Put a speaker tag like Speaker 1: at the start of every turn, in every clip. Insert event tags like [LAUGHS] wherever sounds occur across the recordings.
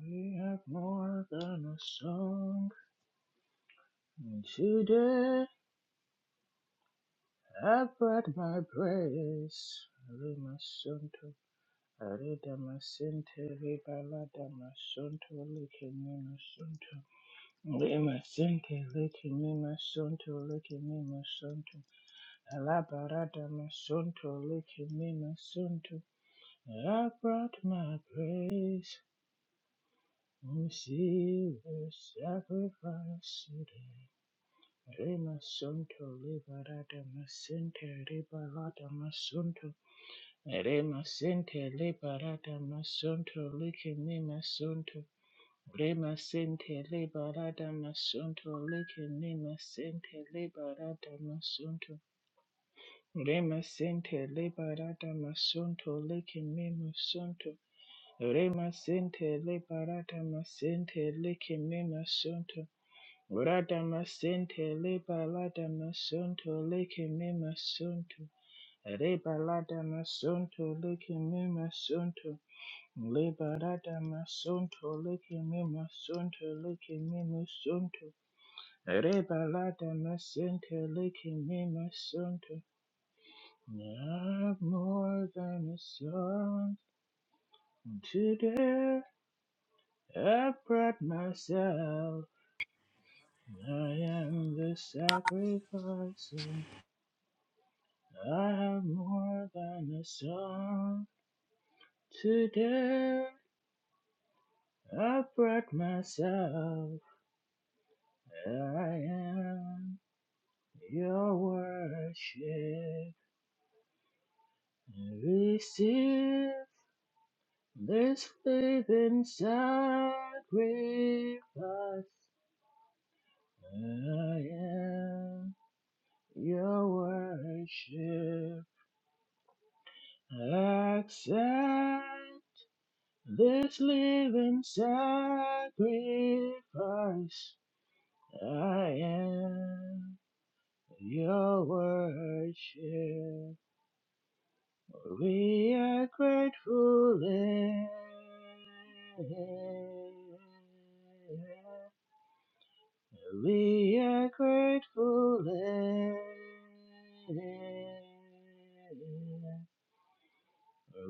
Speaker 1: We have more than a song. And today I brought my praise. Rimasonto, Aridamasente, Ribaladamasonto, Likimimasonto. Rimasente, Likimimasonto, Likimimasonto. Alabaradamasonto, Likimimasonto. I brought my praise. We see the sacrifice today. Rema Sunto Liberata Masente Liberata Masunto Rema Sente Liberata Masunto Likini Masunto Rema Sente Liberata Masunto Likini Masente Liberata Masunto Rema Sente Liberata Masunto Likini Masunto Rema Sente Liberata Masente Likini Masunto Radamasente lebalada masonto leke me masonto. Rebalada masonto leke me masonto. Lebalada masonto leke me masonto leke me masonto. Rebalada masente leke me masonto. Not more than a song today. I brought myself. I am the sacrifice. i have more than a song. Today I brought myself. I am your worship. Receive this living sacrifice. I am your worship. Accept this living sacrifice. I am your worship. We are grateful. Lamb. We are grateful. Lamb.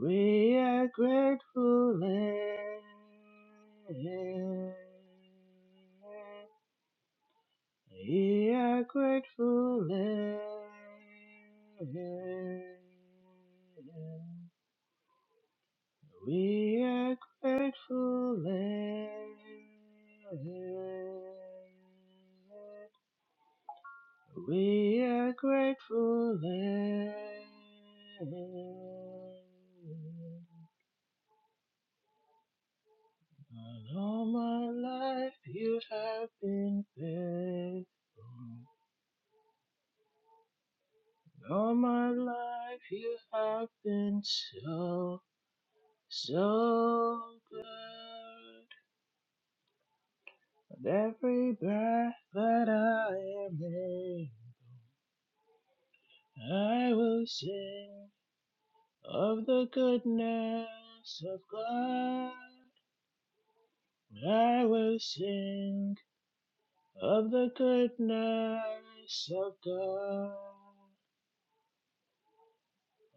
Speaker 1: We are grateful. Lamb. We are grateful land. We are grateful land. We are grateful land. And all my life you have been faithful. All my life you have been so. So good with every breath that I am in, I will sing of the goodness of God. I will sing of the goodness of God.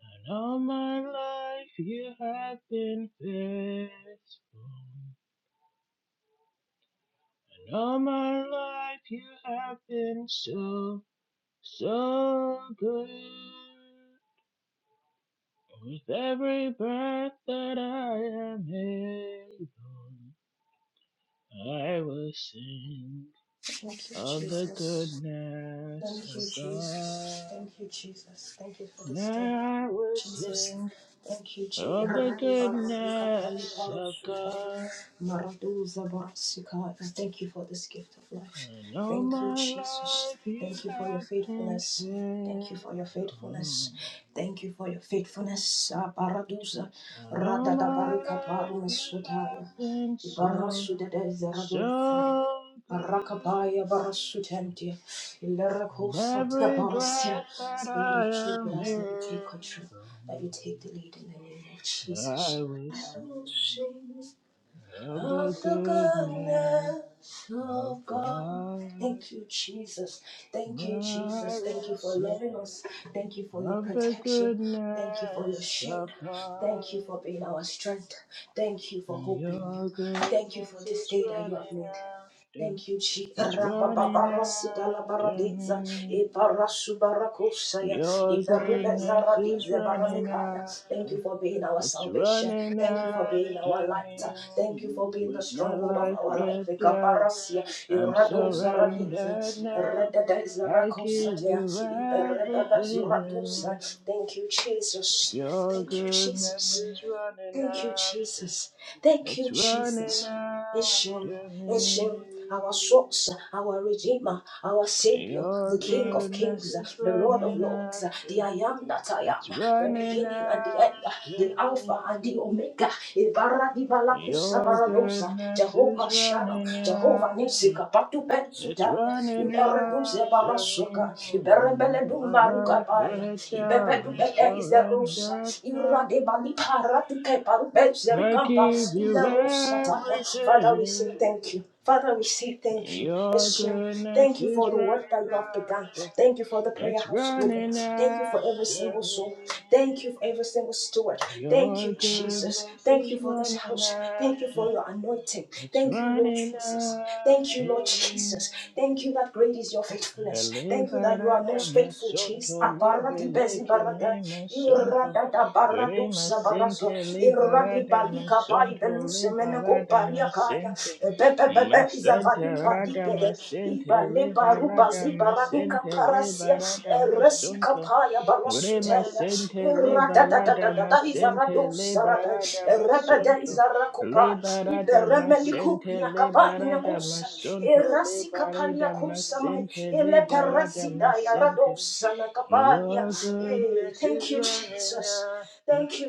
Speaker 1: And all my life you have been faithful. And all my life you have been so So good with every breath that I am able, I will sing
Speaker 2: Thank you,
Speaker 1: of the
Speaker 2: Jesus.
Speaker 1: goodness
Speaker 2: Thank
Speaker 1: of
Speaker 2: you, Jesus.
Speaker 1: God.
Speaker 2: Thank you, Jesus. Thank you for this day.
Speaker 1: Now I will
Speaker 2: Jesus.
Speaker 1: sing
Speaker 2: Thank you, Jesus.
Speaker 1: of the
Speaker 2: Thank you for
Speaker 1: goodness of God.
Speaker 2: this gift of life.
Speaker 1: And all
Speaker 2: Thank you,
Speaker 1: my
Speaker 2: Jesus.
Speaker 1: life you
Speaker 2: Thank you for your
Speaker 1: have been
Speaker 2: faithfulness. Thank you for your
Speaker 1: faithful.
Speaker 2: faithfulness. Thank you for your faithfulness. Aparadusa
Speaker 1: And all my
Speaker 2: radadabarika
Speaker 1: life you have
Speaker 2: parumasutaya.
Speaker 1: been so
Speaker 2: Ibarasudede zeradosa.
Speaker 1: So good
Speaker 2: Rakabaya Barasutentia, Ilerico
Speaker 1: in
Speaker 2: Satya
Speaker 1: every
Speaker 2: Barasia,
Speaker 1: breath that
Speaker 2: Spirit of truth,
Speaker 1: I
Speaker 2: we
Speaker 1: am
Speaker 2: ask that you take
Speaker 1: able,
Speaker 2: control, that you take the lead in the name of
Speaker 1: I
Speaker 2: Jesus.
Speaker 1: will
Speaker 2: I
Speaker 1: sing
Speaker 2: will sing
Speaker 1: of
Speaker 2: of
Speaker 1: the
Speaker 2: the
Speaker 1: goodness
Speaker 2: goodness
Speaker 1: of
Speaker 2: of God.
Speaker 1: God.
Speaker 2: Thank you, Jesus. Thank you,
Speaker 1: I
Speaker 2: Jesus. Thank
Speaker 1: will
Speaker 2: you for
Speaker 1: sing
Speaker 2: loving us. Thank you for your
Speaker 1: of the
Speaker 2: protection. Thank you for your
Speaker 1: goodness
Speaker 2: shield.
Speaker 1: of God.
Speaker 2: Thank you for being our strength. Thank you for
Speaker 1: And
Speaker 2: hoping
Speaker 1: your
Speaker 2: you. Thank you for
Speaker 1: goodness
Speaker 2: this
Speaker 1: is
Speaker 2: day that you have
Speaker 1: running
Speaker 2: made.
Speaker 1: after,
Speaker 2: Thank you, Jesus.
Speaker 1: it's running after
Speaker 2: Rabababarasudalabaradeza,
Speaker 1: me.
Speaker 2: Iparasubarakosaya,
Speaker 1: Your goodness is
Speaker 2: Iveribezaradize
Speaker 1: running
Speaker 2: baranikaya. Thank you
Speaker 1: after,
Speaker 2: for being our
Speaker 1: it's
Speaker 2: salvation.
Speaker 1: running
Speaker 2: Thank you for being our
Speaker 1: after
Speaker 2: light.
Speaker 1: me.
Speaker 2: Thank you for being the
Speaker 1: With my
Speaker 2: stronghold of
Speaker 1: life
Speaker 2: our life.
Speaker 1: let down,
Speaker 2: Ikaparasia,
Speaker 1: I'm
Speaker 2: Iradozaradize,
Speaker 1: surrendered now. I give
Speaker 2: Rededezarakosatea,
Speaker 1: you
Speaker 2: Iberebebezuradosai.
Speaker 1: everything.
Speaker 2: Thank you, Jesus.
Speaker 1: Your
Speaker 2: Thank you,
Speaker 1: goodness
Speaker 2: Jesus.
Speaker 1: is running
Speaker 2: Thank you,
Speaker 1: after,
Speaker 2: Jesus. Thank you,
Speaker 1: it's running
Speaker 2: Jesus. Eshim,
Speaker 1: after me.
Speaker 2: Eshim, our source, our redeemer, our savior, the
Speaker 1: Your
Speaker 2: King of
Speaker 1: goodness
Speaker 2: kings,
Speaker 1: is
Speaker 2: the Lord of
Speaker 1: running
Speaker 2: lords,
Speaker 1: after.
Speaker 2: the I am that I am,
Speaker 1: It's
Speaker 2: the
Speaker 1: running
Speaker 2: beginning and the end,
Speaker 1: after
Speaker 2: the Alpha
Speaker 1: me.
Speaker 2: and the Omega, Ibara di Balakusa
Speaker 1: Your
Speaker 2: Baradosa,
Speaker 1: goodness is
Speaker 2: Jehovah Shalom,
Speaker 1: running
Speaker 2: Jehovah
Speaker 1: after.
Speaker 2: Nisika, Patu
Speaker 1: It's
Speaker 2: Bensutaya,
Speaker 1: running
Speaker 2: Ibaraduze
Speaker 1: after me.
Speaker 2: Barasuka,
Speaker 1: With
Speaker 2: Iberebele
Speaker 1: my
Speaker 2: Dumbaruka
Speaker 1: life
Speaker 2: Baya,
Speaker 1: laid down, I'm
Speaker 2: Ibebedubede is the Rosa,
Speaker 1: surrendered now.
Speaker 2: Irade Father,
Speaker 1: I give you
Speaker 2: we say
Speaker 1: everything.
Speaker 2: thank you. Father, we say thank you.
Speaker 1: Your goodness
Speaker 2: Thank you for
Speaker 1: is
Speaker 2: the work that you
Speaker 1: running
Speaker 2: have begun.
Speaker 1: after.
Speaker 2: Thank you for the prayer
Speaker 1: It's
Speaker 2: house global.
Speaker 1: running
Speaker 2: Thank you for every
Speaker 1: after
Speaker 2: single soul.
Speaker 1: me.
Speaker 2: Thank you for every single steward. Thank
Speaker 1: Your
Speaker 2: you, Jesus.
Speaker 1: goodness
Speaker 2: Thank
Speaker 1: is
Speaker 2: you for this
Speaker 1: running
Speaker 2: house.
Speaker 1: after.
Speaker 2: Thank you for your anointing.
Speaker 1: It's
Speaker 2: Thank you, Lord
Speaker 1: running
Speaker 2: Jesus. Thank
Speaker 1: after
Speaker 2: you, Lord
Speaker 1: me.
Speaker 2: Jesus. Thank you that great is your faithfulness.
Speaker 1: Ele
Speaker 2: Thank you that you are
Speaker 1: barada
Speaker 2: most faithful fuchis
Speaker 1: masonto
Speaker 2: aparati
Speaker 1: lebele
Speaker 2: pesi barata
Speaker 1: kemi masonto.
Speaker 2: irada da
Speaker 1: Re
Speaker 2: baradusa barazo
Speaker 1: masente le
Speaker 2: iradi
Speaker 1: barada
Speaker 2: balika pai
Speaker 1: masonto
Speaker 2: beluse
Speaker 1: le
Speaker 2: meneko
Speaker 1: barada
Speaker 2: paria kaya
Speaker 1: masente.
Speaker 2: pepe pepe
Speaker 1: masanta
Speaker 2: izavalika
Speaker 1: rada
Speaker 2: dipere
Speaker 1: masente le
Speaker 2: ibale baruba
Speaker 1: barada
Speaker 2: zibaranika
Speaker 1: masente le
Speaker 2: parasia
Speaker 1: barada
Speaker 2: eresika
Speaker 1: masonto.
Speaker 2: paya
Speaker 1: Re
Speaker 2: barasutela
Speaker 1: masente le
Speaker 2: irada da da da
Speaker 1: barada
Speaker 2: da da
Speaker 1: masente le
Speaker 2: izaradusa rada
Speaker 1: barada
Speaker 2: erepede
Speaker 1: masonto.
Speaker 2: izarakupa
Speaker 1: Liberada masente,
Speaker 2: iberemedikup nyakapa
Speaker 1: liberada
Speaker 2: inakusa
Speaker 1: masunto,
Speaker 2: erasi kapalia
Speaker 1: liberada
Speaker 2: kusamai
Speaker 1: masente, liberada
Speaker 2: eleperasi daya
Speaker 1: masente.
Speaker 2: radosa na kapalia.
Speaker 1: Your
Speaker 2: Eh,
Speaker 1: goodness is
Speaker 2: Thank you,
Speaker 1: running
Speaker 2: Jesus.
Speaker 1: after,
Speaker 2: Thank you,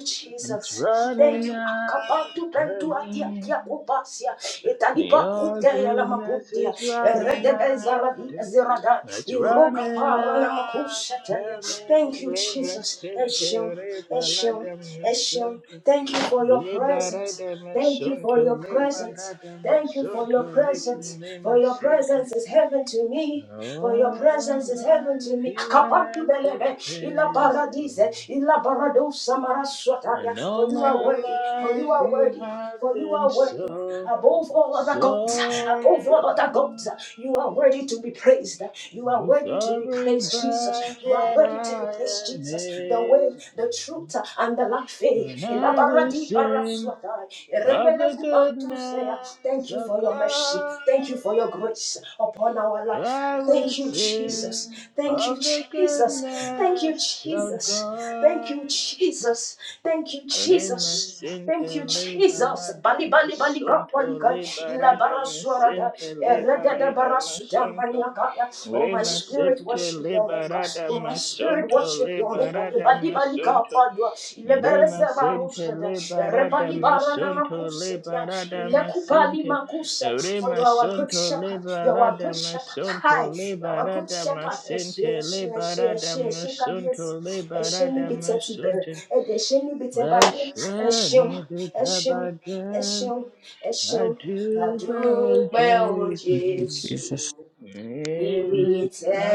Speaker 1: it's
Speaker 2: Jesus.
Speaker 1: running
Speaker 2: Thank you. Akabatu
Speaker 1: after
Speaker 2: bentu atia
Speaker 1: me.
Speaker 2: tia kupasia. Italipa
Speaker 1: Your
Speaker 2: kuteya la
Speaker 1: goodness
Speaker 2: makutia.
Speaker 1: is running
Speaker 2: Eredebeza la di
Speaker 1: after,
Speaker 2: zerada.
Speaker 1: it's
Speaker 2: Iroka
Speaker 1: running
Speaker 2: para la makusha
Speaker 1: after
Speaker 2: Thank
Speaker 1: me.
Speaker 2: you,
Speaker 1: Le
Speaker 2: Jesus. Eshim,
Speaker 1: masente,
Speaker 2: Eshim,
Speaker 1: liberada
Speaker 2: Eshim.
Speaker 1: masunto.
Speaker 2: Thank you for your presence. Thank you for
Speaker 1: Liberadamasonto,
Speaker 2: your presence. Thank you for your
Speaker 1: liberadamasonto,
Speaker 2: presence, for your
Speaker 1: lekimemasente.
Speaker 2: presence is heaven to me, for your
Speaker 1: All my
Speaker 2: presence is heaven to
Speaker 1: life
Speaker 2: me.
Speaker 1: you
Speaker 2: Akapadu
Speaker 1: have been
Speaker 2: belebe, ila
Speaker 1: faithful,
Speaker 2: paradise, ila barado samara
Speaker 1: and all
Speaker 2: For you are
Speaker 1: my
Speaker 2: worthy, for you
Speaker 1: life
Speaker 2: are
Speaker 1: you
Speaker 2: worthy,
Speaker 1: have
Speaker 2: for you
Speaker 1: been
Speaker 2: are worthy.
Speaker 1: so,
Speaker 2: Above all other gods,
Speaker 1: so
Speaker 2: above all other gods, you are
Speaker 1: good.
Speaker 2: worthy to be praised. You are
Speaker 1: With
Speaker 2: worthy to be
Speaker 1: every
Speaker 2: praised,
Speaker 1: breath
Speaker 2: Jesus. You are
Speaker 1: that
Speaker 2: worthy to be
Speaker 1: I
Speaker 2: praised,
Speaker 1: am
Speaker 2: Jesus. The way, the
Speaker 1: able,
Speaker 2: truth, and the life. eh,
Speaker 1: and I will
Speaker 2: Ilabaradi
Speaker 1: sing.
Speaker 2: baraswatai,
Speaker 1: of the
Speaker 2: iremelefu bantusea.
Speaker 1: goodness
Speaker 2: Thank you
Speaker 1: of
Speaker 2: for your mercy.
Speaker 1: God.
Speaker 2: Thank you for your grace upon our life.
Speaker 1: I will
Speaker 2: Thank you, Jesus.
Speaker 1: sing
Speaker 2: Thank you,
Speaker 1: of the
Speaker 2: Jesus. Thank you,
Speaker 1: goodness of
Speaker 2: Jesus. Thank
Speaker 1: God.
Speaker 2: you, Jesus. Thank you, Jesus.
Speaker 1: Rema
Speaker 2: Thank
Speaker 1: sente
Speaker 2: you, Jesus.
Speaker 1: liberada
Speaker 2: Bali bali bali ka bali
Speaker 1: misunto
Speaker 2: ka. Ila
Speaker 1: liberada
Speaker 2: baraswara da.
Speaker 1: misente
Speaker 2: Ereda da
Speaker 1: liberada
Speaker 2: barasuda
Speaker 1: misunto.
Speaker 2: maniaka. ya. Oh my
Speaker 1: Rema
Speaker 2: spirit
Speaker 1: sente
Speaker 2: worship your maker.
Speaker 1: liberada
Speaker 2: In my spirit
Speaker 1: misunto
Speaker 2: worship your maker.
Speaker 1: liberada
Speaker 2: Ibadi balika
Speaker 1: misunto.
Speaker 2: padua. Ilebereze
Speaker 1: Lima sente
Speaker 2: baruzada.
Speaker 1: liberada
Speaker 2: Rebali barana
Speaker 1: masunto
Speaker 2: makusedia.
Speaker 1: liberada
Speaker 2: Ilekupali
Speaker 1: masente
Speaker 2: makuse. For you
Speaker 1: Rima
Speaker 2: are a good
Speaker 1: sunto
Speaker 2: shepherd. You are a
Speaker 1: liberada
Speaker 2: good shepherd.
Speaker 1: masunto
Speaker 2: Hi. You are a good
Speaker 1: liberada
Speaker 2: shepherd. Eshe,
Speaker 1: masente
Speaker 2: eshe, eshe,
Speaker 1: liberada
Speaker 2: eshe, eshe, kabiesi.
Speaker 1: masunto
Speaker 2: Eshe ni
Speaker 1: liberada
Speaker 2: bite tibere.
Speaker 1: masunto
Speaker 2: Ede eshe ni bite baye.
Speaker 1: Lashani
Speaker 2: Eshe, eshe,
Speaker 1: bitabada
Speaker 2: eshe, eshe.
Speaker 1: Aduba
Speaker 2: Adúpẹ́ o
Speaker 3: Thank you,
Speaker 1: Jason
Speaker 3: Jesus.
Speaker 2: Jésù.
Speaker 1: Ibitamu
Speaker 2: Níbi
Speaker 3: Thank
Speaker 2: tẹ́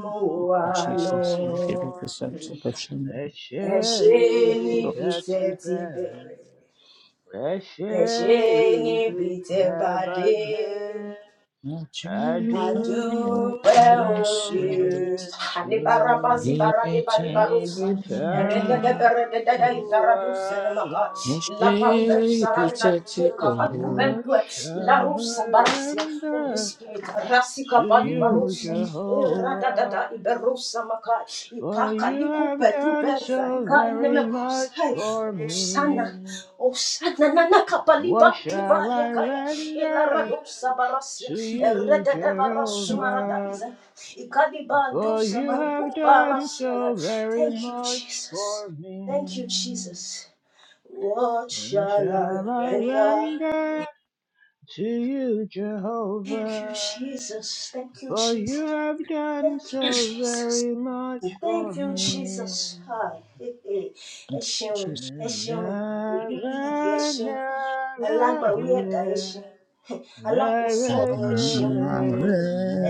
Speaker 2: mú wa
Speaker 3: you,
Speaker 2: lọ,
Speaker 3: Jesus. Thank you for this act of action.
Speaker 2: ẹ ṣe
Speaker 1: Eşeği
Speaker 3: Lord.
Speaker 2: níbi tẹ́
Speaker 1: biteti
Speaker 2: ti
Speaker 1: berin,
Speaker 2: bẹ̀rẹ̀, ẹ ṣe
Speaker 1: eşeği
Speaker 2: níbi tẹ́ bá dé.
Speaker 1: bitebedi,
Speaker 3: Not you,
Speaker 2: I
Speaker 3: but
Speaker 1: adü
Speaker 3: your
Speaker 2: do well, oh
Speaker 3: Jesus.
Speaker 2: Jesus.
Speaker 1: Jesu,
Speaker 2: Libarabazi
Speaker 3: Give
Speaker 2: barade
Speaker 3: it
Speaker 1: mi
Speaker 3: time,
Speaker 2: balibarusa.
Speaker 3: no
Speaker 2: Erekete
Speaker 1: biten
Speaker 3: one.
Speaker 2: berede dede izaraduse nemaha.
Speaker 3: No
Speaker 2: La
Speaker 1: alone.
Speaker 2: parube
Speaker 3: shape, it's
Speaker 2: sarada
Speaker 3: a
Speaker 2: kuka
Speaker 3: tear.
Speaker 1: What
Speaker 2: palkubendue. La
Speaker 1: shall I
Speaker 2: rusa barasia. Holy
Speaker 1: render
Speaker 2: Spirit, rasika
Speaker 1: to you,
Speaker 2: balibarusa.
Speaker 3: Mhm.
Speaker 2: Erada dada
Speaker 1: Jehovah?
Speaker 2: iberusa maka.
Speaker 1: For
Speaker 2: Ipaka
Speaker 1: you have
Speaker 2: likupe
Speaker 1: done
Speaker 2: tubeza.
Speaker 1: so
Speaker 2: Lika
Speaker 1: very much
Speaker 2: inemekusa.
Speaker 1: for
Speaker 2: Osana,
Speaker 1: me.
Speaker 2: Osana, Nana
Speaker 1: What
Speaker 2: Kapaliba, Diba
Speaker 1: shall I
Speaker 2: Yakaya,
Speaker 1: render
Speaker 2: Ilaradosa Barasia,
Speaker 1: to you,
Speaker 2: Ereda de
Speaker 1: Jehovah?
Speaker 2: Barasumaradiza, Ikaliba
Speaker 1: For
Speaker 2: Dusa
Speaker 1: you have done so
Speaker 2: Maricubarasia.
Speaker 1: very
Speaker 2: Thank you,
Speaker 1: much
Speaker 2: Jesus.
Speaker 1: for
Speaker 2: Thank
Speaker 1: me.
Speaker 2: you, Jesus. What
Speaker 1: What
Speaker 2: shall
Speaker 1: shall
Speaker 2: I
Speaker 1: I
Speaker 2: render?
Speaker 1: render to you,
Speaker 2: Thank
Speaker 1: Jehovah?
Speaker 2: you, Jesus. Thank you,
Speaker 1: For
Speaker 2: Jesus.
Speaker 1: you have done
Speaker 2: Thank you,
Speaker 1: so
Speaker 2: Jesus.
Speaker 1: very much for
Speaker 2: Thank you,
Speaker 1: me.
Speaker 2: Jesus. Ah, hey, hey. Ẹ ṣeun,
Speaker 3: Jesus.
Speaker 2: ẹ
Speaker 1: And
Speaker 2: ṣeun, olùdíje yìí ẹ
Speaker 1: never,
Speaker 2: ṣeun,
Speaker 1: never,
Speaker 2: alágbàwí ẹ̀dá ẹ
Speaker 1: yeah.
Speaker 2: ṣeun, alákòóso ọ̀run ẹ ṣeun,
Speaker 1: Narekele,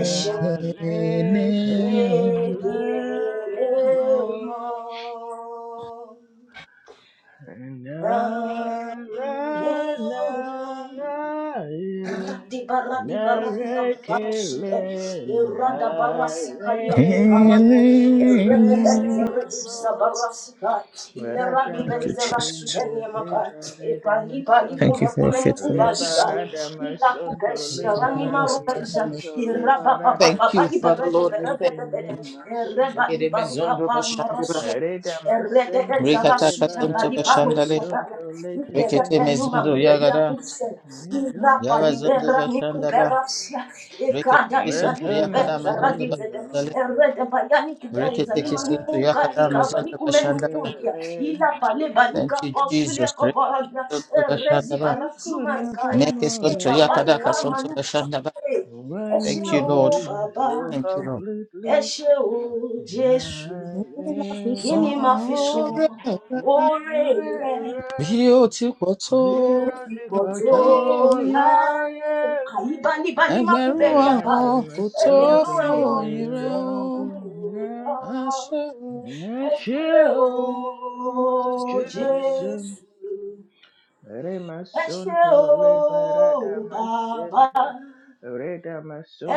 Speaker 2: ẹ ṣeun.
Speaker 3: Kenem.
Speaker 2: Kékeré
Speaker 1: mo,
Speaker 2: mọ́ ràn
Speaker 1: nara,
Speaker 2: lọ́wọ́.
Speaker 1: nara, ye.
Speaker 2: Di bara di bara di bara di si e
Speaker 1: Narekele,
Speaker 2: irada bara si kalia ku parania rebe
Speaker 1: narekele,
Speaker 2: benza
Speaker 3: Kenem.
Speaker 2: rebe sa bara
Speaker 1: mo.
Speaker 2: si ka ilera di
Speaker 3: Thank you,
Speaker 2: benza
Speaker 3: Jesus.
Speaker 1: Liberadamasente,
Speaker 2: rasudenia maka e pali pali
Speaker 3: Thank you
Speaker 2: kume
Speaker 1: liberadamasonto,
Speaker 3: for your
Speaker 2: kume ni kubali
Speaker 3: faithfulness.
Speaker 2: gal ila
Speaker 3: Thank
Speaker 1: liberadamasonto,
Speaker 2: kubeshi
Speaker 3: you
Speaker 2: arani maruza
Speaker 1: liberadamasonto,
Speaker 2: iraba ba baba ba ba
Speaker 3: Father
Speaker 2: ibere
Speaker 1: liberadamasente,
Speaker 2: de
Speaker 3: Lord. We
Speaker 2: bere de
Speaker 3: thank
Speaker 2: de
Speaker 3: you.
Speaker 2: reba
Speaker 1: lekemimasonto.
Speaker 2: di
Speaker 3: Yere
Speaker 2: baruka
Speaker 3: mezundo
Speaker 2: pa
Speaker 3: bashandaba,
Speaker 2: imarasua Eredeke
Speaker 1: Redamasente,
Speaker 3: rekata kasunto
Speaker 2: zarasutembali palo
Speaker 3: bashandale,
Speaker 2: sataya.
Speaker 1: liberadamasonto,
Speaker 2: Ikele
Speaker 3: rekete
Speaker 2: penuma
Speaker 3: mezundo
Speaker 1: lekemimasonto.
Speaker 2: kupelia
Speaker 3: yagada,
Speaker 2: kuse.
Speaker 1: You've done
Speaker 2: Irapa
Speaker 3: yaba
Speaker 1: so
Speaker 3: zundo
Speaker 2: libera
Speaker 1: much
Speaker 2: ni
Speaker 1: for
Speaker 3: bashandaba,
Speaker 1: me.
Speaker 2: kuperasia.
Speaker 3: rekete
Speaker 2: Ekada
Speaker 1: I
Speaker 2: libani
Speaker 3: kisunto
Speaker 1: cannot
Speaker 3: yakada
Speaker 2: kupeza
Speaker 3: mazundo
Speaker 1: tell it
Speaker 2: radizede.
Speaker 3: bashandale,
Speaker 1: all.
Speaker 2: Erede bayani kupeza
Speaker 3: rekete
Speaker 1: I
Speaker 3: kisunto
Speaker 2: limanuka
Speaker 3: yakada
Speaker 2: likaba
Speaker 1: will
Speaker 3: mazundo
Speaker 2: likumenu
Speaker 3: bashandaba.
Speaker 2: kundia.
Speaker 1: tell it
Speaker 2: Ila pale banika
Speaker 3: Thank you,
Speaker 2: pasulia
Speaker 3: Jesus.
Speaker 2: koparadia.
Speaker 3: Rekisunto
Speaker 2: Erezi
Speaker 3: bashandaba,
Speaker 2: barazuma rikaya. E
Speaker 3: mekisunto
Speaker 1: Chukwunaguamarele.
Speaker 3: yakada
Speaker 2: babalika
Speaker 3: kasunto
Speaker 2: manusa.
Speaker 3: bashandaba.
Speaker 2: E. Ẹ
Speaker 1: When
Speaker 3: Thank
Speaker 1: you
Speaker 3: you, Lord.
Speaker 1: heal,
Speaker 2: o
Speaker 1: you
Speaker 2: bàbá,
Speaker 1: heal
Speaker 3: Thank you, Lord.
Speaker 2: ẹ
Speaker 1: completely.
Speaker 2: ṣé o
Speaker 1: I'm
Speaker 2: Jésù,
Speaker 1: I
Speaker 3: Má fi san
Speaker 2: Kini ma fi
Speaker 3: ọrẹ
Speaker 2: sun
Speaker 3: rẹ
Speaker 2: oore rẹ?
Speaker 3: bí ó ti pọ̀
Speaker 1: I'm
Speaker 3: tó
Speaker 2: Iye ó ti pọ̀ tó
Speaker 1: to
Speaker 3: láyé mi.
Speaker 2: láyé.
Speaker 1: me.
Speaker 2: Àyíbánibáni má kú
Speaker 3: Ẹgbẹ̀rún
Speaker 2: bẹ́ẹ̀lì
Speaker 1: And I
Speaker 2: àkàyè.
Speaker 3: ọ̀hún
Speaker 1: am a
Speaker 3: kò tó
Speaker 1: son to
Speaker 2: Ẹgbẹ̀rún
Speaker 3: fún
Speaker 1: the
Speaker 2: ẹ̀wọ̀n kò
Speaker 3: oyin rẹ
Speaker 2: tó
Speaker 3: o.
Speaker 2: kú ìrora.
Speaker 1: Lamb.
Speaker 3: Àṣẹ o.
Speaker 2: Ẹ
Speaker 1: Yes,
Speaker 2: ṣé o,
Speaker 1: you Jesus,
Speaker 2: Jésù. Ẹ ṣé o,
Speaker 1: Remasunto liberada
Speaker 2: Bàbá.
Speaker 1: masente. Reda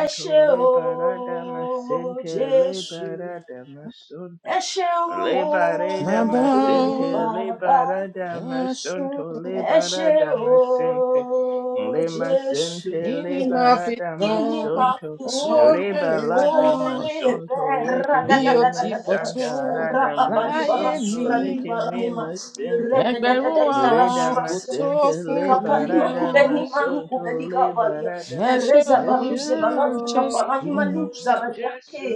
Speaker 2: Ẹ ṣé o,
Speaker 1: liberada masente
Speaker 2: Jésù.
Speaker 1: liberada masunto.
Speaker 2: Ẹ ṣeun o,
Speaker 1: Liberada
Speaker 3: Bàbá o,
Speaker 1: masente
Speaker 2: Bàbá.
Speaker 1: liberada
Speaker 3: àṣẹ
Speaker 1: masunto
Speaker 3: o.
Speaker 2: Ẹ ṣé
Speaker 1: liberada
Speaker 2: o,
Speaker 1: masente. Lima
Speaker 2: Jésù.
Speaker 1: sente
Speaker 3: Ìní máa fi
Speaker 1: liberada
Speaker 2: Kí ni
Speaker 3: san
Speaker 2: màá
Speaker 1: masunto.
Speaker 2: fi san
Speaker 3: ọrẹ rẹ
Speaker 2: oore
Speaker 1: Rebalada
Speaker 3: o
Speaker 2: rẹ̀?
Speaker 1: masunto licky
Speaker 3: bí ó
Speaker 1: me
Speaker 3: ti pọ̀
Speaker 2: Radadadadadada.
Speaker 3: tó
Speaker 1: masanta rada
Speaker 3: láyé mi.
Speaker 1: masunto licky me
Speaker 2: Rababalibarasuradibaraima.
Speaker 1: masente.
Speaker 3: Ẹgbẹ̀rún
Speaker 2: Redededede
Speaker 3: ọ̀hún
Speaker 1: Reda
Speaker 3: kò
Speaker 2: izarasurasa.
Speaker 3: tó
Speaker 1: masente
Speaker 3: fún oyin rẹ
Speaker 1: liberada
Speaker 3: o.
Speaker 1: masonto
Speaker 2: Ikapalimakubenimanukubelikabalia.
Speaker 1: liberada
Speaker 3: I shall
Speaker 1: Eshum
Speaker 3: just do.
Speaker 2: Erezabaruzebarazikapalanimaloozaradia. Hey,
Speaker 1: Jesu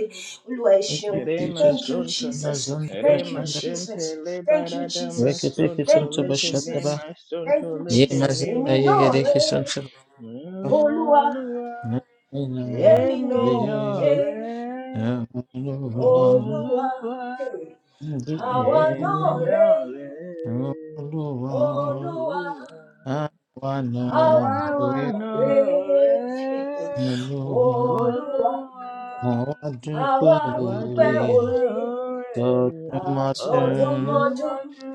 Speaker 2: Olúwa ẹ
Speaker 3: Thank
Speaker 2: ṣeun.
Speaker 3: you,
Speaker 1: Rema
Speaker 2: Thank
Speaker 3: Jesus.
Speaker 2: you,
Speaker 1: sonto
Speaker 2: Jesus.
Speaker 3: Mazanda
Speaker 2: Thank you,
Speaker 1: Rema
Speaker 3: bashanda.
Speaker 1: sente
Speaker 2: Jesus. Thank you,
Speaker 1: liberada
Speaker 2: Jesus.
Speaker 3: Rekete
Speaker 1: masonto
Speaker 2: Thank
Speaker 3: kisunta
Speaker 2: you,
Speaker 1: Leke
Speaker 3: bashanda
Speaker 2: Jesus.
Speaker 1: me
Speaker 3: ba.
Speaker 2: Thank
Speaker 1: masonto
Speaker 2: you,
Speaker 3: Ye
Speaker 1: Leke
Speaker 2: Jesus.
Speaker 1: me
Speaker 3: mazanda
Speaker 2: Èmi náà
Speaker 3: yegede
Speaker 2: rè
Speaker 1: masanta
Speaker 2: é,
Speaker 3: kisunta ba.
Speaker 2: Olúwa.
Speaker 1: Olua
Speaker 3: Nina
Speaker 2: Èmi náà rè
Speaker 3: de
Speaker 2: é,
Speaker 1: Eminore
Speaker 3: Aluwa.
Speaker 2: Olúwa.
Speaker 1: Olua
Speaker 2: Hey. Àwa náà
Speaker 1: Eminore
Speaker 3: Ndikinde
Speaker 2: rè é,
Speaker 3: Aluwa.
Speaker 2: Olúwa.
Speaker 1: Olua Now
Speaker 2: Àwa
Speaker 3: Awana
Speaker 2: náà
Speaker 1: Àwa
Speaker 3: de
Speaker 1: náà
Speaker 2: rè é, Hey.
Speaker 1: it.
Speaker 3: Aluwa.
Speaker 2: Olúwa.
Speaker 1: Olúwa,
Speaker 3: Mo adúpẹ́
Speaker 2: Àwa
Speaker 1: àwa
Speaker 2: dúpẹ́
Speaker 3: oore
Speaker 1: dúpẹ́
Speaker 2: oore
Speaker 1: ọ̀rẹ́
Speaker 3: àtọ̀dúnmọ́dún.
Speaker 2: àtọdúnmọ́dún.
Speaker 1: àtọ́júmọ́jú.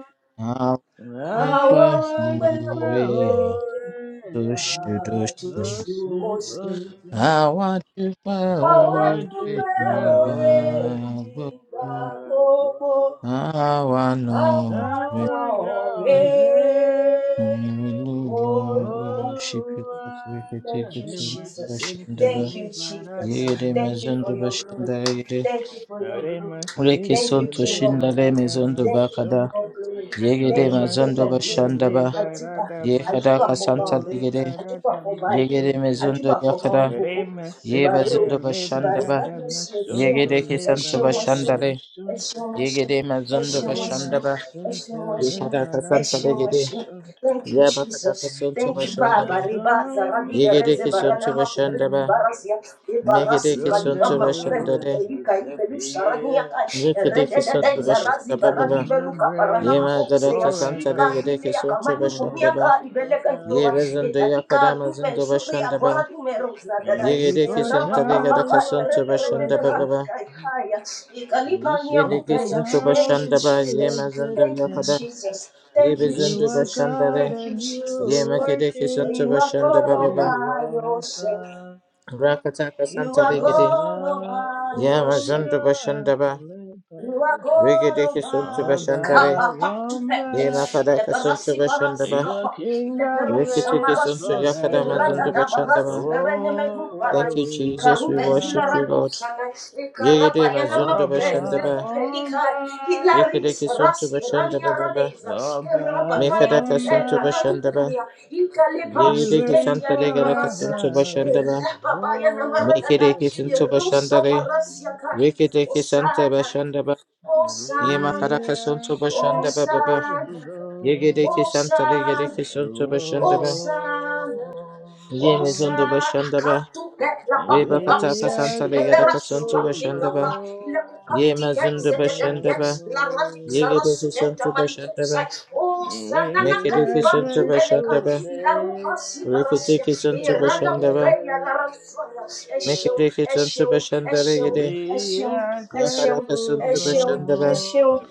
Speaker 3: Dúpẹ́
Speaker 2: Àwa
Speaker 1: Àwa
Speaker 2: dúpẹ́
Speaker 1: dúpẹ́
Speaker 3: oore
Speaker 2: oore
Speaker 1: ọ̀rẹ́
Speaker 3: àtòṣèdọ̀ṣe.
Speaker 2: àtòṣùmọ́ṣù.
Speaker 1: àtọ́sùkọ́sù.
Speaker 3: Àwa dúpẹ́
Speaker 2: Àwa
Speaker 1: Àwa I
Speaker 3: oore
Speaker 2: dúpẹ́
Speaker 3: ìgbà
Speaker 2: oore
Speaker 1: ọ̀rẹ́
Speaker 3: gbogbo.
Speaker 2: ìgbà
Speaker 1: ìgbà Now I do glory, I go,
Speaker 2: gbogbo,
Speaker 1: go.
Speaker 3: Àwa
Speaker 2: àwa
Speaker 3: náà
Speaker 1: Now
Speaker 3: rè
Speaker 1: I
Speaker 2: náà
Speaker 3: é.
Speaker 1: know
Speaker 2: rèé.
Speaker 1: it.
Speaker 3: Hallelujah. We
Speaker 2: Olúwa
Speaker 3: worship you, God. We take
Speaker 2: Thank
Speaker 3: it
Speaker 2: you,
Speaker 3: to
Speaker 2: Jesus.
Speaker 1: Remasente
Speaker 3: Bashandaba.
Speaker 2: Thank you, Jesus.
Speaker 1: liberada
Speaker 3: Yere
Speaker 2: Thank you
Speaker 3: mezondo
Speaker 2: for your
Speaker 1: masonto.
Speaker 2: glory.
Speaker 3: bashandara yere.
Speaker 2: Thank you for your glory.
Speaker 3: Ureke
Speaker 1: Remasente
Speaker 2: Thank you,
Speaker 3: sonto
Speaker 2: King of
Speaker 3: shindale
Speaker 2: glory.
Speaker 1: liberada
Speaker 3: mezondo
Speaker 2: Thank you,
Speaker 3: bakada.
Speaker 2: King
Speaker 1: masonto.
Speaker 2: of glory.
Speaker 3: Yegere
Speaker 2: Thank you, King
Speaker 3: mezondo
Speaker 2: of
Speaker 1: Remasente
Speaker 2: glory.
Speaker 3: bashandaba.
Speaker 2: Àjúbà,
Speaker 1: liberada
Speaker 3: Yekada
Speaker 2: àjúbà
Speaker 1: masonto.
Speaker 2: fọba
Speaker 3: kasanta
Speaker 2: ọ̀run,
Speaker 3: legere.
Speaker 2: àjúbà
Speaker 1: Liberada
Speaker 2: fọba ayé,
Speaker 3: Yegere
Speaker 1: masonto.
Speaker 3: mezondo
Speaker 2: àjúbà fọba
Speaker 3: yakada.
Speaker 2: ọ̀run gbogbo.
Speaker 3: Ye
Speaker 2: Ìbàrẹ̀
Speaker 1: Remasente
Speaker 2: o,
Speaker 3: bazundo bashanda
Speaker 2: ìbàrẹ̀
Speaker 3: ba.
Speaker 1: liberada
Speaker 2: kábíyèsí ẹ
Speaker 3: Ye
Speaker 2: ṣeun,
Speaker 1: masonto.
Speaker 3: gede
Speaker 2: ẹ
Speaker 3: kesanto
Speaker 2: ṣeun, ẹ
Speaker 1: Liberada
Speaker 3: bashanda
Speaker 2: ṣeun,
Speaker 3: le.
Speaker 2: Thank
Speaker 1: masonto.
Speaker 3: Ye gede mazundo bashanda ba.
Speaker 1: Remasente
Speaker 3: Ye kada kasanta
Speaker 1: liberada
Speaker 3: le gede.
Speaker 1: masonto.
Speaker 2: you,
Speaker 3: Ye bakada
Speaker 2: Jesus.
Speaker 3: kasanto
Speaker 2: Thank you,
Speaker 1: Kings
Speaker 3: bashanda
Speaker 1: have
Speaker 2: Baba.
Speaker 3: ba.
Speaker 2: Reba
Speaker 1: come
Speaker 2: zaradi
Speaker 3: Ye
Speaker 1: and
Speaker 3: gede
Speaker 2: bereze
Speaker 1: kings
Speaker 3: kesanto
Speaker 2: barada
Speaker 1: have
Speaker 2: makubele
Speaker 3: bashanda ba.
Speaker 1: gone.
Speaker 2: kubarasia.
Speaker 3: Me gede
Speaker 2: Ebarasi
Speaker 1: Thrones
Speaker 2: kalika
Speaker 1: and
Speaker 3: kesanto bashanda
Speaker 2: makubendu
Speaker 1: rulers
Speaker 3: le.
Speaker 2: belika ibelusharania
Speaker 1: disappear.
Speaker 2: kai.
Speaker 3: Ye gede
Speaker 2: Erededede
Speaker 3: kesanto
Speaker 1: But your
Speaker 3: bashanda
Speaker 2: zarazi
Speaker 3: ba ba ba.
Speaker 2: baradi
Speaker 1: kingdom
Speaker 2: beluka parana
Speaker 3: Ye
Speaker 1: reigns
Speaker 3: magada
Speaker 2: Zea
Speaker 3: kasanta
Speaker 2: shika
Speaker 3: le
Speaker 1: forever.
Speaker 3: gede
Speaker 2: hile ya
Speaker 3: kesanto
Speaker 2: kamanu
Speaker 3: bashanda
Speaker 1: Whoa,
Speaker 3: ba.
Speaker 2: kumiaka ibeleka
Speaker 1: above.
Speaker 3: Ye
Speaker 2: ndoa
Speaker 3: bazundo ya
Speaker 2: etatika
Speaker 3: kada
Speaker 2: tupe
Speaker 3: mazundo
Speaker 2: zuri ya
Speaker 3: bashanda
Speaker 2: bora
Speaker 3: ba.
Speaker 2: tumero
Speaker 3: Ye
Speaker 1: And before
Speaker 3: kesanta le
Speaker 2: baba
Speaker 1: time,
Speaker 2: baba
Speaker 1: Lord,
Speaker 3: kasanto
Speaker 2: rebe
Speaker 1: you
Speaker 3: bashanda ba ba ba.
Speaker 2: rakai
Speaker 1: existed.
Speaker 2: haya
Speaker 1: You
Speaker 2: ikalipa ni
Speaker 3: Gede
Speaker 1: spoke the
Speaker 3: kesanto
Speaker 1: world
Speaker 2: thank you
Speaker 3: bashanda ba. Ye
Speaker 1: into
Speaker 2: jesus
Speaker 3: mazundo
Speaker 2: thank
Speaker 3: ya
Speaker 2: you
Speaker 1: existence.
Speaker 2: jesus
Speaker 3: Ye
Speaker 2: thank you
Speaker 1: You
Speaker 3: bezundu
Speaker 1: are
Speaker 2: jesus
Speaker 1: God
Speaker 3: bashandare.
Speaker 2: thank you
Speaker 1: and
Speaker 3: Ye
Speaker 2: jesus
Speaker 1: you are
Speaker 3: makede
Speaker 2: for
Speaker 3: kisantu
Speaker 1: King.
Speaker 2: you
Speaker 1: We
Speaker 2: are
Speaker 3: bashanda
Speaker 2: god
Speaker 1: call
Speaker 2: all
Speaker 3: baba.
Speaker 1: you
Speaker 2: by yourself
Speaker 1: Alpha.
Speaker 3: Rakataka
Speaker 2: you
Speaker 3: santa
Speaker 2: are
Speaker 3: legede.
Speaker 1: Oba
Speaker 2: god all by
Speaker 3: Ye
Speaker 2: yourself
Speaker 3: mazundu
Speaker 1: wamba
Speaker 3: bashandaba.
Speaker 2: you are God
Speaker 1: leparida.
Speaker 3: Regede
Speaker 2: all
Speaker 3: kisantu
Speaker 2: by
Speaker 1: Oba
Speaker 3: bashandare.
Speaker 2: Kappa Le
Speaker 3: Ye
Speaker 1: wamba,
Speaker 3: makada kisantu
Speaker 2: Leperasi Parasi
Speaker 3: bashandaba.
Speaker 1: your
Speaker 2: kapa, le
Speaker 1: kingdom
Speaker 2: Leperosa
Speaker 3: Rekete
Speaker 1: reigns
Speaker 3: kisantu
Speaker 2: Marasia,
Speaker 3: yakada mazundu
Speaker 2: Irada
Speaker 1: forever.
Speaker 2: Dabarasi
Speaker 3: bashandaba.
Speaker 1: Oh,
Speaker 2: Berenemegu Barai,
Speaker 3: Thank you, Jesus. We
Speaker 2: Icarube
Speaker 3: worship
Speaker 1: Oba,
Speaker 3: you,
Speaker 2: Zilarado
Speaker 3: Lord.
Speaker 2: Sana,
Speaker 3: Yegede
Speaker 2: Icaraba
Speaker 3: mazundu
Speaker 2: Yanamape,
Speaker 1: Oba
Speaker 3: bashandaba.
Speaker 1: wamba,
Speaker 2: Nepupelikai,
Speaker 3: Yekede
Speaker 2: laris
Speaker 3: kisantu
Speaker 2: Rasi Rania
Speaker 3: bashandaba baba.
Speaker 2: Radeza,
Speaker 1: Oba
Speaker 3: Mekada
Speaker 2: Irabakaya
Speaker 3: kisantu
Speaker 2: Tupella,
Speaker 1: wamba,
Speaker 3: bashandaba.
Speaker 2: Namukumia, Icalepa
Speaker 1: you
Speaker 3: Yegede
Speaker 1: reign
Speaker 3: kisanta
Speaker 2: Sutendia
Speaker 3: legada
Speaker 2: Yagarasia,
Speaker 3: kisantu
Speaker 1: forever.
Speaker 3: bashandaba.
Speaker 2: Irababaya
Speaker 1: Oh,
Speaker 3: Mekede
Speaker 2: Namaragada,
Speaker 3: kisantu
Speaker 2: Irusa
Speaker 3: bashandare.
Speaker 1: Oba.
Speaker 2: Parasia Kai,
Speaker 3: Reke deke santa
Speaker 2: Osana.
Speaker 3: bashanda ba. Yema
Speaker 2: Hosanna,
Speaker 1: We
Speaker 3: karaka
Speaker 1: are
Speaker 3: santo bashanda ba ba ba.
Speaker 1: grateful,
Speaker 2: Hosanna,
Speaker 3: Yege deke
Speaker 1: Lord.
Speaker 3: santa lege
Speaker 2: Hosanna.
Speaker 3: deke santo
Speaker 1: Oh,
Speaker 3: bashanda ba.
Speaker 2: Hosanna.
Speaker 3: Yeme
Speaker 2: Osa
Speaker 3: zondo bashanda ba.
Speaker 2: akatu kekla paku
Speaker 1: we
Speaker 3: Reba kataka
Speaker 2: kapsia
Speaker 1: are
Speaker 3: santa
Speaker 2: ile
Speaker 3: lege
Speaker 2: pera
Speaker 3: daka
Speaker 2: suka
Speaker 3: santo
Speaker 1: grateful,
Speaker 2: tika
Speaker 3: bashanda
Speaker 2: pa
Speaker 3: ba.
Speaker 2: ile kuka
Speaker 3: Yema
Speaker 2: tika
Speaker 3: zondo
Speaker 2: isete tete
Speaker 3: bashanda ba.
Speaker 2: la radik
Speaker 3: Yege
Speaker 1: Lord.
Speaker 2: sara
Speaker 3: deke
Speaker 2: sutenta
Speaker 3: santo
Speaker 2: maliku
Speaker 3: bashanda
Speaker 2: sai
Speaker 3: ba.
Speaker 2: osa
Speaker 1: We
Speaker 2: nana
Speaker 3: Meke
Speaker 2: kali
Speaker 3: sunto
Speaker 1: are
Speaker 2: bantu
Speaker 3: santo
Speaker 2: peleka
Speaker 3: bashanda
Speaker 1: grateful,
Speaker 3: ba.
Speaker 2: ila rupa si
Speaker 3: Reke
Speaker 2: parasia
Speaker 3: deke
Speaker 2: e
Speaker 3: santo
Speaker 2: rana
Speaker 3: bashanda ba.
Speaker 2: kupeya la rasuaya
Speaker 3: Meke
Speaker 2: esheu
Speaker 1: Lord.
Speaker 3: deke santo
Speaker 2: esheu
Speaker 3: bashanda
Speaker 2: esheu
Speaker 3: lege de.
Speaker 1: We
Speaker 2: esheu
Speaker 1: are
Speaker 3: Ya
Speaker 2: esheu
Speaker 3: karaka
Speaker 1: grateful,
Speaker 3: santo
Speaker 2: esheu
Speaker 3: bashanda ba.
Speaker 1: Lord.
Speaker 2: esheu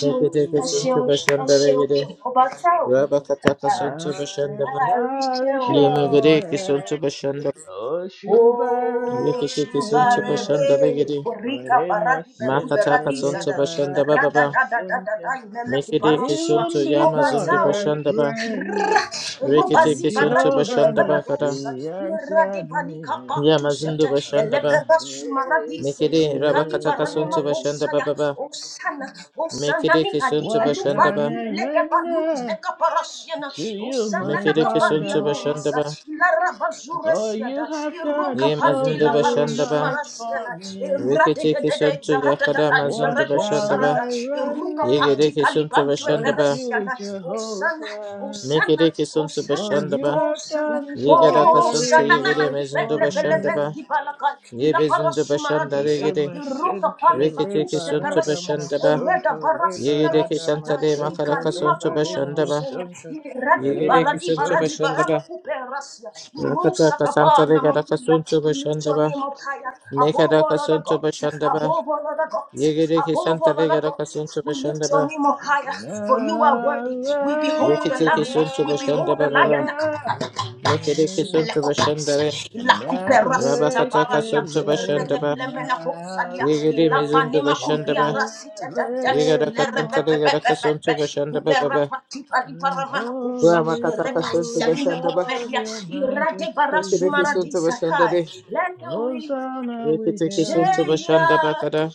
Speaker 3: Meke deke santo
Speaker 2: esheu
Speaker 3: bashanda
Speaker 2: esheu
Speaker 3: lege de.
Speaker 2: obatao
Speaker 3: Rabakataka santo bashanda
Speaker 1: I'm
Speaker 3: ba.
Speaker 1: sorry,
Speaker 3: Yemegere
Speaker 2: Arishewe.
Speaker 1: sure,
Speaker 3: kisuntu bashanda.
Speaker 1: oh Shubarare.
Speaker 2: Oh,
Speaker 3: Rekete kisuntu bashanda
Speaker 2: Shubarere,
Speaker 3: legere.
Speaker 2: Borika
Speaker 1: they
Speaker 2: paradi
Speaker 1: must
Speaker 2: Bedu
Speaker 1: send
Speaker 3: Makata
Speaker 1: Tarishore, must send
Speaker 3: kasuntu
Speaker 2: Beradizada,
Speaker 3: bashanda
Speaker 2: Rada
Speaker 3: bababa.
Speaker 2: da da da da
Speaker 1: Lebaradamasente.
Speaker 2: da, Mele
Speaker 3: Mekere
Speaker 2: Kuparoswa,
Speaker 3: kisuntu
Speaker 1: Even
Speaker 3: yamazundu
Speaker 1: before I
Speaker 3: bashanda
Speaker 2: Obasauri,
Speaker 3: ba.
Speaker 1: pray,
Speaker 3: Rekete
Speaker 2: Rubazi
Speaker 3: kisuntu
Speaker 2: Baradi
Speaker 1: Jehovah
Speaker 3: bashanda bakara.
Speaker 2: Beleveradosa,
Speaker 1: Nissi
Speaker 2: Irade
Speaker 1: answered
Speaker 2: Balika
Speaker 1: me.
Speaker 2: Patuseta,
Speaker 3: Yamazundu bashanda ba.
Speaker 2: Eleperasu Maradis,
Speaker 3: Mekere
Speaker 2: Ikali
Speaker 3: rabakata
Speaker 2: Paranima
Speaker 3: kasuntu bashanda
Speaker 2: Hosaya,
Speaker 3: bababa.
Speaker 2: Osana, Osana
Speaker 3: Mekere
Speaker 2: ni Adi
Speaker 3: kisuntu
Speaker 1: What
Speaker 3: bashanda
Speaker 1: can
Speaker 2: bandi
Speaker 3: ba.
Speaker 1: I
Speaker 2: beleke baluk
Speaker 1: render
Speaker 2: zeka parasiana
Speaker 1: to you,
Speaker 2: usana
Speaker 1: my
Speaker 2: na
Speaker 3: Mekere
Speaker 1: God?
Speaker 2: kapalia
Speaker 3: kisuntu
Speaker 2: no
Speaker 3: bashanda
Speaker 1: Oh,
Speaker 2: masa
Speaker 3: ba.
Speaker 2: la rabazura
Speaker 1: for
Speaker 2: siada
Speaker 1: you have done
Speaker 2: pante
Speaker 1: so
Speaker 3: Yemazundu
Speaker 2: la
Speaker 1: very
Speaker 3: bashanda ba.
Speaker 2: barasumara
Speaker 1: much for me.
Speaker 2: rate
Speaker 3: Rekete
Speaker 2: de de de
Speaker 3: kisuntu
Speaker 2: zarata da
Speaker 3: yakada
Speaker 1: What
Speaker 3: mazundu
Speaker 2: zarado
Speaker 3: bashanda
Speaker 1: shall
Speaker 3: ba.
Speaker 2: sarada
Speaker 1: I
Speaker 2: iruka
Speaker 1: render
Speaker 3: Yegere
Speaker 2: pati pali
Speaker 3: kisuntu bashanda ba.
Speaker 1: unto
Speaker 2: eferesiana usana
Speaker 1: Jehovah?
Speaker 2: usana
Speaker 3: Mekereke suntu
Speaker 2: usana
Speaker 1: For you
Speaker 3: bashandaba.
Speaker 1: have
Speaker 2: usana
Speaker 1: done so
Speaker 3: Yegaraka suntu
Speaker 1: very
Speaker 2: usana na na na
Speaker 3: yegere
Speaker 1: much
Speaker 3: mezindu
Speaker 2: pele
Speaker 1: for
Speaker 2: pele
Speaker 3: bashandaba.
Speaker 1: me.
Speaker 2: penti Balaka, Lapara
Speaker 3: Yebezindu bashanda
Speaker 2: Sumaradesa,
Speaker 3: regere.
Speaker 2: Iroka
Speaker 1: Remasente
Speaker 2: Pali
Speaker 3: Reketeke
Speaker 2: Bakuse
Speaker 3: suntu
Speaker 1: lebarada
Speaker 2: Peresia,
Speaker 3: bashandaba.
Speaker 2: Reda
Speaker 1: masonto
Speaker 3: Yegereke
Speaker 1: lebarada
Speaker 2: Barasimerosata,
Speaker 3: santale
Speaker 1: masente
Speaker 3: makaraka
Speaker 2: Ikalima
Speaker 3: suntu
Speaker 1: lebare
Speaker 2: Kumia
Speaker 3: bashandaba.
Speaker 2: Kusenia,
Speaker 1: masonto
Speaker 2: Radi
Speaker 3: Yegereke
Speaker 2: Baradi
Speaker 3: suntu
Speaker 2: Baradi
Speaker 1: remasonto
Speaker 3: bashandaba.
Speaker 2: Baramaku Perasia, Rosa
Speaker 3: Rakataka santa
Speaker 2: Kabana
Speaker 3: regaraka
Speaker 2: Makuya,
Speaker 3: suntu bashandaba.
Speaker 2: Litonimo Kaya, above
Speaker 3: Mekaraka
Speaker 2: all other
Speaker 3: suntu
Speaker 2: gods,
Speaker 3: bashandaba.
Speaker 2: above all other gods,
Speaker 3: Yegereke
Speaker 2: above
Speaker 3: santa
Speaker 2: all other
Speaker 3: regaraka
Speaker 2: gods,
Speaker 3: suntu
Speaker 2: we lift your
Speaker 3: bashandaba.
Speaker 2: name up higher, for you are
Speaker 1: na
Speaker 2: worthy. We behold the
Speaker 1: la
Speaker 3: Reketeke
Speaker 2: lamb.
Speaker 1: na
Speaker 3: suntu
Speaker 2: We behold the
Speaker 3: bashandaba baba.
Speaker 2: lion.
Speaker 1: la ya.
Speaker 3: Mekereke suntu bashandare.
Speaker 2: Supelekopas. Ila
Speaker 1: na
Speaker 2: kuperasita
Speaker 3: Rabakataka
Speaker 2: paradia.
Speaker 3: suntu
Speaker 1: lekele
Speaker 3: bashandaba.
Speaker 1: na
Speaker 2: Redelemena kosalia.
Speaker 3: Yegere
Speaker 2: Ila
Speaker 3: mezundo
Speaker 2: panema
Speaker 3: bashanda
Speaker 2: kumbia
Speaker 3: ba
Speaker 2: rasita tante.
Speaker 1: lekele
Speaker 3: yegara
Speaker 2: Ila
Speaker 1: mo.
Speaker 3: kasanta yegara kasonto
Speaker 2: repepepepepe.
Speaker 3: bashanda ba
Speaker 2: Ikupera
Speaker 3: baba
Speaker 2: patipa di
Speaker 1: And
Speaker 2: paramana kosa.
Speaker 3: wa
Speaker 1: holy,
Speaker 3: makata kasonto
Speaker 1: holy
Speaker 2: Repasamina
Speaker 3: bashanda ba
Speaker 1: Lord,
Speaker 2: kopelia.
Speaker 1: your
Speaker 2: Irade
Speaker 1: majesty
Speaker 3: repete kasonto
Speaker 1: reigns.
Speaker 2: barasumaradisa.
Speaker 3: bashanda
Speaker 2: Hai.
Speaker 3: le
Speaker 2: Let the weak
Speaker 1: Hosanna, we
Speaker 3: repete
Speaker 2: say
Speaker 1: hail
Speaker 3: kasonto
Speaker 1: you.
Speaker 3: bashanda ba
Speaker 2: I
Speaker 3: kada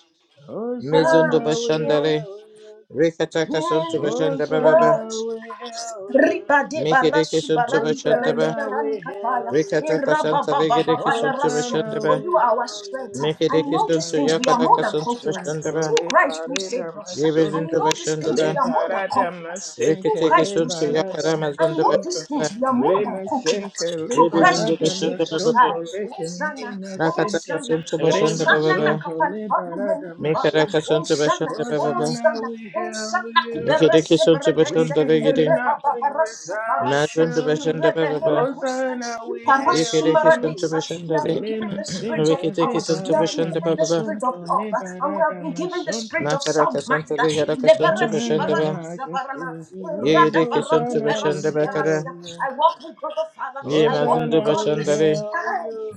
Speaker 3: mezundo
Speaker 2: am
Speaker 1: Hosanna, we
Speaker 3: bashanda
Speaker 2: strong
Speaker 3: le
Speaker 1: hail you.
Speaker 3: rekata kasonto
Speaker 2: in
Speaker 3: bashanda ba baba
Speaker 1: Hosanna,
Speaker 2: God.
Speaker 1: we hail you.
Speaker 2: riba de
Speaker 3: mekere
Speaker 2: barasu
Speaker 3: kasonto
Speaker 2: barati
Speaker 3: bashanda
Speaker 2: berede
Speaker 3: ba
Speaker 1: Hosanna,
Speaker 2: berani
Speaker 1: we
Speaker 2: kataya
Speaker 1: hail you.
Speaker 3: rekata
Speaker 2: iraba
Speaker 3: kasanta yegere kasonto
Speaker 2: raswa
Speaker 3: bashanda
Speaker 1: Hosanna,
Speaker 2: for
Speaker 3: ba
Speaker 2: you
Speaker 1: we
Speaker 2: are our
Speaker 1: hail you.
Speaker 2: strength
Speaker 3: mekere
Speaker 2: and in all these
Speaker 3: kasonto
Speaker 2: things we are
Speaker 1: Rebalada
Speaker 3: yakada
Speaker 2: more than
Speaker 3: kasonto
Speaker 2: conquerors
Speaker 3: bashanda
Speaker 1: masunto,
Speaker 3: ba
Speaker 2: through Christ who
Speaker 1: lebarada
Speaker 2: saved us and in
Speaker 3: yebezundo
Speaker 1: masunto,
Speaker 2: all these
Speaker 3: bashanda
Speaker 2: things we
Speaker 3: ba
Speaker 2: are more than
Speaker 1: lebarada
Speaker 2: conquerors through
Speaker 1: masente,
Speaker 3: rekete
Speaker 2: Christ who
Speaker 3: kasonto
Speaker 2: saved
Speaker 1: lebarada
Speaker 2: us
Speaker 3: yakara
Speaker 2: and in
Speaker 3: mazundo
Speaker 2: all
Speaker 1: masunto,
Speaker 2: these
Speaker 3: bashanda ba
Speaker 2: things we are more than conquerors
Speaker 1: remasente,
Speaker 2: through Christ
Speaker 3: Rebezundo
Speaker 2: who
Speaker 1: lebarada
Speaker 3: bashanda
Speaker 2: saved us
Speaker 3: ba
Speaker 1: masunto,
Speaker 2: I Oh sana, oh
Speaker 3: Rakataka
Speaker 1: lekemasente,
Speaker 3: Sunto Bashanda
Speaker 2: sana na
Speaker 3: Baba,
Speaker 1: remasunto,
Speaker 2: kapani palu meni
Speaker 1: lebarada
Speaker 2: kibaya
Speaker 3: Mikaraka
Speaker 1: masunto.
Speaker 2: oh
Speaker 3: Sunto
Speaker 2: sana.
Speaker 3: Bashanda
Speaker 2: oh
Speaker 3: Baba,
Speaker 1: Hosanna,
Speaker 2: Sana.
Speaker 1: we hail
Speaker 2: Osana
Speaker 1: you.
Speaker 3: Mikiriki
Speaker 2: kuberese
Speaker 3: Sunto
Speaker 1: We
Speaker 2: beredeze,
Speaker 3: Bashanda
Speaker 1: can do
Speaker 3: Vigidi,
Speaker 2: rebaba
Speaker 1: nothing
Speaker 2: parasu
Speaker 1: without
Speaker 2: parasia,
Speaker 3: Mazunto
Speaker 1: you.
Speaker 3: Bashanda
Speaker 2: irebeneme
Speaker 3: Baba,
Speaker 2: kusta,
Speaker 1: Hosanna, we
Speaker 2: iparasu
Speaker 1: hail
Speaker 3: Yikiriki Sunto
Speaker 1: you.
Speaker 2: maradesa. We
Speaker 3: Bashanda,
Speaker 2: have been given the
Speaker 1: Malema
Speaker 2: spirit of
Speaker 1: Sinta
Speaker 3: Rikitiki
Speaker 2: power, we
Speaker 3: Sunto
Speaker 2: have been
Speaker 1: Liberata
Speaker 3: Bashanda
Speaker 2: given the
Speaker 3: Baba,
Speaker 2: spirit of
Speaker 1: Masunto
Speaker 2: love, and we have
Speaker 1: Liberata
Speaker 2: been given the spirit
Speaker 1: Masunto.
Speaker 2: of
Speaker 3: Makaraka
Speaker 2: sound
Speaker 3: Sunto
Speaker 2: mind.
Speaker 3: Vigaraka
Speaker 1: Oh,
Speaker 3: Sunto
Speaker 2: Ileberesi
Speaker 1: and the
Speaker 3: Bashanda Ba,
Speaker 2: baradisa barana,
Speaker 1: majesty you reign.
Speaker 2: irada
Speaker 3: Yigiriki Sunto
Speaker 2: baraku
Speaker 1: Hosanna,
Speaker 3: Bashanda
Speaker 1: we
Speaker 2: berasi
Speaker 1: hail
Speaker 3: Bakara,
Speaker 2: berasia.
Speaker 1: you.
Speaker 2: I walk with God the Father, I walk
Speaker 3: Yemazunto
Speaker 2: with
Speaker 1: Hosanna,
Speaker 2: God
Speaker 1: we
Speaker 2: the
Speaker 3: Bashanda,
Speaker 1: hail
Speaker 2: Son.
Speaker 1: you.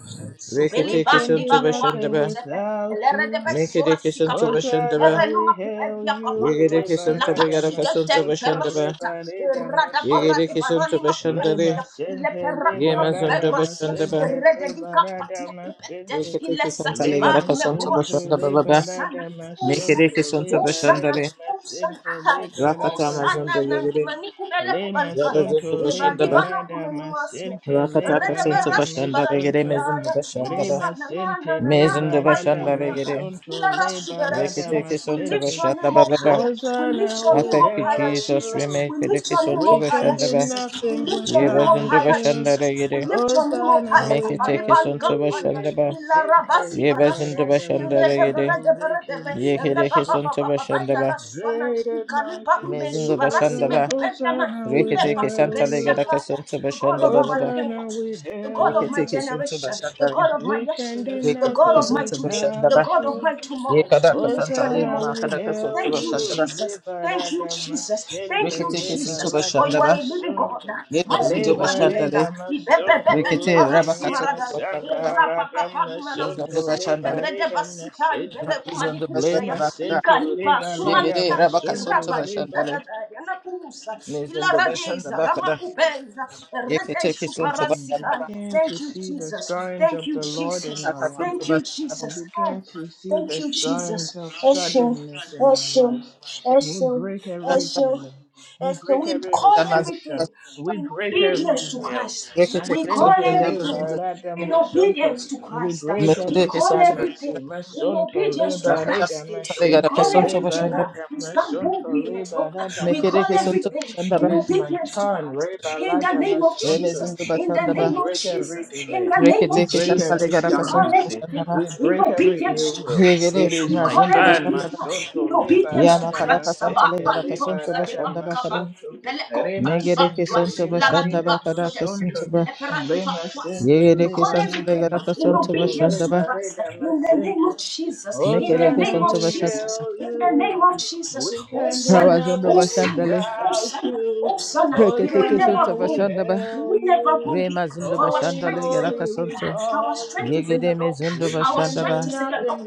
Speaker 2: Zubeli
Speaker 1: We
Speaker 3: Rikitiki
Speaker 1: can
Speaker 2: bandi
Speaker 1: do
Speaker 3: Sunto
Speaker 2: bakuba
Speaker 3: Bashanda
Speaker 1: nothing
Speaker 3: Ba,
Speaker 2: kusepe.
Speaker 1: without
Speaker 2: Elere de
Speaker 1: you.
Speaker 2: be sura
Speaker 3: Mikiriki Sunto
Speaker 2: sikapa.
Speaker 3: Bashanda
Speaker 2: Ipere
Speaker 1: Hosanna,
Speaker 3: Ba,
Speaker 2: numa
Speaker 1: we hail
Speaker 2: kupedia kapa.
Speaker 1: you.
Speaker 2: Tue
Speaker 3: Yigiriki Sunto
Speaker 2: ilapa
Speaker 1: Liberata
Speaker 3: Vigaraka
Speaker 2: shite de
Speaker 3: Sunto
Speaker 2: ipera
Speaker 3: Bashanda
Speaker 1: Masunto
Speaker 3: Ba,
Speaker 2: shuta.
Speaker 1: Liberata
Speaker 2: Irada bara
Speaker 1: Masunto.
Speaker 2: de
Speaker 3: Yigiriki Sunto
Speaker 2: barani ma
Speaker 3: Bashanda
Speaker 1: Le
Speaker 2: kupedia. Ile
Speaker 1: masente,
Speaker 2: pera
Speaker 1: le
Speaker 3: Ye
Speaker 2: numa kupe
Speaker 3: mazondo
Speaker 1: barada
Speaker 2: rasia.
Speaker 3: bashanda
Speaker 1: masente,
Speaker 3: ba Yemazondo Bashandaba,
Speaker 1: le
Speaker 2: Irede dika
Speaker 1: barada
Speaker 2: patia kupede.
Speaker 1: masente,
Speaker 2: Ile
Speaker 3: Rikatiki Santa
Speaker 1: le
Speaker 2: satiba
Speaker 3: Legaraka
Speaker 2: ime
Speaker 3: Santo
Speaker 1: masunto,
Speaker 2: rasia.
Speaker 3: Bashandaba
Speaker 1: le
Speaker 3: Baba,
Speaker 2: Osana.
Speaker 1: barada
Speaker 2: Osana,
Speaker 1: masunto,
Speaker 3: Mekereke
Speaker 1: le
Speaker 3: Santo
Speaker 2: Osana,
Speaker 1: barada
Speaker 3: le.
Speaker 1: masente, le
Speaker 3: Rakata
Speaker 1: barada
Speaker 3: Mazondo
Speaker 2: Osana,
Speaker 1: masunto,
Speaker 3: Yere,
Speaker 2: Manicumela
Speaker 1: le
Speaker 2: Balcana,
Speaker 3: Yabazondo
Speaker 1: masunto, le
Speaker 2: Eva
Speaker 3: Bashandaba,
Speaker 2: Libana
Speaker 1: barada
Speaker 2: Comenuasia,
Speaker 1: masente, le
Speaker 3: Rakataka
Speaker 2: Reda
Speaker 3: Santo
Speaker 1: barada
Speaker 2: Berasi
Speaker 3: Bashandale, Gere
Speaker 1: masunto,
Speaker 3: Mezondo
Speaker 2: Baradia,
Speaker 1: le
Speaker 3: Bashandaba,
Speaker 2: Osana,
Speaker 1: masente, le
Speaker 2: Nana,
Speaker 3: Mezondo
Speaker 1: barada
Speaker 2: Balicumia,
Speaker 3: Bashandale, Gere,
Speaker 1: masunto,
Speaker 2: Lara
Speaker 1: le barada
Speaker 2: Suberesia. We lift
Speaker 1: masente.
Speaker 2: your
Speaker 3: Rikatiki ba
Speaker 2: name up
Speaker 3: ba ba.
Speaker 2: higher. We lift
Speaker 1: Hosanna,
Speaker 2: your
Speaker 3: I
Speaker 2: name
Speaker 1: we
Speaker 3: thank
Speaker 2: up
Speaker 3: you,
Speaker 2: higher,
Speaker 1: hail
Speaker 3: Jesus,
Speaker 2: Jesus.
Speaker 1: you.
Speaker 2: We
Speaker 3: Remake the
Speaker 2: lift your name
Speaker 3: kisanta
Speaker 2: up
Speaker 1: We can
Speaker 2: higher,
Speaker 3: bashanda
Speaker 1: do
Speaker 3: ba
Speaker 2: Jesus. We
Speaker 1: nothing
Speaker 2: lift your
Speaker 3: Ye
Speaker 2: name
Speaker 3: Remekatiki
Speaker 2: up
Speaker 3: Santo
Speaker 1: without
Speaker 2: higher,
Speaker 3: Bashandaba, Yebazondo
Speaker 1: you.
Speaker 2: Jesus.
Speaker 3: Bashandale,
Speaker 2: We
Speaker 3: Gere,
Speaker 2: lift your name up
Speaker 1: Hosanna,
Speaker 2: higher.
Speaker 1: we
Speaker 3: Mekatiki
Speaker 1: hail
Speaker 2: Balibalica,
Speaker 3: Santo
Speaker 1: you. Rema
Speaker 3: Bashandaba,
Speaker 2: Ilara
Speaker 1: sente
Speaker 2: Basi
Speaker 3: Yebazondo
Speaker 2: Barasua,
Speaker 1: liberada
Speaker 3: Bashandale,
Speaker 2: Reda
Speaker 3: Gere,
Speaker 2: the
Speaker 1: masunto, leke lima
Speaker 3: Yekereke Santo
Speaker 1: sunto.
Speaker 3: ba.
Speaker 1: Great and majesty
Speaker 3: Mezindo
Speaker 1: you
Speaker 3: bashanda
Speaker 1: reign.
Speaker 3: ba
Speaker 1: Hosanna, we
Speaker 3: rekete
Speaker 1: hail
Speaker 3: kesanta legada
Speaker 1: you.
Speaker 3: kasunto
Speaker 2: God
Speaker 3: bashanda
Speaker 2: of
Speaker 3: ba ba
Speaker 2: our
Speaker 3: ba
Speaker 2: living
Speaker 1: Hosanna, we
Speaker 2: waters, the God
Speaker 1: hail
Speaker 2: of my
Speaker 3: rekete
Speaker 1: you.
Speaker 3: kesunto
Speaker 2: generation,
Speaker 3: bashanda
Speaker 2: the
Speaker 3: ba
Speaker 2: God of my
Speaker 1: We can
Speaker 2: yesterday,
Speaker 1: do
Speaker 2: the
Speaker 3: rekete
Speaker 2: God
Speaker 1: nothing
Speaker 2: of my
Speaker 3: kesunto
Speaker 2: today,
Speaker 3: bashanda
Speaker 2: the
Speaker 1: without
Speaker 3: ba
Speaker 2: God of
Speaker 1: you.
Speaker 2: my
Speaker 3: ye
Speaker 2: tomorrow.
Speaker 3: kada
Speaker 2: We lift
Speaker 3: kasanta
Speaker 2: your
Speaker 3: le
Speaker 2: name
Speaker 1: Hosanna,
Speaker 3: ma
Speaker 1: we
Speaker 3: kada
Speaker 2: up.
Speaker 1: hail
Speaker 3: kasunto
Speaker 2: Thank you,
Speaker 3: bashanda
Speaker 1: you.
Speaker 3: ba
Speaker 2: Jesus. Thank you,
Speaker 1: Liberada
Speaker 2: Jesus.
Speaker 1: masente,
Speaker 2: Thank you,
Speaker 3: rekete kesunto
Speaker 2: Jesus. For
Speaker 1: liberada
Speaker 3: bashanda
Speaker 2: you are a
Speaker 3: ba
Speaker 2: living God.
Speaker 1: masunto,
Speaker 3: ye
Speaker 2: My
Speaker 3: mazindo
Speaker 2: Redeemer liveth.
Speaker 3: bashanda le
Speaker 1: liberada
Speaker 2: He be- be- be-
Speaker 1: masunto,
Speaker 2: be- ni
Speaker 3: rekete raba
Speaker 1: lekin
Speaker 2: karasi
Speaker 3: kasunto
Speaker 1: rima
Speaker 2: marada. E
Speaker 3: bashanda
Speaker 1: santa,
Speaker 3: ba
Speaker 2: rapa
Speaker 1: rada
Speaker 2: kapadu
Speaker 3: mezindo
Speaker 1: masunto,
Speaker 2: manakuse. E
Speaker 3: bashanda le
Speaker 2: rede
Speaker 1: liberada
Speaker 2: basita ibele
Speaker 1: masente,
Speaker 3: mezindo
Speaker 2: kumanikuse.
Speaker 3: bashanda
Speaker 2: ya.
Speaker 1: lema
Speaker 3: ba kada
Speaker 2: Ika
Speaker 1: sente,
Speaker 2: lipa
Speaker 3: ye
Speaker 1: liberada
Speaker 3: gede
Speaker 2: sumanika.
Speaker 3: raba
Speaker 2: E
Speaker 3: kasunto
Speaker 1: masunto,
Speaker 2: rapa de
Speaker 3: bashanda
Speaker 1: liber.
Speaker 3: le
Speaker 2: dadada. Yanakusa. Ila
Speaker 3: mezindo bashanda
Speaker 2: radeza.
Speaker 3: ba kada
Speaker 2: Ramakubeza. E
Speaker 3: ye
Speaker 2: rede
Speaker 3: kete kesunto bashanda
Speaker 2: suparasika.
Speaker 3: ba
Speaker 1: Begin to
Speaker 2: Thank you,
Speaker 1: see the
Speaker 2: Jesus.
Speaker 1: signs
Speaker 2: Thank
Speaker 1: of
Speaker 2: you,
Speaker 1: the Lord in
Speaker 2: Jesus.
Speaker 1: our life.
Speaker 3: kasunto
Speaker 2: Thank you,
Speaker 3: bashanda
Speaker 1: We
Speaker 2: Jesus.
Speaker 1: begin to see
Speaker 2: Thank
Speaker 1: the
Speaker 2: you,
Speaker 1: signs
Speaker 2: Jesus.
Speaker 1: of
Speaker 2: Esho,
Speaker 1: suddenness in our
Speaker 2: Esho,
Speaker 1: lives. We
Speaker 2: Esho,
Speaker 1: break every
Speaker 3: ba
Speaker 2: Esho,
Speaker 1: delay. We
Speaker 2: Esho.
Speaker 1: break
Speaker 2: We
Speaker 1: every
Speaker 2: call
Speaker 3: Katamaza
Speaker 2: everything
Speaker 1: restriction. We
Speaker 2: in
Speaker 1: break
Speaker 2: obedience
Speaker 1: every
Speaker 2: to
Speaker 1: veil.
Speaker 2: Christ.
Speaker 3: rekete
Speaker 2: We call
Speaker 3: kesonto
Speaker 1: Masente
Speaker 2: everything
Speaker 1: leba
Speaker 3: yabazinza
Speaker 1: radam
Speaker 2: in
Speaker 1: masonto.
Speaker 2: obedience to
Speaker 1: We
Speaker 2: Christ.
Speaker 1: break
Speaker 2: We
Speaker 3: mekede
Speaker 1: every
Speaker 2: call
Speaker 3: kesonto
Speaker 2: everything
Speaker 1: stagnancy.
Speaker 3: bashanda
Speaker 2: in
Speaker 1: Masonto
Speaker 2: obedience to
Speaker 1: leba
Speaker 3: rakata
Speaker 1: reda
Speaker 2: Christ.
Speaker 3: katale
Speaker 2: We
Speaker 3: gara
Speaker 1: masente
Speaker 2: call
Speaker 3: kesonto
Speaker 1: leba
Speaker 2: everything
Speaker 3: bashanda
Speaker 2: uh,
Speaker 1: radam
Speaker 2: to stand
Speaker 1: masonto
Speaker 2: boldly in the
Speaker 1: leba
Speaker 2: throne.
Speaker 1: radam
Speaker 2: We
Speaker 3: mekede
Speaker 2: call
Speaker 3: kesonto
Speaker 1: masonto.
Speaker 2: everything
Speaker 3: bashanda
Speaker 1: It
Speaker 2: in
Speaker 3: ba
Speaker 1: is my
Speaker 2: obedience to
Speaker 1: turn.
Speaker 2: Christ.
Speaker 1: Reba
Speaker 2: In the
Speaker 1: radam
Speaker 2: name of
Speaker 1: masonto.
Speaker 2: Jesus.
Speaker 3: remezindo
Speaker 2: In the
Speaker 3: bashanda
Speaker 1: We
Speaker 3: ba
Speaker 2: name of
Speaker 1: break every
Speaker 2: Jesus. In
Speaker 1: delay.
Speaker 2: the name
Speaker 3: rekete
Speaker 1: We
Speaker 2: of
Speaker 1: break
Speaker 3: kesonto le
Speaker 2: Jesus,
Speaker 1: every
Speaker 3: gara
Speaker 2: we call
Speaker 3: kesonto
Speaker 1: stagnancy.
Speaker 3: bashanda
Speaker 2: everything
Speaker 3: ba
Speaker 1: We
Speaker 2: in
Speaker 1: break every
Speaker 2: obedience
Speaker 1: ill
Speaker 2: to
Speaker 1: will.
Speaker 2: Christ.
Speaker 3: yegere
Speaker 1: It is
Speaker 2: We
Speaker 1: my
Speaker 2: call
Speaker 3: nazondo
Speaker 1: child,
Speaker 2: everything
Speaker 1: my
Speaker 3: bashanda ba
Speaker 1: son, to
Speaker 2: in obedience to
Speaker 1: libera
Speaker 3: yama kada
Speaker 1: damna
Speaker 2: Christ. Ba-
Speaker 3: kesonto le
Speaker 1: sente,
Speaker 2: ba-
Speaker 3: gara
Speaker 2: ibo-
Speaker 3: kesonto
Speaker 2: sa-
Speaker 1: libera
Speaker 2: de- ba-
Speaker 3: bashanda
Speaker 1: damna
Speaker 3: ba
Speaker 2: ka-
Speaker 3: kada
Speaker 2: ba-
Speaker 1: sonto,
Speaker 2: ibeleko- ba-
Speaker 1: rema
Speaker 2: ki-
Speaker 3: megere
Speaker 2: ba- dwa-
Speaker 1: sente,
Speaker 3: kesonto
Speaker 2: la-
Speaker 1: libera
Speaker 2: ra-
Speaker 3: bashanda
Speaker 2: di-
Speaker 3: ba
Speaker 2: ba-
Speaker 1: damna
Speaker 3: kada
Speaker 2: so- de-
Speaker 3: kesonto
Speaker 1: sonto,
Speaker 2: de-
Speaker 3: ba
Speaker 2: le- di- ba-
Speaker 1: rema
Speaker 2: was.
Speaker 1: sente,
Speaker 2: We
Speaker 3: yegere
Speaker 2: call
Speaker 3: kesonto
Speaker 1: libera
Speaker 3: le
Speaker 2: everything
Speaker 3: gara
Speaker 1: damna
Speaker 2: in
Speaker 3: kesonto
Speaker 1: sonto,
Speaker 2: obedience
Speaker 3: bashanda
Speaker 2: to
Speaker 3: ba
Speaker 1: libera
Speaker 2: Christ. In the name
Speaker 1: damna
Speaker 2: of Jesus, in
Speaker 3: mekede
Speaker 2: the name
Speaker 1: Hosanna,
Speaker 3: kesonto
Speaker 2: of
Speaker 1: we
Speaker 3: bashanda
Speaker 2: Jesus,
Speaker 3: ba
Speaker 1: hail
Speaker 2: in the name
Speaker 1: you.
Speaker 2: of Jesus.
Speaker 1: We
Speaker 2: Oh,
Speaker 1: can do
Speaker 2: Sana,
Speaker 3: rawazondo
Speaker 2: oh,
Speaker 1: nothing
Speaker 2: Sana,
Speaker 3: bashanda
Speaker 2: oh,
Speaker 1: without
Speaker 2: Sana,
Speaker 1: you.
Speaker 2: oh, Sana. May we
Speaker 3: Reketeke
Speaker 2: never
Speaker 1: Hosanna,
Speaker 3: sunta
Speaker 1: we
Speaker 2: grow.
Speaker 3: bashanda ba.
Speaker 1: hail
Speaker 2: We never will
Speaker 1: you.
Speaker 2: be.
Speaker 3: Rema zundu
Speaker 2: for our
Speaker 3: bashanda
Speaker 1: Holy,
Speaker 2: strength
Speaker 3: le
Speaker 2: is in the
Speaker 3: garaka
Speaker 1: holy, we
Speaker 3: sunto.
Speaker 2: Lord. Our
Speaker 1: call
Speaker 2: strength is in
Speaker 1: you.
Speaker 2: the
Speaker 3: Yegede me
Speaker 2: Lord.
Speaker 3: zundu
Speaker 1: We
Speaker 2: Our
Speaker 1: can
Speaker 3: bashanda
Speaker 2: strength
Speaker 1: do
Speaker 3: ba.
Speaker 2: is in the Lord.
Speaker 1: nothing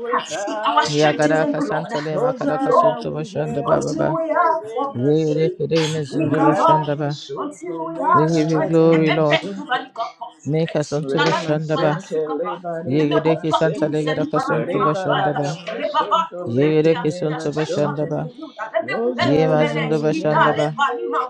Speaker 2: Our
Speaker 1: without
Speaker 2: strength is in
Speaker 3: Yagaraka
Speaker 2: the
Speaker 1: you.
Speaker 2: Lord.
Speaker 3: santa le
Speaker 2: We
Speaker 3: makaraka
Speaker 2: go
Speaker 1: Hosanna,
Speaker 3: sunto
Speaker 1: we
Speaker 3: bashanda ba
Speaker 1: hail
Speaker 3: ba
Speaker 1: you.
Speaker 2: until
Speaker 3: ba.
Speaker 2: we are what
Speaker 1: Rema Sinti,
Speaker 3: Rekede me
Speaker 2: we
Speaker 3: zundu
Speaker 2: cover
Speaker 3: bashanda
Speaker 1: Radama
Speaker 3: ba.
Speaker 2: until
Speaker 1: Sunto,
Speaker 2: we
Speaker 1: Rema
Speaker 3: We
Speaker 2: are
Speaker 3: give you
Speaker 2: strength.
Speaker 3: glory,
Speaker 1: Radama
Speaker 3: Lord.
Speaker 2: Epepe,
Speaker 1: Sunto,
Speaker 2: tuvali, kopo,
Speaker 3: Make us unto
Speaker 2: La, la,
Speaker 3: bashanda ba.
Speaker 1: Remasente,
Speaker 2: si,
Speaker 1: leba
Speaker 2: the
Speaker 1: reda
Speaker 3: Yegede ki santa le
Speaker 1: masente,
Speaker 3: garaka sunto
Speaker 1: reba
Speaker 3: bashanda
Speaker 1: lada
Speaker 3: ba.
Speaker 1: masonto, leke
Speaker 3: Yegede ki
Speaker 1: ne
Speaker 3: sunto
Speaker 2: strength shall
Speaker 3: bashanda
Speaker 2: be
Speaker 1: masonto.
Speaker 3: ba.
Speaker 2: renewed.
Speaker 3: Yema
Speaker 1: Hosanna,
Speaker 3: zundu
Speaker 1: we
Speaker 3: bashanda
Speaker 1: hail
Speaker 3: ba.
Speaker 1: you.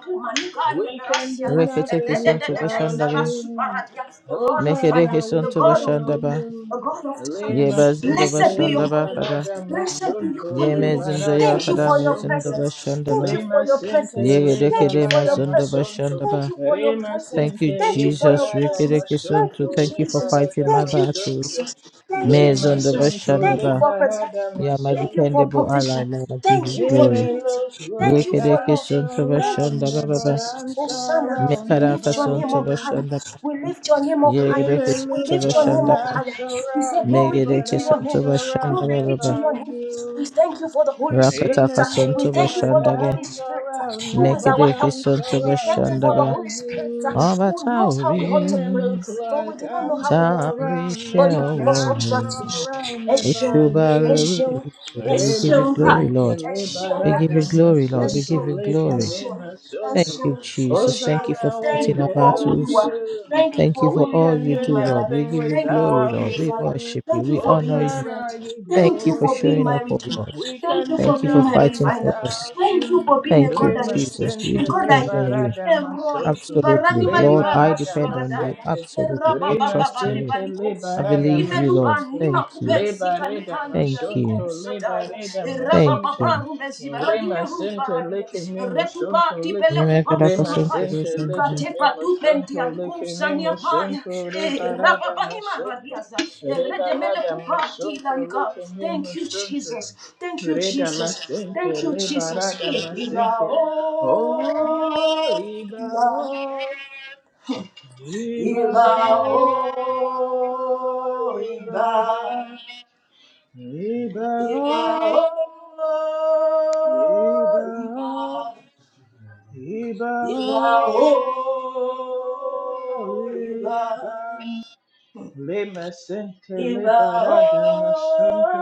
Speaker 1: We can do
Speaker 3: Reketeke
Speaker 1: nothing
Speaker 3: sunto bashanda
Speaker 1: without
Speaker 3: le.
Speaker 1: you.
Speaker 2: The God of fire,
Speaker 3: Mekereke
Speaker 1: Hosanna,
Speaker 2: the
Speaker 1: we
Speaker 3: sunto
Speaker 2: God of
Speaker 1: hail
Speaker 3: bashanda
Speaker 2: wind,
Speaker 3: ba.
Speaker 1: you.
Speaker 2: the God of thunder.
Speaker 1: Lema
Speaker 3: Yeba zundu
Speaker 1: sente
Speaker 2: Blessed be your
Speaker 3: bashanda ba
Speaker 2: holy name.
Speaker 3: kada.
Speaker 1: lebarada
Speaker 2: Blessed be your
Speaker 1: masonto
Speaker 3: Ye
Speaker 2: holy name.
Speaker 3: mezindo
Speaker 1: lebarada
Speaker 2: Thank you
Speaker 3: yakada
Speaker 2: for your
Speaker 3: mezindo
Speaker 1: masonto
Speaker 2: presence.
Speaker 3: bashandaba.
Speaker 2: Thank you for
Speaker 1: Lema
Speaker 2: your
Speaker 1: sente
Speaker 3: Ye
Speaker 2: presence. Thank you
Speaker 3: gedekede
Speaker 2: for your
Speaker 1: lebarada
Speaker 3: mazindo
Speaker 2: presence.
Speaker 1: masonto
Speaker 3: bashandaba.
Speaker 2: Thank you for your
Speaker 1: Rema
Speaker 2: presence.
Speaker 3: Thank you,
Speaker 1: sente
Speaker 2: Thank you for
Speaker 3: Jesus.
Speaker 2: your
Speaker 1: lebarada
Speaker 2: presence. Thank
Speaker 3: Rikidekisunto.
Speaker 2: you,
Speaker 1: masonto
Speaker 3: Thank you
Speaker 2: Jesus.
Speaker 3: for
Speaker 2: Jesus.
Speaker 3: fighting
Speaker 1: lebarada
Speaker 3: my
Speaker 2: Thank you,
Speaker 3: battles.
Speaker 1: masonto
Speaker 2: Jesus. Thank you,
Speaker 1: Rema
Speaker 3: Mezindo
Speaker 2: Jesus.
Speaker 1: sonto
Speaker 2: Thank you
Speaker 1: le
Speaker 3: bashandaba.
Speaker 2: for protection.
Speaker 1: barada
Speaker 3: You are my
Speaker 2: Thank you
Speaker 1: masonto
Speaker 2: for
Speaker 3: dependable ally,
Speaker 2: provision.
Speaker 3: Lord. I give
Speaker 2: Thank
Speaker 3: you
Speaker 2: you
Speaker 1: it
Speaker 2: for
Speaker 3: glory.
Speaker 1: may
Speaker 2: unity.
Speaker 1: look
Speaker 2: Thank
Speaker 1: like
Speaker 2: you for
Speaker 1: I'm
Speaker 2: love.
Speaker 3: Yekedekisunto
Speaker 2: Thank you,
Speaker 1: surrounded,
Speaker 3: bashandaba
Speaker 1: but
Speaker 3: baba.
Speaker 2: Jesus.
Speaker 1: I'm
Speaker 2: Hosanna, we
Speaker 1: surrounded
Speaker 2: lift
Speaker 1: by
Speaker 2: your name
Speaker 3: Mekarakasunto
Speaker 2: up
Speaker 1: you.
Speaker 2: higher.
Speaker 3: bashandaba.
Speaker 2: We lift your name up higher.
Speaker 1: It may
Speaker 2: We
Speaker 1: look
Speaker 3: Yekedekisunto
Speaker 2: lift your
Speaker 1: like
Speaker 2: name up
Speaker 1: I'm
Speaker 3: bashandaba.
Speaker 2: higher. We say, Glory
Speaker 1: surrounded,
Speaker 2: be
Speaker 1: but
Speaker 2: to your
Speaker 1: I'm
Speaker 2: name.
Speaker 3: Megedekisunto
Speaker 2: Glory
Speaker 3: bashandaba
Speaker 1: surrounded
Speaker 2: be
Speaker 3: baba.
Speaker 2: to
Speaker 1: by
Speaker 2: your name. We
Speaker 1: you.
Speaker 2: thank you for the Holy
Speaker 1: It
Speaker 2: Spirit.
Speaker 1: may
Speaker 2: We
Speaker 3: Rakatakasunto
Speaker 1: look
Speaker 2: thank you
Speaker 1: like
Speaker 2: for the Holy
Speaker 3: bashandale.
Speaker 1: I'm
Speaker 2: Spirit who
Speaker 1: surrounded,
Speaker 2: is
Speaker 1: but
Speaker 2: our
Speaker 1: I'm
Speaker 2: helper.
Speaker 3: Mekedekisunto
Speaker 2: We thank you
Speaker 1: surrounded
Speaker 2: for the
Speaker 3: bashandaba.
Speaker 1: by
Speaker 2: Holy Spirit
Speaker 1: you.
Speaker 2: who
Speaker 3: Ọbàtá
Speaker 2: knows how
Speaker 3: òrí
Speaker 2: we ought
Speaker 1: It
Speaker 2: to
Speaker 1: may
Speaker 2: pray
Speaker 1: look
Speaker 2: pray. For we
Speaker 1: like
Speaker 2: do not know
Speaker 1: I'm
Speaker 2: how
Speaker 3: tá
Speaker 2: we ought
Speaker 3: a
Speaker 2: to
Speaker 3: rí
Speaker 2: pray. But
Speaker 1: surrounded,
Speaker 3: iṣẹ́
Speaker 2: you
Speaker 1: but
Speaker 2: give
Speaker 3: ọwọ́
Speaker 2: us
Speaker 3: rẹ̀
Speaker 1: I'm
Speaker 2: utterance.
Speaker 3: wò.
Speaker 1: surrounded
Speaker 2: Eshun,
Speaker 1: by
Speaker 3: Òṣùbàrè
Speaker 1: you.
Speaker 3: rèé
Speaker 2: Eshun,
Speaker 3: o. We give
Speaker 1: Rema
Speaker 3: you
Speaker 2: Eshun,
Speaker 3: glory,
Speaker 2: hi.
Speaker 1: sente
Speaker 3: Lord.
Speaker 2: Eshun,
Speaker 3: We give
Speaker 1: liberata
Speaker 3: you
Speaker 2: Kabis.
Speaker 3: glory, Lord. We
Speaker 1: masunto
Speaker 3: give
Speaker 2: Eshun,
Speaker 3: you
Speaker 1: leke
Speaker 3: glory.
Speaker 1: ne
Speaker 2: Eshun,
Speaker 3: Thank
Speaker 1: masunto.
Speaker 3: you,
Speaker 2: Eshun,
Speaker 3: Jesus. Thank you
Speaker 2: Eshun.
Speaker 3: for
Speaker 1: Hosanna, we
Speaker 2: Thank
Speaker 3: fighting
Speaker 2: you
Speaker 3: our
Speaker 2: for who
Speaker 1: hail
Speaker 2: you
Speaker 3: battles.
Speaker 2: are.
Speaker 1: you.
Speaker 2: Thank you
Speaker 3: Thank you
Speaker 2: for
Speaker 3: for
Speaker 2: who
Speaker 1: We
Speaker 3: all
Speaker 2: you've
Speaker 1: can
Speaker 3: you
Speaker 2: been in
Speaker 3: do,
Speaker 1: do
Speaker 2: my
Speaker 3: Lord.
Speaker 2: life.
Speaker 3: We
Speaker 1: nothing
Speaker 3: give you
Speaker 2: Thank you for
Speaker 3: glory,
Speaker 1: without
Speaker 2: being
Speaker 3: Lord.
Speaker 2: a
Speaker 3: We
Speaker 2: father.
Speaker 1: you.
Speaker 3: worship you.
Speaker 2: Thank you
Speaker 3: We
Speaker 2: for
Speaker 3: honor
Speaker 2: being a
Speaker 3: you.
Speaker 2: friend.
Speaker 1: Hosanna, you
Speaker 2: Thank
Speaker 3: Thank you
Speaker 2: you
Speaker 3: for
Speaker 2: for being
Speaker 1: glory.
Speaker 3: showing
Speaker 2: my
Speaker 3: up, O
Speaker 2: redeemer.
Speaker 3: Lord.
Speaker 1: We
Speaker 2: Thank
Speaker 1: can
Speaker 2: you
Speaker 1: do
Speaker 3: Thank
Speaker 2: for
Speaker 3: you
Speaker 2: being
Speaker 3: for
Speaker 2: my
Speaker 1: nothing
Speaker 3: fighting for
Speaker 2: refiner.
Speaker 3: us.
Speaker 1: without
Speaker 2: Thank you
Speaker 1: you.
Speaker 2: for being a
Speaker 3: Thank you,
Speaker 2: God that
Speaker 1: Rema
Speaker 2: listens,
Speaker 3: Jesus. We
Speaker 1: sente
Speaker 2: a God
Speaker 3: depend
Speaker 2: that
Speaker 3: on
Speaker 2: hears.
Speaker 3: you.
Speaker 1: liberata
Speaker 2: Elroy,
Speaker 1: masunto.
Speaker 2: Ibarani
Speaker 3: Absolutely. Lord,
Speaker 2: Malibar.
Speaker 3: I
Speaker 1: Liberata
Speaker 3: depend on you.
Speaker 2: Karashwaradaya,
Speaker 1: masente.
Speaker 3: Absolutely. I
Speaker 1: Rema
Speaker 3: trust
Speaker 2: Rabababa
Speaker 3: in you.
Speaker 1: sente
Speaker 3: I
Speaker 2: Rebalikosa,
Speaker 1: liberata
Speaker 3: believe you,
Speaker 2: Imeluba
Speaker 3: Lord.
Speaker 1: masunto.
Speaker 2: Nima
Speaker 3: Thank you.
Speaker 2: Kubensi
Speaker 1: Lebareda
Speaker 2: Kalikanti
Speaker 3: Thank you.
Speaker 1: masonto,
Speaker 2: Alikosataya,
Speaker 1: lebareda
Speaker 3: Thank
Speaker 1: masonto,
Speaker 2: Rabababa
Speaker 3: you.
Speaker 2: Rubeziba
Speaker 1: rema
Speaker 2: Radimeruba
Speaker 1: sente leke me
Speaker 2: Retupa
Speaker 1: masonto, le-
Speaker 2: Tipele
Speaker 3: Yemekaraka
Speaker 1: rema
Speaker 2: Kupasumaka,
Speaker 3: Santere
Speaker 1: sente leke
Speaker 3: Sandere
Speaker 1: me
Speaker 2: Ikatepa Dupenti
Speaker 1: masonto, leke
Speaker 2: Alikosa
Speaker 1: me
Speaker 2: Niapaya,
Speaker 1: masonto, lebarada
Speaker 2: Rababanima
Speaker 1: masonto,
Speaker 2: Radiaza, Redemele
Speaker 1: rebalada masonto,
Speaker 2: Lanka.
Speaker 1: leke me
Speaker 2: Thank you,
Speaker 1: masonto,
Speaker 2: Jesus. Thank you,
Speaker 1: reda
Speaker 2: Jesus.
Speaker 1: masente,
Speaker 2: Thank you, Jesus.
Speaker 1: lebarada
Speaker 2: Eh, Iba,
Speaker 1: masente.
Speaker 2: oh,
Speaker 1: Oh, iba,
Speaker 2: Iba.
Speaker 1: oh, iba,
Speaker 2: Ìbà ó,
Speaker 1: oh,
Speaker 2: ìbà,
Speaker 1: iba.
Speaker 2: ìbà ó,
Speaker 1: Ibaon,
Speaker 2: ìbà,
Speaker 1: Ibaon,
Speaker 2: ìbà ó,
Speaker 1: Ibaon,
Speaker 2: ìbà,
Speaker 1: Ibaon. Lema sente
Speaker 2: ìbà ó,
Speaker 1: lebara damasunto.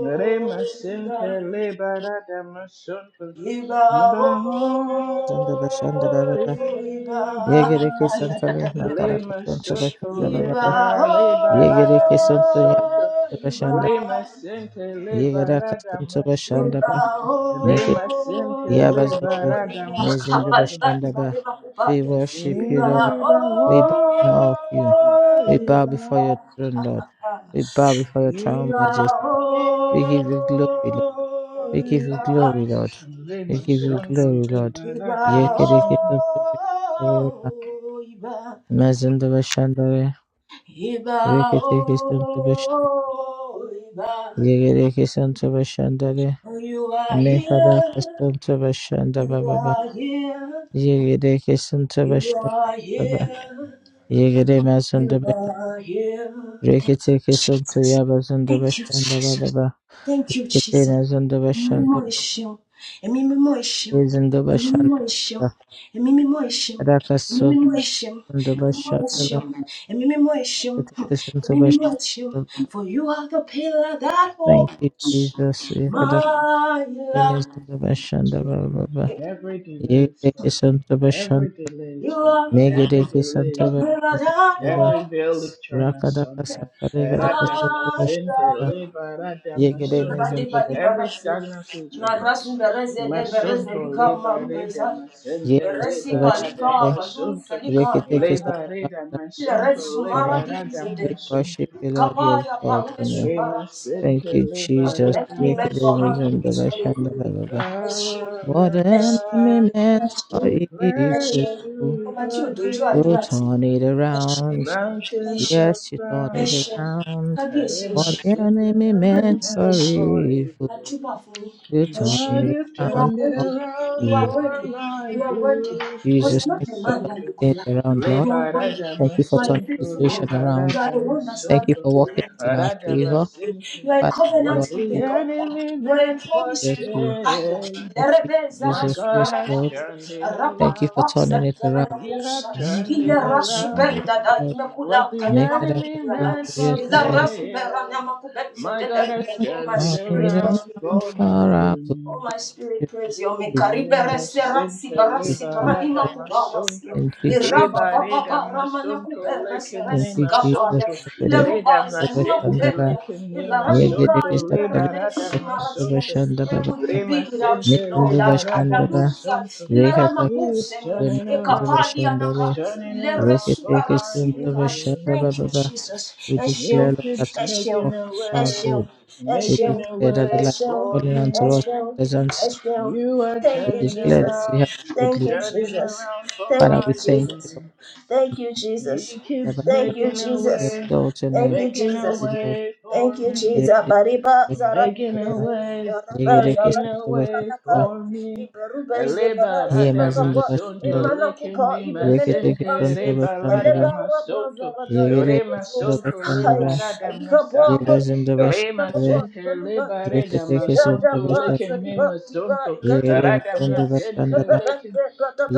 Speaker 1: Lema
Speaker 2: ìbà,
Speaker 1: sente lebara damasunto.
Speaker 2: ìbà ó,
Speaker 1: Ibaon,
Speaker 3: Sandaba Shandaba Baba.
Speaker 2: ìbà.
Speaker 3: Yegereke
Speaker 1: Ibaon.
Speaker 3: Santale Makaraka Santo
Speaker 1: Limasunto
Speaker 3: Baba.
Speaker 2: Ìbà
Speaker 1: liba
Speaker 2: ó,
Speaker 1: liba rada
Speaker 3: Yegereke Santo
Speaker 1: masunto
Speaker 3: Yabashanda.
Speaker 2: ìbà.
Speaker 1: Limasente liba
Speaker 3: Yegeraka
Speaker 1: rada
Speaker 3: Santo
Speaker 2: You
Speaker 1: masunto
Speaker 3: Bashandaba.
Speaker 2: are
Speaker 3: Make it
Speaker 2: here,
Speaker 1: Limasente liba
Speaker 3: Yabazota.
Speaker 1: rada
Speaker 3: Mezinda
Speaker 1: masunto
Speaker 3: Bashandaba. We worship you, Lord.
Speaker 1: Iba o
Speaker 3: We bow in awe of you. We bow
Speaker 1: iba
Speaker 3: before your throne, Lord. We bow before your throne, majesty.
Speaker 1: iba o
Speaker 3: We give you glory, We give you
Speaker 1: iba
Speaker 3: glory, Lord. We give you
Speaker 1: Limasunto
Speaker 3: glory, Lord.
Speaker 1: liba rada masunto
Speaker 3: Yekereketotobeshandareba, mazindobeshandare, reketekesotobeshan- yegerekesotobeshandare,
Speaker 2: you
Speaker 3: mekarakesotobeshandabababa,
Speaker 2: are here, you are
Speaker 3: yegerekesotobeshandababa,
Speaker 2: here. You
Speaker 3: yegeremazondobeshan-
Speaker 2: are here. Thank you, Jesus.
Speaker 3: reketekesontoyabazondobeshandabababa,
Speaker 2: Thank you, Jesus. Ẹ̀mí mímọ́
Speaker 3: reketemazondobeshandaba,
Speaker 2: ẹ ṣeun. Ẹ̀mí mímọ́ ẹ ṣeun. Ẹ̀mí mímọ́ ẹ ṣeun.
Speaker 3: rezindobeshandaba,
Speaker 2: Ẹ̀mí mímọ́ ẹ ṣeun. Ẹ̀mí mímọ́ ẹ ṣeun.
Speaker 3: rakasotondobeshandaba,
Speaker 2: Ẹ̀mí mímọ́ ẹ ṣeun. Ẹ̀mí mímọ́ ẹ ṣeun. For you are the pillar that
Speaker 3: Thank you,
Speaker 2: holds
Speaker 3: Jesus.
Speaker 2: my life.
Speaker 1: is
Speaker 3: Yekadakademezidabashandaba
Speaker 1: broken.
Speaker 3: baba.
Speaker 1: Every delay
Speaker 3: Ye
Speaker 1: is
Speaker 3: take a
Speaker 1: broken.
Speaker 3: son to
Speaker 1: Every
Speaker 3: Yekadekesantobashandaba.
Speaker 1: delay is
Speaker 2: You are
Speaker 1: broken. Every delay
Speaker 2: the
Speaker 1: is
Speaker 2: pillar
Speaker 1: broken.
Speaker 2: that
Speaker 3: Megedekesantobashandaba.
Speaker 1: Every
Speaker 2: holds
Speaker 1: veil is torn asunder.
Speaker 2: my
Speaker 1: Eratamasente,
Speaker 3: Rakadakasantalegadakasantobashandaba. to
Speaker 2: life.
Speaker 1: liberatamasunto.
Speaker 2: Radi bali
Speaker 1: Every
Speaker 2: barası.
Speaker 1: stagnancy is
Speaker 2: Narasu
Speaker 1: reversed.
Speaker 2: bereze de bereze
Speaker 1: Masunto,
Speaker 2: lika maru beza.
Speaker 1: liberatamasunto,
Speaker 2: Beresi palika
Speaker 3: Yekadakasantobashandaba.
Speaker 2: balu
Speaker 1: liberatamasunto,
Speaker 2: salika yakaya.
Speaker 3: Reketekesantobashandaba.
Speaker 2: Leret
Speaker 1: liberatamasunto,
Speaker 2: sumara di
Speaker 3: We
Speaker 2: zede.
Speaker 1: liberatamasunto.
Speaker 3: worship you, Lord. We
Speaker 2: Kapaya
Speaker 3: exalt
Speaker 2: parume
Speaker 3: your name.
Speaker 2: subarasya.
Speaker 3: Thank
Speaker 1: Remasente,
Speaker 3: you,
Speaker 2: What the
Speaker 3: Jesus.
Speaker 2: enemy meant for harm
Speaker 1: liberatamasunto.
Speaker 2: in this way
Speaker 3: Yekademezantobashandaba baba.
Speaker 1: Power
Speaker 3: What
Speaker 1: and
Speaker 3: an enemy meant for
Speaker 1: majesty, praise
Speaker 3: evil.
Speaker 1: to
Speaker 2: Ọba tí ò
Speaker 1: the
Speaker 2: dojú
Speaker 3: You
Speaker 2: àdúrà
Speaker 1: King.
Speaker 2: tì.
Speaker 3: turn it
Speaker 1: The
Speaker 2: Eshin,
Speaker 3: around.
Speaker 1: mountains
Speaker 2: Eshin,
Speaker 1: are
Speaker 3: Yes, you turn it
Speaker 1: found,
Speaker 2: Eshin.
Speaker 3: around.
Speaker 1: and
Speaker 2: Kábíyèsí
Speaker 1: in my
Speaker 3: What the
Speaker 2: Eshin,
Speaker 1: center,
Speaker 3: enemy
Speaker 1: enemy
Speaker 3: meant
Speaker 2: Kábíyèsí
Speaker 3: for
Speaker 1: meant
Speaker 2: Eshin.
Speaker 1: for
Speaker 3: evil,
Speaker 2: I
Speaker 1: evil.
Speaker 2: jump for me.
Speaker 3: you
Speaker 2: and
Speaker 3: turn
Speaker 2: she-
Speaker 1: God,
Speaker 3: it
Speaker 1: you've
Speaker 2: You are
Speaker 3: around.
Speaker 1: turned it
Speaker 3: Oh,
Speaker 2: worthy. You
Speaker 1: around
Speaker 2: are
Speaker 3: good.
Speaker 1: for
Speaker 2: worthy.
Speaker 1: my
Speaker 2: You are worthy.
Speaker 1: good.
Speaker 2: Because
Speaker 3: Jesus,
Speaker 2: not
Speaker 3: thank
Speaker 2: a
Speaker 3: you
Speaker 2: man
Speaker 3: for
Speaker 2: that you
Speaker 1: Remasunto,
Speaker 2: could
Speaker 3: turning
Speaker 2: love.
Speaker 3: things around, Lord.
Speaker 2: You are worthy.
Speaker 1: liberata
Speaker 3: Thank you
Speaker 2: You
Speaker 3: for
Speaker 2: are a
Speaker 3: turning the
Speaker 2: faithful
Speaker 1: masunto,
Speaker 2: God.
Speaker 3: situation
Speaker 2: You
Speaker 3: around.
Speaker 2: are the
Speaker 1: liberata
Speaker 2: one that
Speaker 3: Thank
Speaker 2: stands
Speaker 3: you
Speaker 1: masunto,
Speaker 2: at
Speaker 3: for
Speaker 2: your
Speaker 3: working
Speaker 2: end.
Speaker 3: in our
Speaker 1: arata
Speaker 3: favor.
Speaker 1: masinte.
Speaker 2: You are a
Speaker 3: Father,
Speaker 2: covenant
Speaker 1: What
Speaker 3: Lord,
Speaker 1: the
Speaker 3: we
Speaker 2: keeping God.
Speaker 1: enemy
Speaker 2: You are a
Speaker 1: meant for
Speaker 2: promise
Speaker 3: praise
Speaker 2: keeper.
Speaker 3: you.
Speaker 2: Aya.
Speaker 1: shame.
Speaker 3: Thank you,
Speaker 2: Lerebeza
Speaker 1: My
Speaker 3: Jesus.
Speaker 1: God
Speaker 3: Yes,
Speaker 1: has
Speaker 3: Lord.
Speaker 2: rasumaradaze.
Speaker 1: turned it
Speaker 3: Thank you
Speaker 1: around.
Speaker 3: for
Speaker 2: Rapakupapsa
Speaker 3: turning it around.
Speaker 1: You
Speaker 2: zerenakosha.
Speaker 1: have
Speaker 3: Yes,
Speaker 1: turned
Speaker 2: Ile
Speaker 1: it
Speaker 3: Lord. Yes,
Speaker 1: around.
Speaker 2: rasubenda da
Speaker 3: Lord.
Speaker 1: What
Speaker 2: imekulaka
Speaker 1: the
Speaker 3: Make it
Speaker 1: enemy
Speaker 3: happen.
Speaker 2: nimakukulala.
Speaker 1: meant
Speaker 3: Yes,
Speaker 1: for
Speaker 2: Ile
Speaker 3: Lord.
Speaker 2: rasuberana
Speaker 1: pain,
Speaker 2: makubeze
Speaker 1: my God
Speaker 2: dede.
Speaker 3: I
Speaker 1: has
Speaker 2: Oh, my
Speaker 1: turned it
Speaker 2: spirit
Speaker 3: don't
Speaker 2: was
Speaker 1: around
Speaker 2: with
Speaker 3: run
Speaker 2: your
Speaker 1: for
Speaker 2: maker.
Speaker 1: my
Speaker 3: far out. Thank
Speaker 2: Oh,
Speaker 1: good.
Speaker 2: my spirit praise you.
Speaker 3: you,
Speaker 2: Mikaribe
Speaker 3: Jesus.
Speaker 2: resi
Speaker 1: Innocente
Speaker 2: rasi
Speaker 3: Thank
Speaker 2: rasi
Speaker 3: you,
Speaker 2: paralima
Speaker 3: Jesus.
Speaker 1: liberata
Speaker 2: kubarasi.
Speaker 1: masonto,
Speaker 3: Thank you, Jesus.
Speaker 2: Iraba baba
Speaker 1: liberata
Speaker 2: barama na
Speaker 1: masonto,
Speaker 2: kuberesi
Speaker 1: lecem
Speaker 3: Thank
Speaker 2: resi
Speaker 3: you,
Speaker 1: nema
Speaker 3: Jesus.
Speaker 2: kabaya.
Speaker 1: sonto,
Speaker 2: Ile
Speaker 1: reda
Speaker 2: rubaza ni na
Speaker 1: masente,
Speaker 3: Shandaba.
Speaker 2: kubelia.
Speaker 1: lecem
Speaker 2: Ile
Speaker 1: nema
Speaker 2: ranika
Speaker 3: Yegereke
Speaker 1: sonto,
Speaker 3: satale.
Speaker 1: liberata
Speaker 2: iberemeshi
Speaker 3: Sundaba
Speaker 2: maratia.
Speaker 1: masonto,
Speaker 3: shandaba.
Speaker 2: Where would we
Speaker 1: rema
Speaker 2: be without
Speaker 1: sente,
Speaker 2: you, Lord?
Speaker 3: Metunduba
Speaker 1: liberata
Speaker 3: shandaba.
Speaker 2: Ayaluza.
Speaker 1: masonto.
Speaker 2: Ile rama
Speaker 3: Rekata.
Speaker 1: It is
Speaker 2: kusenia.
Speaker 1: turning
Speaker 3: Metunduba
Speaker 1: around,
Speaker 2: Ekapali
Speaker 1: it's
Speaker 2: anaka.
Speaker 3: shandale.
Speaker 1: turning
Speaker 2: Ile
Speaker 1: around
Speaker 2: resi
Speaker 1: for
Speaker 3: Reketeke
Speaker 1: my
Speaker 2: rasi
Speaker 3: sunduba
Speaker 2: nika.
Speaker 1: good.
Speaker 3: shandaba
Speaker 2: Thank you,
Speaker 3: baba.
Speaker 2: Jesus.
Speaker 3: We declare
Speaker 2: Eshio,
Speaker 1: It
Speaker 3: Lord, that
Speaker 1: keeps
Speaker 3: the
Speaker 2: eshio,
Speaker 3: work
Speaker 1: making a
Speaker 3: of our
Speaker 1: way,
Speaker 2: eshio,
Speaker 3: God. We
Speaker 1: making
Speaker 2: eshio.
Speaker 1: a
Speaker 3: declare that the
Speaker 1: way
Speaker 3: light
Speaker 2: That's true.
Speaker 1: for
Speaker 3: falling unto
Speaker 2: That's
Speaker 3: us
Speaker 1: me.
Speaker 2: true.
Speaker 3: presence.
Speaker 2: That's true.
Speaker 1: You are
Speaker 2: Thank
Speaker 3: We
Speaker 2: you,
Speaker 1: turning
Speaker 3: declare that
Speaker 2: Jesus.
Speaker 3: we have
Speaker 1: around,
Speaker 3: good
Speaker 2: Thank you,
Speaker 1: turning
Speaker 2: Jesus.
Speaker 1: around for
Speaker 2: Thank
Speaker 3: Father,
Speaker 2: you,
Speaker 3: we
Speaker 1: my
Speaker 3: thank you,
Speaker 2: Jesus.
Speaker 1: good.
Speaker 2: Thank you, Jesus.
Speaker 1: He keeps
Speaker 3: Lord.
Speaker 2: Thank you,
Speaker 1: making a
Speaker 3: We
Speaker 2: Jesus.
Speaker 1: way,
Speaker 3: exalt your
Speaker 2: Thank
Speaker 3: name,
Speaker 2: you,
Speaker 1: making a
Speaker 2: Jesus.
Speaker 3: you Lord.
Speaker 1: way
Speaker 2: Thank
Speaker 1: for
Speaker 2: you, Jesus.
Speaker 1: me.
Speaker 2: Bariba
Speaker 1: I'm
Speaker 2: zarabi
Speaker 1: making a
Speaker 2: beze.
Speaker 1: way,
Speaker 2: Yaraba
Speaker 1: making
Speaker 2: zarabi
Speaker 1: a way
Speaker 2: baranaka.
Speaker 1: for me.
Speaker 2: Iberu beze barazi
Speaker 1: Liberada
Speaker 2: bakapa.
Speaker 1: masonto,
Speaker 2: Imana
Speaker 1: lekin
Speaker 2: kupa
Speaker 1: me
Speaker 2: ibelene
Speaker 1: masente,
Speaker 2: kupazi.
Speaker 1: rebalada
Speaker 2: Eleba raba
Speaker 1: masonto,
Speaker 2: zarada.
Speaker 3: Yegere
Speaker 2: Iberu zarabi.
Speaker 1: remasonto,
Speaker 2: Ay, ay,
Speaker 1: liberada masanta,
Speaker 2: kapa Thank
Speaker 1: remasente, liberada masonto, lekin me masonto, rada masente, lekin.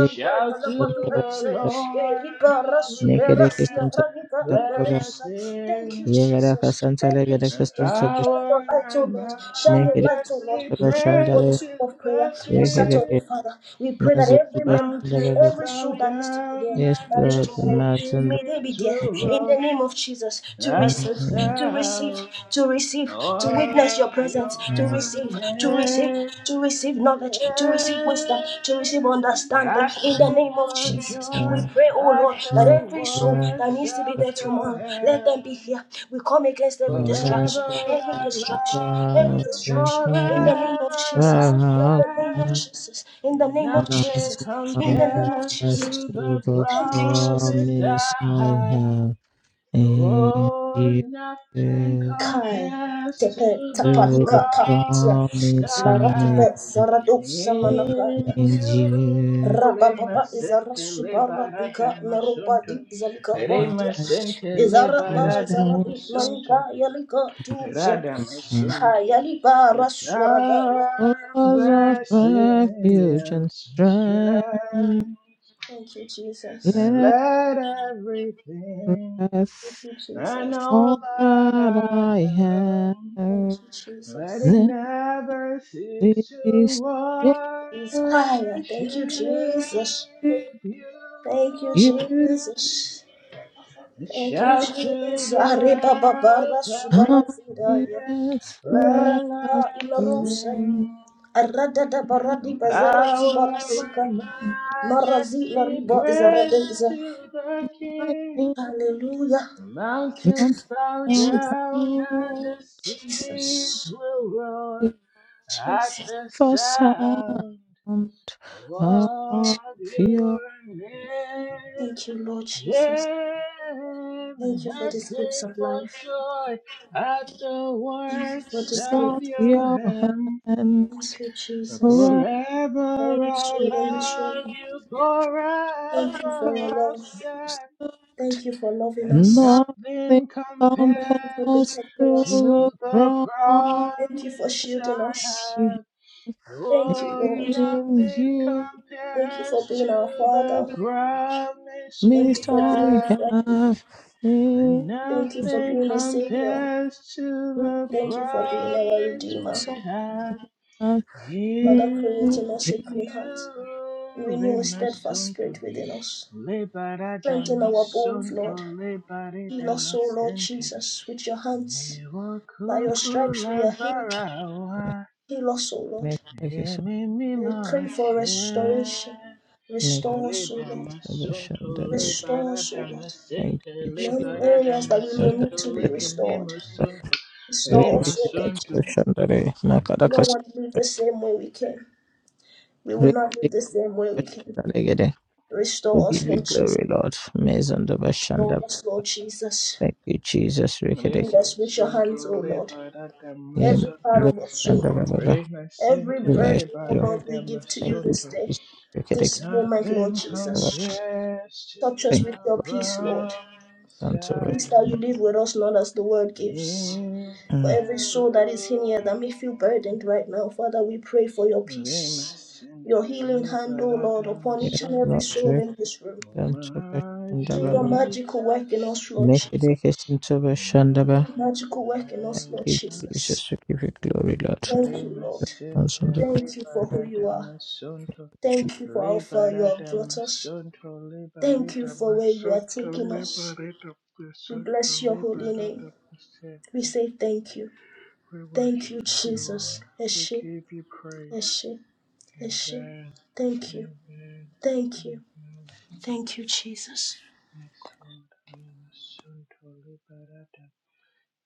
Speaker 1: Shout to the Lord of the earth, let us sing.
Speaker 2: you, Jesus. Thank you,
Speaker 1: And
Speaker 2: Jesus. Shine your
Speaker 1: power
Speaker 2: light, oh
Speaker 1: and
Speaker 2: Lord. Shine your light, oh Lord.
Speaker 1: majesty
Speaker 2: We pray
Speaker 1: praise
Speaker 2: for the
Speaker 1: to
Speaker 2: school of prayer
Speaker 1: the
Speaker 2: on Saturday,
Speaker 1: King.
Speaker 2: Father. We pray that
Speaker 3: Mazu
Speaker 2: every member,
Speaker 3: bashiraga
Speaker 1: Mountains
Speaker 2: every
Speaker 1: bow
Speaker 2: soul that needs to be
Speaker 1: down
Speaker 2: there,
Speaker 1: and
Speaker 2: that is
Speaker 1: the
Speaker 3: yesterday
Speaker 2: tomorrow,
Speaker 3: Mazunda
Speaker 2: may they be
Speaker 1: seas will
Speaker 2: there
Speaker 1: roar
Speaker 2: in the name of Jesus, to
Speaker 1: at the
Speaker 2: receive, to receive,
Speaker 1: sound
Speaker 2: to receive, to witness
Speaker 1: of
Speaker 2: your presence, to
Speaker 1: your
Speaker 2: receive, to receive,
Speaker 1: name.
Speaker 2: to receive knowledge, to receive wisdom, to receive understanding.
Speaker 1: I
Speaker 2: In the
Speaker 1: sing
Speaker 2: name of
Speaker 1: for
Speaker 2: Jesus,
Speaker 1: joy
Speaker 2: we pray, oh
Speaker 1: at
Speaker 2: Lord, that
Speaker 1: the
Speaker 2: every soul that
Speaker 1: works
Speaker 2: needs to be
Speaker 1: of
Speaker 2: there
Speaker 1: your
Speaker 2: tomorrow, let them be
Speaker 1: hand.
Speaker 2: here. We come against every
Speaker 1: Forever
Speaker 2: distraction, every
Speaker 1: I
Speaker 2: distraction,
Speaker 1: love
Speaker 2: every
Speaker 1: you,
Speaker 2: distraction. In the name of
Speaker 1: forever
Speaker 2: Jesus,
Speaker 1: I
Speaker 2: in the name of
Speaker 1: serve.
Speaker 2: Jesus, in the
Speaker 1: And
Speaker 2: name of
Speaker 3: not
Speaker 1: nothing
Speaker 2: Jesus, in the name of
Speaker 1: compares
Speaker 3: as
Speaker 2: Jesus.
Speaker 1: to
Speaker 3: to
Speaker 1: the
Speaker 3: the
Speaker 2: Thank you, Jesus.
Speaker 1: promise
Speaker 3: promise
Speaker 1: I
Speaker 3: I
Speaker 1: have.
Speaker 3: have in
Speaker 1: Oh,
Speaker 3: you
Speaker 1: nothing
Speaker 3: to
Speaker 2: Kai
Speaker 1: compares to
Speaker 2: tepe
Speaker 1: the
Speaker 3: the
Speaker 2: tapalika patia
Speaker 1: promise
Speaker 3: promise
Speaker 1: I
Speaker 2: laratipe
Speaker 3: I
Speaker 1: have
Speaker 3: have
Speaker 2: zaradu
Speaker 1: in
Speaker 2: samanakaya
Speaker 3: in
Speaker 1: you.
Speaker 3: you
Speaker 2: rababa izara
Speaker 1: Remasente lebarada
Speaker 2: subaradika merupa di
Speaker 1: masunto.
Speaker 2: zalika
Speaker 3: I
Speaker 2: patia
Speaker 1: Remasente
Speaker 2: izara ba
Speaker 1: lebarada
Speaker 2: zaradi
Speaker 3: Jesus,
Speaker 1: masunto
Speaker 2: manka yalika tuze
Speaker 1: that I am
Speaker 3: because
Speaker 1: soon do.
Speaker 2: hayali
Speaker 1: Your
Speaker 2: bara swaradaya
Speaker 1: child
Speaker 3: of
Speaker 1: mercy
Speaker 3: refuge
Speaker 1: and
Speaker 3: and
Speaker 1: some strength.
Speaker 3: strength,
Speaker 2: Thank you,
Speaker 1: I
Speaker 2: Jesus.
Speaker 3: let
Speaker 1: let everything
Speaker 2: Thank
Speaker 3: breath
Speaker 2: you,
Speaker 1: I
Speaker 2: Jesus.
Speaker 1: know
Speaker 3: all
Speaker 1: that
Speaker 3: that
Speaker 1: I
Speaker 3: I have.
Speaker 1: am,
Speaker 2: Thank you,
Speaker 1: let
Speaker 2: Jesus.
Speaker 1: it
Speaker 3: Let
Speaker 1: never cease to
Speaker 3: this glory
Speaker 2: Is
Speaker 1: worship
Speaker 2: higher. Thank you, Jesus. Thank you,
Speaker 3: you
Speaker 1: you.
Speaker 2: Jesus.
Speaker 1: And
Speaker 2: Thank you,
Speaker 1: shout to
Speaker 2: Jesus.
Speaker 1: the
Speaker 2: Arriba
Speaker 1: earth,
Speaker 2: babara
Speaker 1: let,
Speaker 2: subara zidaya.
Speaker 3: happiness
Speaker 2: Ubra
Speaker 1: let,
Speaker 3: let
Speaker 2: kapa
Speaker 3: us
Speaker 1: us
Speaker 2: ilarusa.
Speaker 3: bring.
Speaker 1: sing.
Speaker 2: Arada da baradi
Speaker 1: And
Speaker 2: bazara subara
Speaker 1: power
Speaker 2: sika.
Speaker 1: and
Speaker 2: Marazi la
Speaker 1: majesty
Speaker 2: riba
Speaker 1: praise
Speaker 2: zaradeza.
Speaker 1: to the
Speaker 3: I
Speaker 1: King.
Speaker 3: can't
Speaker 2: Hallelujah.
Speaker 1: The mountains
Speaker 3: not
Speaker 1: bow
Speaker 3: our
Speaker 1: down and the seas
Speaker 2: Jesus.
Speaker 1: will roar
Speaker 3: own.
Speaker 1: at
Speaker 2: Jesus.
Speaker 1: the
Speaker 3: for sound
Speaker 1: sound
Speaker 3: of
Speaker 1: of
Speaker 3: your
Speaker 1: your name.
Speaker 2: Thank you, Lord Jesus.
Speaker 1: Hear And
Speaker 2: Thank you for
Speaker 1: I
Speaker 2: this gift
Speaker 1: sing
Speaker 3: works
Speaker 2: of
Speaker 1: for
Speaker 2: life.
Speaker 1: joy at the
Speaker 2: Thank you for
Speaker 1: works
Speaker 2: this
Speaker 1: of
Speaker 3: of
Speaker 2: gift of life.
Speaker 1: your
Speaker 3: your
Speaker 1: hand.
Speaker 3: hands
Speaker 2: Thank you, Jesus.
Speaker 3: forever
Speaker 2: For
Speaker 1: Forever
Speaker 2: every
Speaker 1: I'll
Speaker 2: soul in this room.
Speaker 1: love you,
Speaker 3: you
Speaker 1: forever
Speaker 2: Thank you for your
Speaker 3: forever.
Speaker 1: I'll
Speaker 2: love.
Speaker 1: stand,
Speaker 2: Thank you for loving
Speaker 1: and
Speaker 2: us.
Speaker 3: nothing
Speaker 1: nothing
Speaker 2: Thank you for
Speaker 1: compares
Speaker 3: compares to
Speaker 2: protecting us.
Speaker 1: to
Speaker 3: the
Speaker 1: the promise
Speaker 3: promise
Speaker 2: Thank you for shielding
Speaker 1: I
Speaker 2: us.
Speaker 1: have.
Speaker 2: Thank you,
Speaker 1: Oh,
Speaker 2: Lord.
Speaker 3: in
Speaker 1: nothing
Speaker 3: you
Speaker 2: Thank you for
Speaker 1: compares
Speaker 2: being our
Speaker 1: to the
Speaker 2: Father.
Speaker 1: promise
Speaker 2: Thank you
Speaker 1: we
Speaker 3: missed
Speaker 2: for being
Speaker 3: I
Speaker 2: a
Speaker 1: have.
Speaker 2: friend.
Speaker 3: have
Speaker 1: And
Speaker 3: in
Speaker 2: Thank you for
Speaker 3: you
Speaker 1: nothing
Speaker 2: being a Savior.
Speaker 1: compares to the
Speaker 2: Thank you for being our
Speaker 1: promise
Speaker 2: Redeemer.
Speaker 3: miss
Speaker 1: we
Speaker 3: I
Speaker 1: have
Speaker 3: have. Mm,
Speaker 2: Father,
Speaker 1: in
Speaker 2: creating us a
Speaker 3: yeah.
Speaker 2: clean heart.
Speaker 1: you.
Speaker 2: Renew a steadfast
Speaker 1: Remasonto,
Speaker 2: spirit within us.
Speaker 1: lebarada
Speaker 2: Strengthen our bones, Lord.
Speaker 1: masonto,
Speaker 2: Heal
Speaker 1: lebarada
Speaker 2: us, O Lord
Speaker 1: masente.
Speaker 2: Jesus, with your hands.
Speaker 1: Ewa
Speaker 2: By your
Speaker 1: kuku
Speaker 2: stripes we are healed.
Speaker 1: lagbara wa,
Speaker 2: Heal us, O Lord.
Speaker 3: Thank you so
Speaker 1: emi
Speaker 2: We
Speaker 1: mima
Speaker 2: pray for
Speaker 1: ashe.
Speaker 2: restoration.
Speaker 3: much.
Speaker 2: Restore us, O
Speaker 1: Reda
Speaker 2: Lord.
Speaker 1: masunto
Speaker 2: Restore us, O
Speaker 1: liberada
Speaker 2: Lord.
Speaker 3: Thank
Speaker 1: masente
Speaker 3: you, Jesus.
Speaker 2: Many
Speaker 1: liberada
Speaker 2: areas that we may need
Speaker 1: masunto
Speaker 2: to be
Speaker 1: leke
Speaker 2: restored.
Speaker 1: mimusunto
Speaker 3: Yeah,
Speaker 2: Restore
Speaker 3: give
Speaker 1: Rema
Speaker 3: it
Speaker 2: us, O Lord
Speaker 3: to
Speaker 1: Santo,
Speaker 2: Jesus.
Speaker 3: Christian that I-
Speaker 2: We
Speaker 3: Nakada
Speaker 2: don't
Speaker 3: Kas-
Speaker 2: want to live the same way we came. We will
Speaker 3: Great
Speaker 2: not
Speaker 3: thing
Speaker 2: live the same way we
Speaker 3: that
Speaker 2: came.
Speaker 3: I get it. We
Speaker 2: Restore us,
Speaker 3: give you
Speaker 2: Lord Jesus.
Speaker 3: glory, Lord. Amazing the
Speaker 2: Restore
Speaker 3: Bashanda.
Speaker 2: us, Lord Jesus.
Speaker 3: Thank you, Jesus.
Speaker 2: Heal
Speaker 1: Rema
Speaker 3: Rikidiki.
Speaker 2: us with your hands,
Speaker 1: Santo,
Speaker 2: O Lord.
Speaker 1: Leba Rada
Speaker 3: Amen.
Speaker 2: Every part
Speaker 1: Masunto,
Speaker 3: The
Speaker 2: of us, O Lord.
Speaker 3: Bashanda.
Speaker 1: Rema
Speaker 2: Every
Speaker 1: Santa,
Speaker 2: breath,
Speaker 3: Bless
Speaker 2: O
Speaker 1: Leba
Speaker 3: you.
Speaker 2: Lord, we
Speaker 1: Rada
Speaker 2: give to
Speaker 3: Thank
Speaker 2: you
Speaker 3: you,
Speaker 2: this
Speaker 1: Masunto.
Speaker 2: day,
Speaker 3: Jesus. Rikidiki.
Speaker 2: this moment, Lord
Speaker 1: Nothing
Speaker 3: Thank you, Lord.
Speaker 2: Jesus.
Speaker 1: compares to
Speaker 2: Touch us with
Speaker 1: the
Speaker 2: your peace, Lord.
Speaker 1: promise
Speaker 3: Thank
Speaker 2: The
Speaker 3: you,
Speaker 1: I
Speaker 3: Lord.
Speaker 2: peace that you
Speaker 1: have
Speaker 2: leave with us, Lord, as the world gives.
Speaker 1: in
Speaker 2: For
Speaker 3: Mm.
Speaker 2: every soul that is
Speaker 1: you.
Speaker 2: in here that may feel burdened right now, Father, we pray for your
Speaker 1: Rema
Speaker 2: peace, your
Speaker 1: Santa,
Speaker 2: healing hand,
Speaker 1: Leba
Speaker 2: O Lord,
Speaker 1: Rada
Speaker 2: upon
Speaker 3: Yes,
Speaker 2: each and every
Speaker 1: Masunto,
Speaker 3: Lord.
Speaker 2: soul in this room.
Speaker 1: my
Speaker 2: Do your
Speaker 3: Rikidiki.
Speaker 2: magical work in
Speaker 1: Jesus,
Speaker 2: us, Lord Jesus.
Speaker 1: Oh,
Speaker 2: Do
Speaker 3: Nikedekesantavashandava.
Speaker 1: my
Speaker 2: your magical work in us, Lord
Speaker 3: Hey,
Speaker 1: Savior.
Speaker 2: Jesus.
Speaker 3: Jesus, we give you glory, Lord.
Speaker 2: Thank you, Lord.
Speaker 1: Remasente
Speaker 2: Thank you for who
Speaker 1: libera
Speaker 2: you are.
Speaker 1: damasunto
Speaker 2: Thank you for how far you
Speaker 1: libera
Speaker 2: have brought us.
Speaker 1: damasunto libera
Speaker 2: Thank you for where you are
Speaker 1: damasunto
Speaker 2: taking us.
Speaker 1: libera
Speaker 2: We
Speaker 1: damasunto
Speaker 2: bless your holy
Speaker 1: libera
Speaker 2: name. We
Speaker 1: damasente.
Speaker 2: say thank you.
Speaker 1: We
Speaker 2: Thank you,
Speaker 1: worship you, Lord.
Speaker 2: Jesus.
Speaker 1: We
Speaker 2: Eshe,
Speaker 1: give you praise.
Speaker 2: Eshe, Eshe.
Speaker 1: Amen.
Speaker 2: Thank you.
Speaker 1: Amen.
Speaker 2: Thank you.
Speaker 1: Amen.
Speaker 2: Thank you, Jesus.
Speaker 1: Yes, Lord. Remasente libera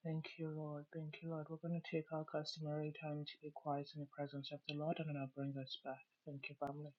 Speaker 1: Thank you, Lord. Thank you, Lord. We're going to take our customary time to be quiet in the presence of the Lord, and then I'll bring us back. Thank you, family.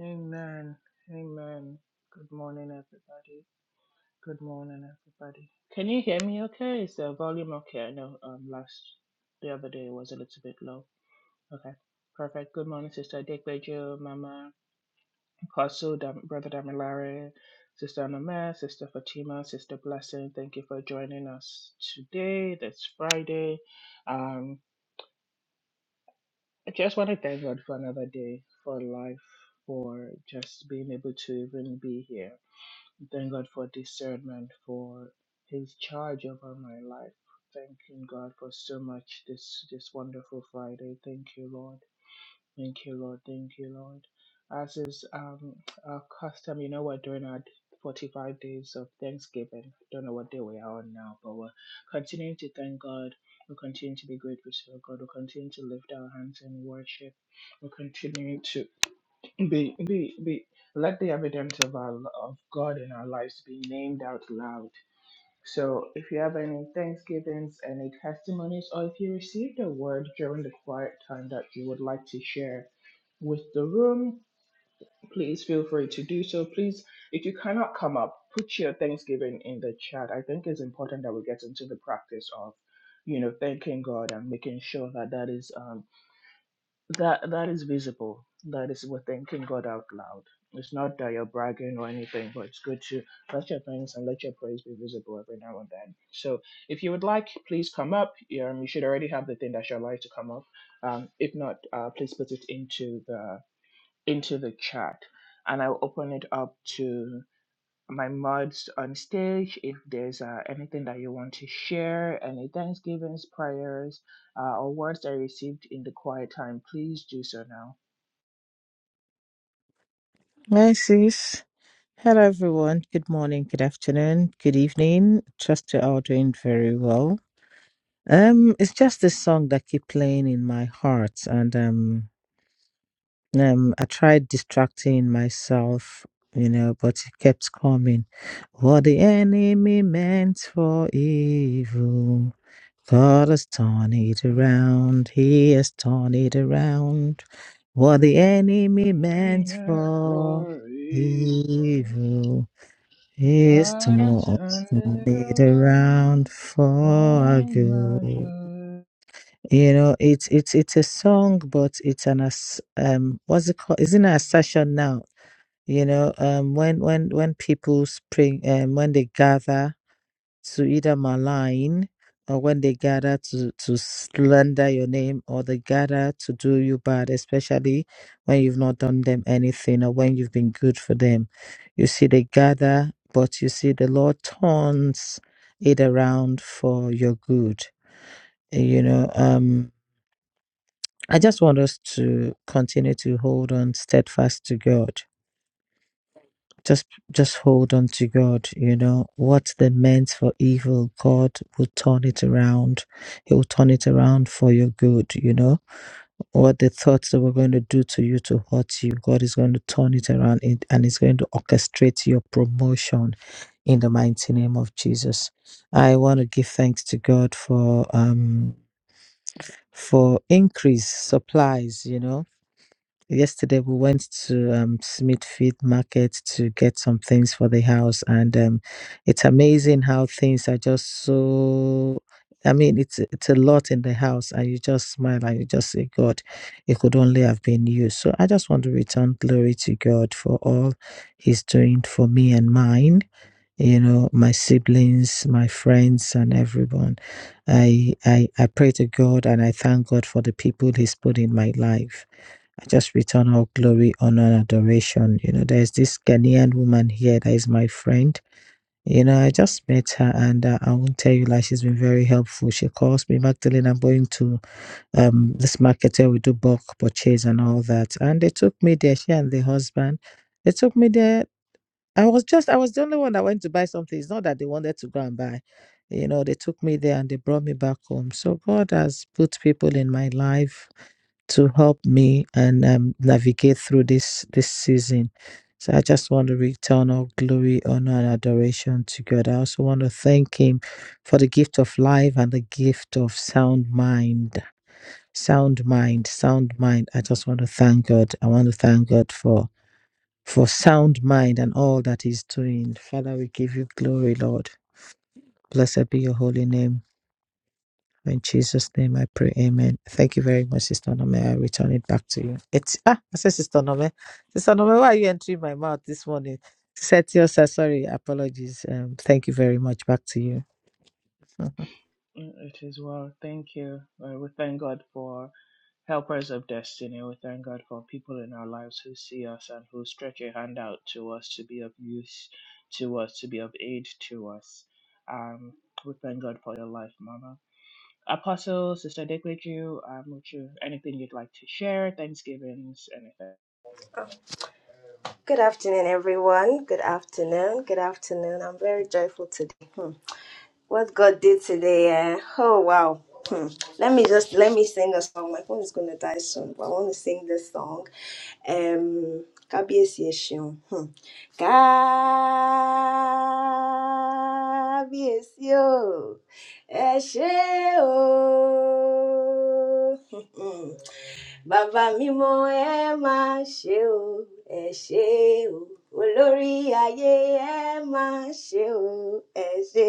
Speaker 1: Amen. Amen. Good morning, everybody. Good morning, everybody. Can you hear me okay? Is the volume okay? I know um, last, the other day was a little bit low. Okay. Perfect. Good morning, Sister Dick Bejo, Mama Apostle, Dam- Brother Damilare, Sister Anna Mae, Sister Fatima, Sister Blessing, thank you for joining us today. That's Friday. Um, I just want to thank God for another day, for life, for just being able to even be here. Thank God for discernment, for His charge over my life. Thanking God for so much this this wonderful Friday. Thank you, Lord. Thank you, Lord. Thank you, Lord. As is um, our custom, you know, we're doing our 45 days of Thanksgiving. Don't know what day we are on now, but we're continuing to thank God. We'll continue to be grateful to God. We'll continue to lift our hands in worship. We'll continue to be, be, be, let the evidence of our, of God in our lives be named out loud so if you have any thanksgivings, any testimonies, or if you received a word during the quiet time that you would like to share with the room, please feel free to do so. Please, if you cannot come up, put your thanksgiving in the chat. I think it's important that we get into the practice of, you know, thanking God and making sure that that is um that that is visible. That is we're thanking God out loud. It's not that you're bragging or anything, but it's good to let your thanks and let your praise be visible every now and then. So if you would like, please come up. You, Um, you should already have the thing that you'd like to come up. Um, if not, uh, please put it into the into the chat, and I'll open it up to my mods on stage if there's uh, anything that you want to share, any thanksgivings, prayers, uh, or words that you received in the quiet time, please do so now.
Speaker 3: Hi, sis. Hello, everyone. Good morning, good afternoon, good evening. Trust you're all doing very well. Um, it's just this song that keep playing in my heart, and um, um, I tried distracting myself, you know, but it kept coming. What the enemy meant for evil. God has turned it around. He has turned it around. What the enemy meant
Speaker 1: Amen
Speaker 3: for
Speaker 1: for
Speaker 3: evil, He has
Speaker 1: God has
Speaker 3: torn
Speaker 1: turned it
Speaker 3: it
Speaker 1: around
Speaker 3: around for
Speaker 1: for
Speaker 3: our
Speaker 1: my
Speaker 3: good.
Speaker 1: good.
Speaker 3: You know, it's it's it's a song, but it's an ass- um, what's it called? Isn't it a session now? You know, um, when when when people spring, um, when they gather to either malign or when they gather to, to slander your name or they gather to do you bad, especially when you've not done them anything or when you've been good for them. You see, they gather, but you see, the Lord turns it around for your good. You know, um, I just want us to continue to hold on steadfast to God Just just hold on to God, you know. What they meant for evil, God will turn it around. He will turn it around for your good, you know. What the thoughts that were going to do to you to hurt you, God is going to turn it around and and is going to orchestrate your promotion in the mighty name of Jesus. I want to give thanks to God for um for increase supplies, you know Yesterday we went to um, Smithfield Market to get some things for the house, and um, it's amazing how things are just so. I mean, it's it's a lot in the house, and you just smile and you just say, "God, it could only have been you." So I just want to return glory to God for all He's doing for me and mine. You know, my siblings, my friends, and everyone. I I I pray to God and I thank God for the people He's put in my life I just return all glory, honor, and adoration. You know, there's this Ghanaian woman here that is my friend. You know, I just met her and uh, I won't tell you like she's been very helpful. She calls me, Magdalene, I'm going to um this market where we do bulk purchase and all that. And they took me there, she and the husband. They took me there. I was just I was the only one that went to buy something. It's not that they wanted to go and buy. You know, they took me there and they brought me back home. So God has put people in my life to help me and um, navigate through this this season. So I just want to return all glory, honor, and adoration to God. I also want to thank Him for the gift of life and the gift of sound mind. Sound mind, sound mind. I just want to thank God. I want to thank God for for sound mind and all that He's doing. Father, we give you glory, Lord. Blessed be your holy name. In Jesus' name I pray, amen. Thank you very much, Sister Nome. I return it back to you. It's, ah, I said, Sister Nome. Sister Nome, why are you entering my mouth this morning? Setio, sir, sorry, apologies. Um, thank you very much. Back to you. Ṣé
Speaker 1: Mm, It is well. Thank you. Uh, we thank God for Helpers of destiny, we thank God for people in our lives who see us and who stretch a hand out to us to be of use to us, to be of aid to us. Um, we thank God for your life, Mama. Apostle, Sister Dekweju, um, would you, anything you'd like to share, Thanksgivings, anything?
Speaker 2: Good afternoon, everyone. Good afternoon. Good afternoon. I'm very joyful today. Hmm. What God did today, eh? oh wow. Hmm. Let me just let me sing a song. My phone is gonna die soon, but I want to sing this song. Um, Kábíyèsí ẹ ṣeun. Hmm. Kábíyèsí o, ẹ ṣé o. [LAUGHS] Bàbá mímọ́ ẹ máa ṣe o, ẹ ṣe o. Olórí ayé ẹ máa ṣe o, ẹ ṣe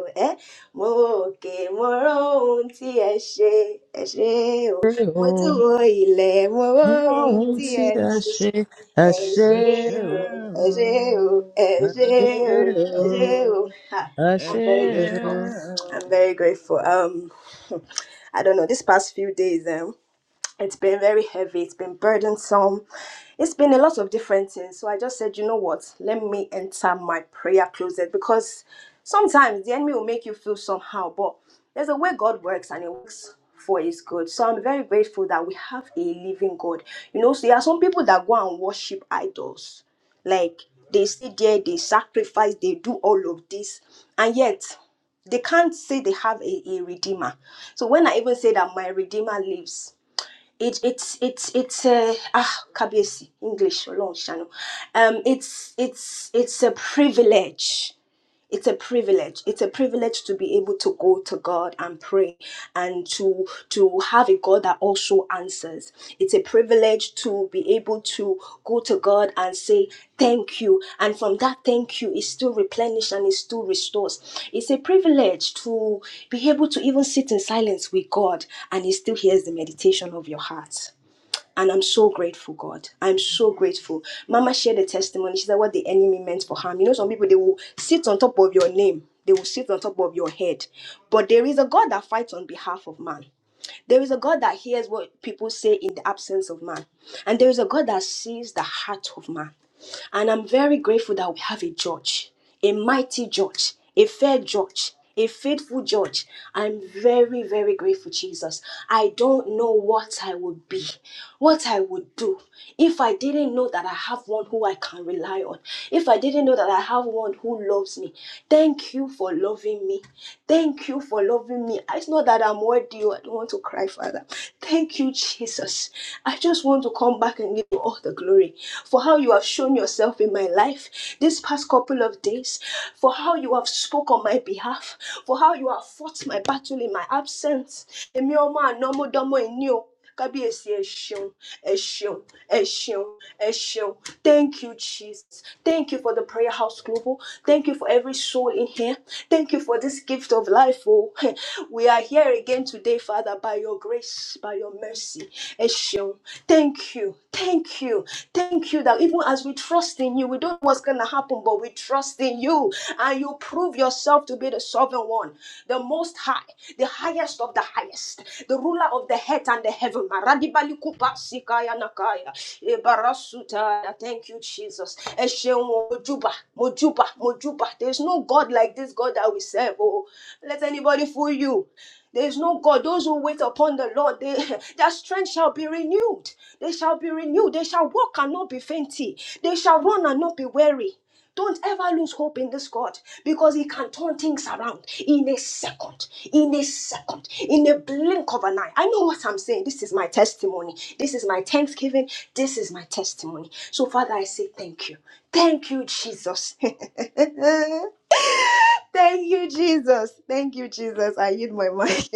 Speaker 2: o. Ẹ mo òkè mo rọ ohun tí ẹ ṣe, ẹ ṣe o. Mo tún
Speaker 3: o
Speaker 2: wo ilẹ̀ mo rọ
Speaker 3: mọ
Speaker 2: ohun
Speaker 3: ohun
Speaker 2: tí
Speaker 3: tí
Speaker 2: ẹ
Speaker 3: a
Speaker 2: ṣe,
Speaker 3: ṣe? A
Speaker 2: ẹ ṣe
Speaker 1: Ẹ
Speaker 3: ṣe
Speaker 1: ṣé
Speaker 2: o, ẹ ṣe o,
Speaker 1: o,
Speaker 2: ẹ ṣe
Speaker 1: ẹ
Speaker 2: o,
Speaker 1: ṣé
Speaker 2: ẹ ṣe o.
Speaker 1: o,
Speaker 2: Ha, I'm
Speaker 1: eshe
Speaker 2: very grateful. I'm
Speaker 1: o.
Speaker 2: very grateful. Um, [LAUGHS] I don't know. This past few days, um, it's been very heavy, it's been burdensome, it's been a lot of different things. So I just said, you know what, let me enter my prayer closet because sometimes the enemy will make you feel somehow, but there's a way God works and it works for his good. So I'm very grateful that we have a living God. You know, so there are some people that go and worship idols. Like they sit there, they sacrifice, they do all of this, and yet they can't say they have a, a redeemer. So when I even say that my redeemer lives, it it's it's it's a ah kabiyesi english Ọlọ́run ṣàánú um it's it's it's a privilege it's a privilege it's a privilege to be able to go to god and pray and to to have a god that also answers it's a privilege to be able to go to god and say thank you and from that thank you it still replenishes and it still restores it's a privilege to be able to even sit in silence with god and he still hears the meditation of your heart and I'm so grateful, God. I'm so grateful. Mama shared a testimony. She said what the enemy meant for harm. You know, some people they will sit on top of your name, they will sit on top of your head. But there is a God that fights on behalf of man. There is a God that hears what people say in the absence of man. And there is a God that sees the heart of man. And I'm very grateful that we have a judge, a mighty judge, a fair judge, a faithful judge. I'm very, very grateful, Jesus. I don't know what I would be what I would do if I didn't know that I have one who I can rely on, if I didn't know that I have one who loves me. Thank you for loving me. Thank you for loving me. It's not that I'm worthy, oh, I don't want to cry, Father. Thank you, Jesus. I just want to come back and give you all the glory for how you have shown yourself in my life this past couple of days, for how you have spoken on my behalf, for how you have fought my battle in my absence. Emi ọmọ àná mo dánmọ́ ẹni o kábíyèsí ẹ ṣeun ẹ ṣeun ẹ ṣeun ẹ ṣeun thank you jesus thank you for the prayer house global thank you for every soul in here thank you for this gift of life oh [LAUGHS] we are here again today father by your grace by your mercy ẹ ṣeun thank you Thank you. Thank you that even as we trust in you, we don't know what's going to happen, but we trust in you. And you prove yourself to be the sovereign one, the most high, the highest of the highest, the ruler of the head and the heaven. Maradibali kupa sikaya nakaya. Ebarasuta. Thank you, Jesus. Esheun Mojuba, Mojuba, Mojuba. There's no God like this God that we serve. Oh, let anybody fool you. There is no God. Those who wait upon the Lord, they, [LAUGHS] their strength shall be renewed. They shall be renewed. They shall walk and not be fainty. They shall run and not be weary. Don't ever lose hope in this God because He can turn things around in a second, in a second, in a blink of an eye. I know what I'm saying. This is my testimony. This is my thanksgiving. This is my testimony. So, Father, I say thank you. Thank you, Jesus. [LAUGHS] Thank you, Jesus. Thank you, Jesus. I yield my mic. [LAUGHS]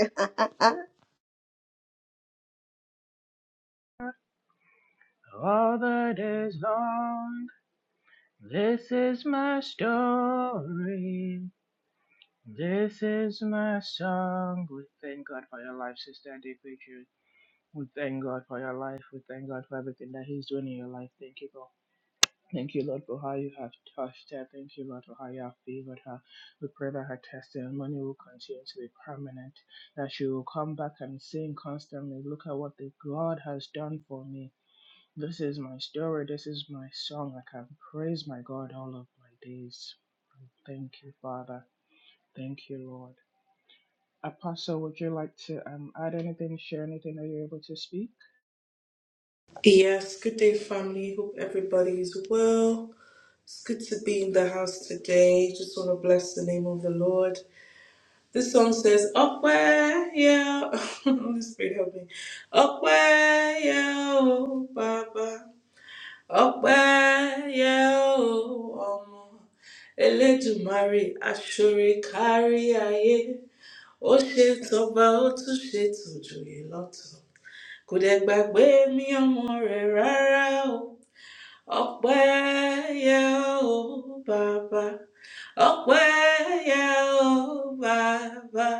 Speaker 1: All the days long, this is my story. This is my song. We thank God for your life, Sister and Pictures. We thank God for your life. We thank God for everything that He's doing in your life. Thank you, God. Thank you, Lord, for how you have touched her. Thank you, Lord, for how you have favored her. We pray that her testimony will continue to be permanent, that she will come back and sing constantly, Look at what the God has done for me. This is my story. This is my song. I can praise my God all of my days. Thank you, Father. Thank you, Lord. Apostle, would you like to um, add anything, share anything that you're able to speak?
Speaker 4: Yes, good day, family. Hope everybody is well. It's good to be in the house today. Just want to bless the name of the Lord. This song says, Up where, yeah. [LAUGHS] Holy Spirit, help me. Up where, yeah, oh, Baba. Up where, yeah, oh, Omo. Elédùmarè, aṣọre kárí ayé. Ó ṣe tọba, ó tún ṣe tòjòyè lọ́tọ̀. Kò dẹ̀ gbàgbé mi ọmọ rẹ̀ rárá o. Okweye o Baba, Okweye o Baba,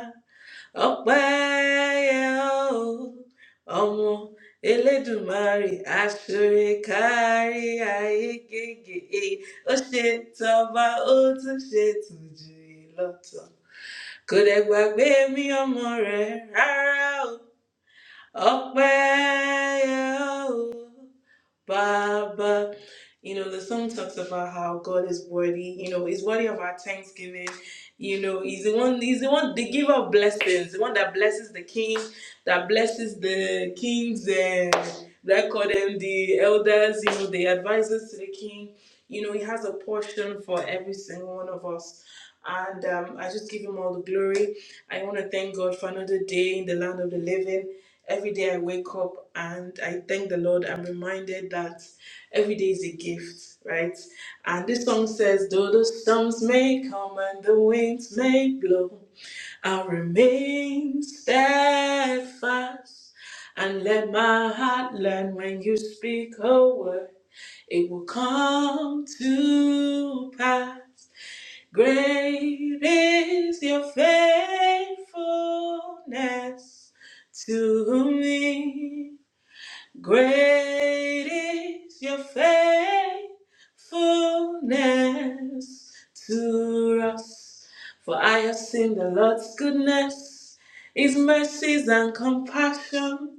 Speaker 4: Okweye o ọmọ Elédùmarè aṣoore kárí ayé gègé ó ṣe tọba ó tún ṣe tùjù lọ́tọ̀. Kò dẹ̀ gbàgbé mi ọmọ rẹ̀ rárá o, Ọpẹ́ yẹ o. Baba. You know, the song talks about how God is worthy, you know, is worthy of our thanksgiving. You know, he's the one, he's the one, the giver of blessings, the one that blesses the king, that blesses the kings, and that call them the elders, you know, the advisors to the king. You know, he has a portion for every single one of us. And um, I just give him all the glory. I want to thank God for another day in the land of the living. Every day I wake up and I thank the Lord. I'm reminded that every day is a gift, right? And this song says, Though the storms may come and the winds may blow, I'll remain steadfast. And let my heart learn when you speak a word, it will come to pass. Great is your faithfulness to me. Great is your faithfulness to us. For I have seen the Lord's goodness, his mercies and compassion.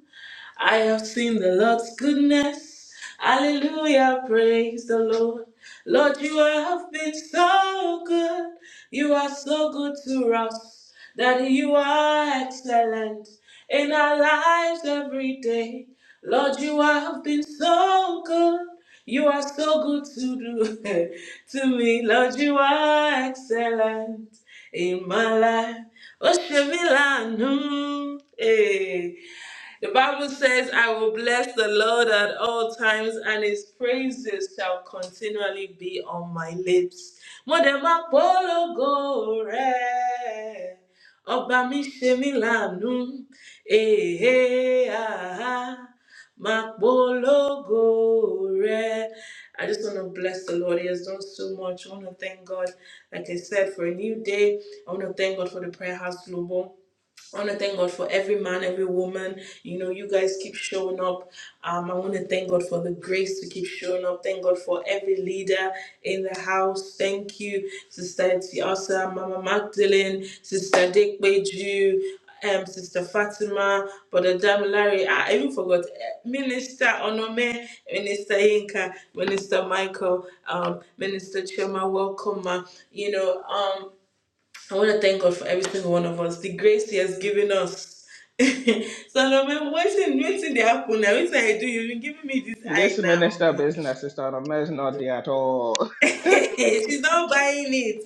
Speaker 4: I have seen the Lord's goodness. Hallelujah, praise the Lord. Lord, you have been so good. You are so good to us. That you are excellent in our lives every day. Lord, you have been so good. You are so good to do [LAUGHS] to me. Lord, you are excellent in my life. Oshemilanu, eh. The Bible says, I will bless the Lord at all times, and his praises shall continually be on my lips. Mo dẹ̀ máa polongo rẹ̀. Ọba mi ṣe mí láàánú, èhè àhá, máa polongo rẹ̀. I just want to bless the Lord. He has done so much. I want to thank God, like I said, for a new day. I want to thank God for the prayer house global. I want to thank God for every man, every woman. You know, you guys keep showing up. Um, I want to thank God for the grace to keep showing up. Thank God for every leader in the house. Thank you, Sister Tiasa, Mama Magdalene, Sister Dick Beju, um, Sister Fatima, Brother Damilare. I even forgot eh, Minister Onome, Minister Inka, Minister Michael, um, Minister Chema, welcome. ma. You know, um, I want to thank God for every single one of us, the grace He has given us. [LAUGHS] Salome, what's in waiting they happen now? Waiting I do, you've been giving me this
Speaker 1: This
Speaker 4: eye
Speaker 1: minister
Speaker 4: now.
Speaker 1: business is not a mess, not there at all. [LAUGHS]
Speaker 4: [LAUGHS] She's not buying it.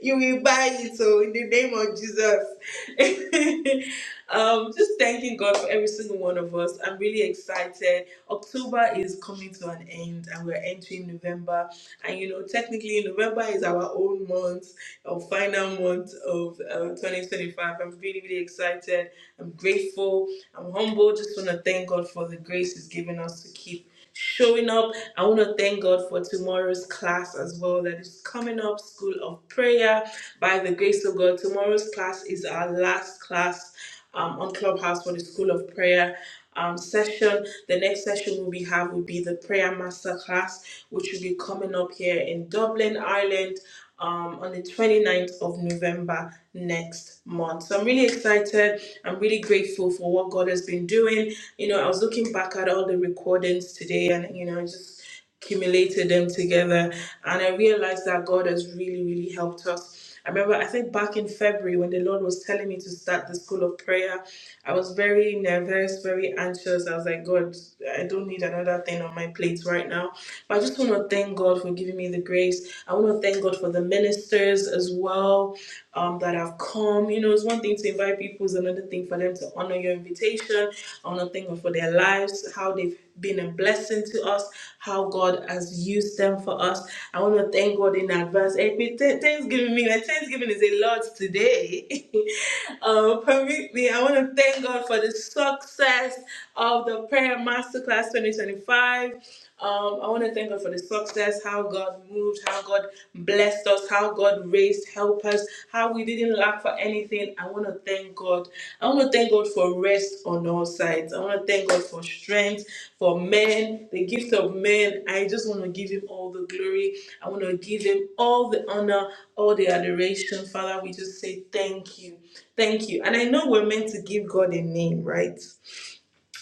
Speaker 4: You will buy it, so in the name of Jesus. [LAUGHS] um, just thanking God for every single one of us. I'm really excited. October is coming to an end, and we're entering November. And you know, technically, November is our own month, our final month of uh, 2025. I'm really, really excited. I'm grateful. I'm humble. Just want to thank God for the grace He's given us to keep showing up I want to thank God for tomorrow's class as well that is coming up, School of Prayer. By the grace of God, tomorrow's class is our last class um, on Clubhouse for the School of Prayer. Um, session. The next session we'll be have will be the prayer master class, which will be coming up here in Dublin, Ireland, um, on the twenty-ninth of November next month. So I'm really excited. I'm really grateful for what God has been doing. You know, I was looking back at all the recordings today, and you know, just accumulated them together and i realized that god has really really helped us i remember i think back in february when the lord was telling me to start the school of prayer i was very nervous very anxious i was like god i don't need another thing on my plate right now but i just want to thank god for giving me the grace i want to thank god for the ministers as well um, that have come. You know, it's one thing to invite people, it's another thing for them to honor your invitation, honor thing for their lives, how they've been a blessing to us, how God has used them for us. I want to thank God in advance. Hey, with th- Thanksgiving, me, like, Thanksgiving is a lot today. [LAUGHS] um, permit me, I want to thank God for the success of the Prayer Masterclass 2025. Um, I want to thank God for the success, how God moved, how God blessed us, how God raised, help us, how we didn't lack for anything. I want to thank God. I want to thank God for rest on all sides. I want to thank God for strength, for men, the gift of men. I just want to give him all the glory. I want to give him all the honor, all the adoration. Father, we just say thank you. Thank you. And I know we're meant to give God a name, right?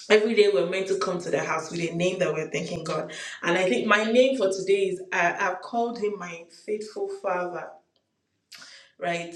Speaker 4: every day we're meant to come to the house with a name that we're thanking God. And I think my name for today is I, I've called him my faithful father right?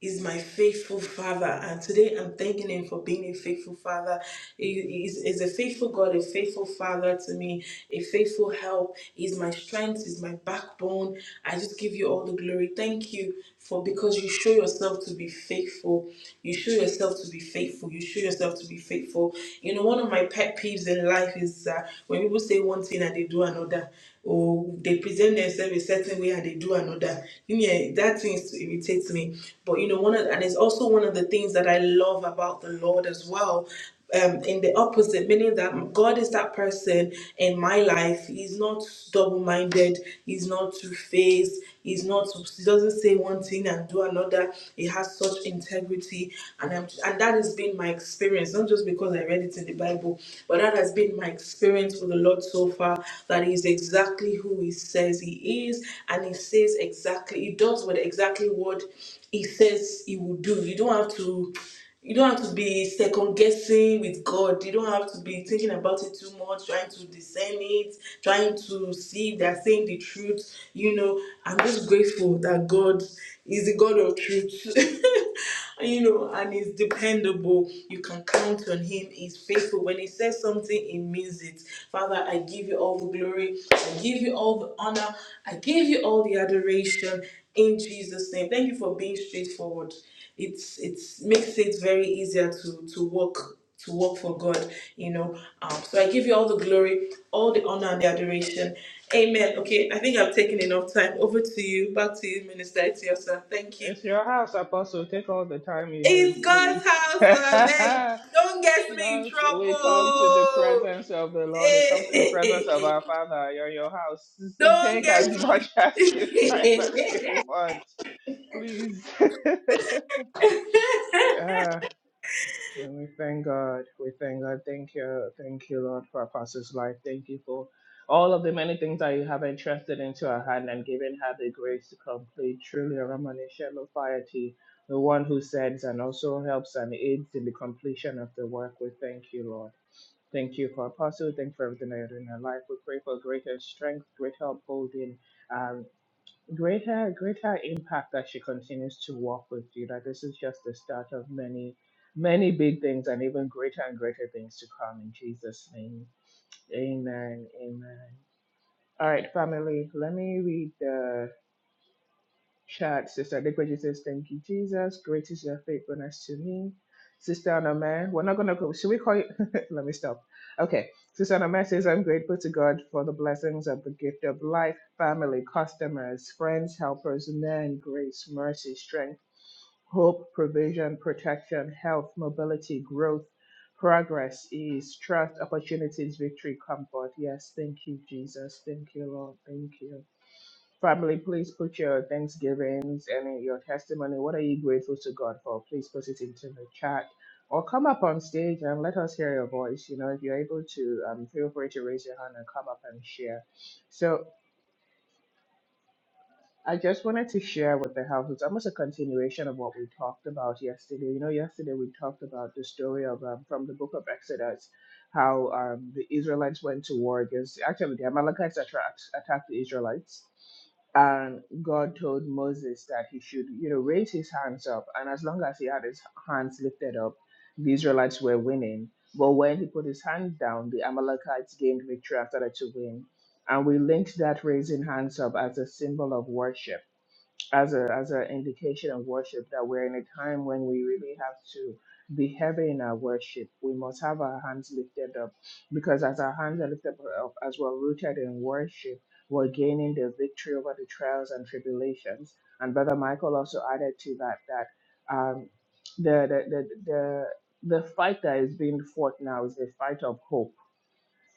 Speaker 4: Is my faithful father, and today I'm thanking him for being a faithful father. He is is a faithful God, a faithful father to me, a faithful help. He's my strength, is my backbone. I just give you all the glory. Thank you for because you show yourself to be faithful. You show yourself to be faithful. You show yourself to be faithful. You know, one of my pet peeves in life is uh, when people say one thing and they do another or they present themselves a certain way and they do another. Yeah, that thing is- irritates me. But you know, one of and it's also one of the things that I love about the Lord as well. Um, in the opposite, meaning that God is that person in my life. He's not double-minded. He's not two-faced. He's not. He doesn't say one thing and do another. He has such integrity guilty and I'm, and that has been my experience not just because I read it in the Bible but that has been my experience with the Lord so far that he is exactly who he says he is and he says exactly he does what exactly what he says he will do you don't have to you don't have to be second guessing with God. You don't have to be thinking about it too much, trying to discern it, trying to see if they're saying the truth. You know, I'm just grateful that God is the God of truth. [LAUGHS] you know, and he's dependable. You can count on him. He's faithful. When he says something, he means it. Father, I give you all the glory. I give you all the honor. I give you all the adoration in Jesus' name. Thank you for being straightforward it's it's makes it very easier to to work to work for God, you know. Um, so I give you all the glory, all the honor and the adoration. Amen. Okay, I think I've taken enough time. Over to you. Back to you, Minister Etiosa. Thank you.
Speaker 1: It's your house, Apostle. Take all the time you
Speaker 4: It's
Speaker 1: need,
Speaker 4: God's
Speaker 1: please. [LAUGHS]
Speaker 4: house. uh, Meg. Don't get me in
Speaker 1: well, we come to the
Speaker 4: trouble.
Speaker 1: presence of the Lord. We come to the
Speaker 4: Hey.
Speaker 1: presence of
Speaker 4: [LAUGHS]
Speaker 1: our Father. You're in your house. [LAUGHS]
Speaker 4: Don't
Speaker 1: Take as
Speaker 4: get
Speaker 1: much [LAUGHS] as you, time as you want, please. [LAUGHS]
Speaker 4: me. [LAUGHS]
Speaker 1: Ah. And we thank God. We thank God. Thank you. Thank you, Lord, for Apostle's life. Thank you for all of the many things that you have entrusted into her hand and given her the grace to complete. Truly, a remanation of piety, the one who sends and also helps and aids in the completion of the work. We thank you, Lord. Thank you for Apostle. Thank you for everything that you're doing in her life. We pray for greater strength, great help holding. Greater, greater impact that she continues to walk with you. That this is just the start of many, many big things, and even greater and greater things to come in Jesus' name. Amen. Amen. All right, family. Let me read the. Shout, Sister Adequaji says, Thank you, Jesus. Great is your faithfulness to me. Sister Anome, we're not going to go. Should we call you? [LAUGHS] Let me stop. Okay. Sister Anome says, I'm grateful to God for the blessings of the gift of life, family, customers, friends, helpers, men, grace, mercy, strength, hope, provision, protection, health, mobility, growth, progress, ease, trust, opportunities, victory, comfort. Yes. Thank you, Jesus. Thank you, Lord. Thank you. Family, please put your thanksgivings and your testimony. What are you grateful to God for? Please put it into the chat or come up on stage and let us hear your voice. You know, if you're able to, um, feel free to raise your hand and come up and share. So I just wanted to share with the house. It's almost a continuation of what we talked about yesterday. You know, yesterday we talked about the story of um, from the book of Exodus, how um, the Israelites went to war against. Actually, the Amalekites attacked attacked the Israelites, and God told Moses that he should, you know, raise his hands up, and as long as he had his hands lifted up, the Israelites were winning. But when he put his hand down, the Amalekites gained victory after that to win and we linked that raising hands up as a symbol of worship, as a as an indication of worship that we're in a time when we really have to be heavy in our worship. We must have our hands lifted up because as our hands are lifted up, as we're rooted in worship, we're gaining the victory over the trials and tribulations. And Brother Michael also added to that that um, the, the the the the fight that is being fought now is the fight of hope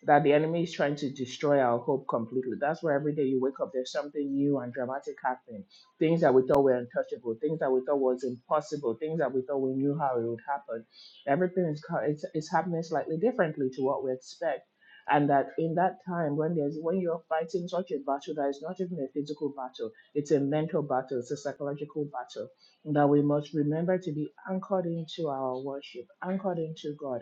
Speaker 1: that the enemy is trying to destroy our hope completely. That's why every day you wake up, there's something new and dramatic happening. Things that we thought were untouchable, things that we thought was impossible, things that we thought we knew how it would happen. Everything is co- it's, it's happening slightly differently to what we expect. And that in that time when there's when you're fighting such a battle that is not even a physical battle, it's a mental battle, it's a psychological battle. That we must remember to be anchored into our worship, anchored into God,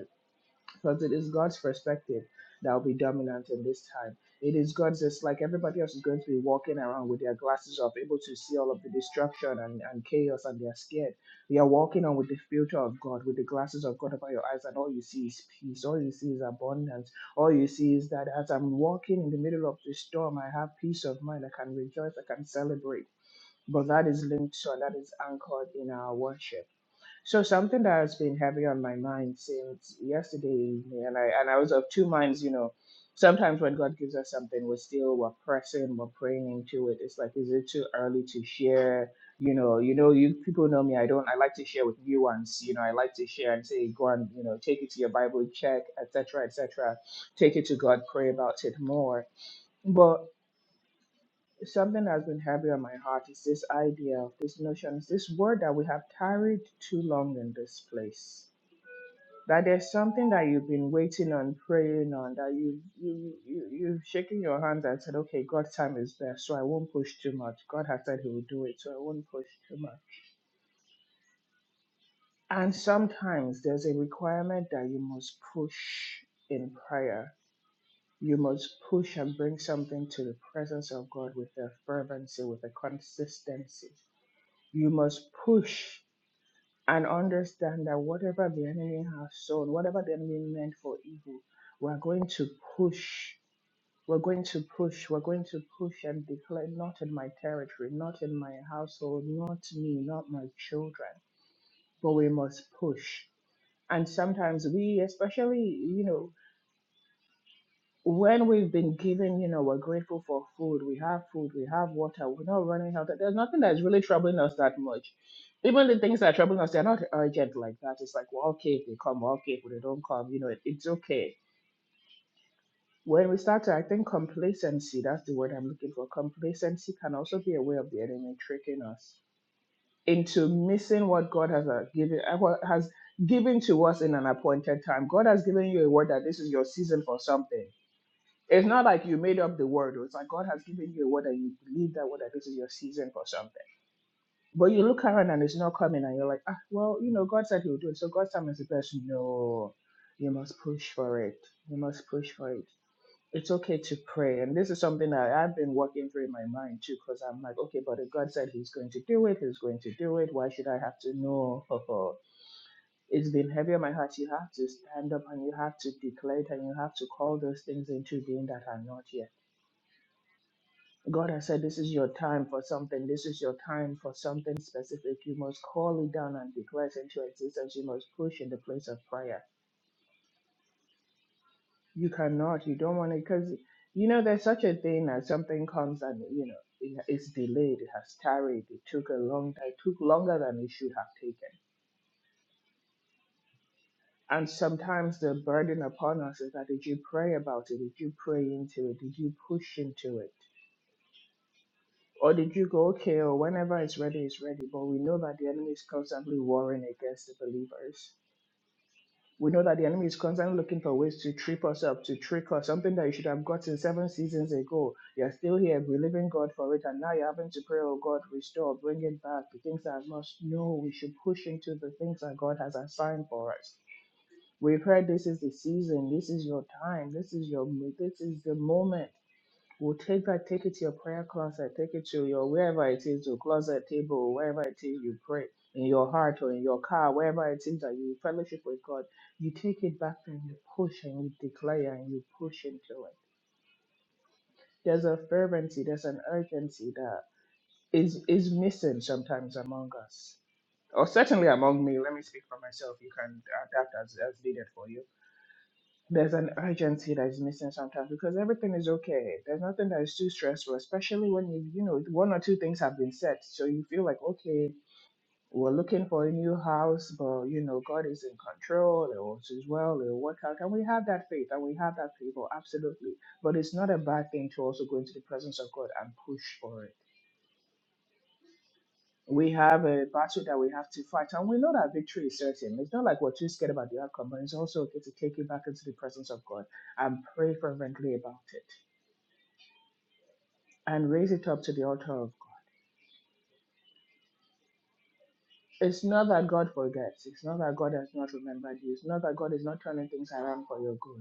Speaker 1: because it is God's perspective that will be dominant in this time. It is God's, it's like everybody else is going to be walking around with their glasses off, able to see all of the destruction and, and chaos, and they're scared. We are walking on with the filter of God, with the glasses of God over your eyes, and all you see is peace, all you see is abundance, all you see is that as I'm walking in the middle of the storm, I have peace of mind, I can rejoice, I can celebrate. But that is linked to and that is anchored in our worship so something that has been heavy on my mind since yesterday evening, and I and I was of two minds. You know, sometimes when God gives us something, we're still we're pressing, we're praying into it. It's like, is it too early to share? You know, you know, you people know me. I don't. I like to share with new ones. You know, I like to share and say, go and you know, take it to your Bible, check, etc., etc. Take it to God, pray about it more. But something that's been heavy on my heart is this idea of this notion, this word that we have tarried too long in this place that there's something that you've been waiting on, praying on, that you you you you've shaken your hands and said, okay, God's time is there, so I won't push too much. God has said He will do it, so I won't push too much. And sometimes there's a requirement that you must push in prayer. You must push and bring something to the presence of God with a fervency, with a consistency. You must push and understand that whatever the enemy has sown, whatever the enemy meant for evil, we're going to push. We're going to push. We're going to push and declare, not in my territory, not in my household, not me, not my children, but we must push. And sometimes we, especially, you know, when we've been given, you know, we're grateful for food, we have food, we have water, we're not running out. There's nothing that's really troubling us that much. Even the things that are troubling us, they're not urgent like that. It's like, well, okay, if they come, well, okay, if they don't come, you know, it, it's okay. When we start to, I think complacency, that's the word I'm looking for. Complacency can also be a way of the enemy tricking us into missing what God has uh, given uh, what has given to us in an appointed time. God has given you a word that this is your season for something it's not like you made up the word. It's like God has given you a word and you believe that word that this is your season for something. But you look around and it's not coming and you're like, ah, well, you know, God said he'll do it. So God's time is the best. No, you must push for it. You must push for it. It's okay to pray. And this is something that I've been working through in my mind too, because I'm like, okay, but if God said he's going to do it, he's going to do it. Why should I have to know? [LAUGHS] it's been heavy on my heart. You have to stand up and you have to declare it and you have to call those things into being that are not yet. God has said, This is your time for something. This is your time for something specific. You must call it down and declare it into existence. You must push in the place of prayer. You cannot, you don't want to, because, you know, there's such a thing as something comes and, you know, it- it's delayed, it has tarried, it took a long time, it took longer than it should have taken. And sometimes the burden upon us is that did you pray about it? Did you pray into it? Did you push into it? Or did you go, okay, or whenever it's ready, it's ready? But we know that the enemy is constantly warring against the believers. We know that the enemy is constantly looking for ways to trip us up, to trick us, something that you should have gotten seven seasons ago. You're still here believing God for it, and now you're having to pray, oh God, restore, bring it back, the things that I've lost. No, we should push into the things that God has assigned for us. We've heard this is the season, this is your time, this is your this is the moment. We'll take that, take it to your prayer closet, take it to your wherever it is, your closet table, wherever it is you pray, in your heart or in your car, wherever it is that you fellowship with God, you take it back and you push and you declare and you push into it. There's a fervency, there's an urgency that is is missing sometimes among us. Or certainly among me, let me speak for myself. You can adapt as, as needed for you there's an urgency that is missing sometimes because everything is okay. There's nothing that is too stressful, especially when you you know one or two things have been set, so you feel like okay, we're looking for a new house, but you know God is in control. It will as well. It will work out, and we have that faith and we have that favor absolutely. But it's not a bad thing to also go into the presence of God and push for it we have a battle that we have to fight, and we know that victory is certain. It's not like we're too scared about the outcome, but it's also okay to take it back into the presence of God and pray fervently about it and raise it up to the altar of God. It's not that God forgets, it's not that God has not remembered you, it's not that God is not turning things around for your good.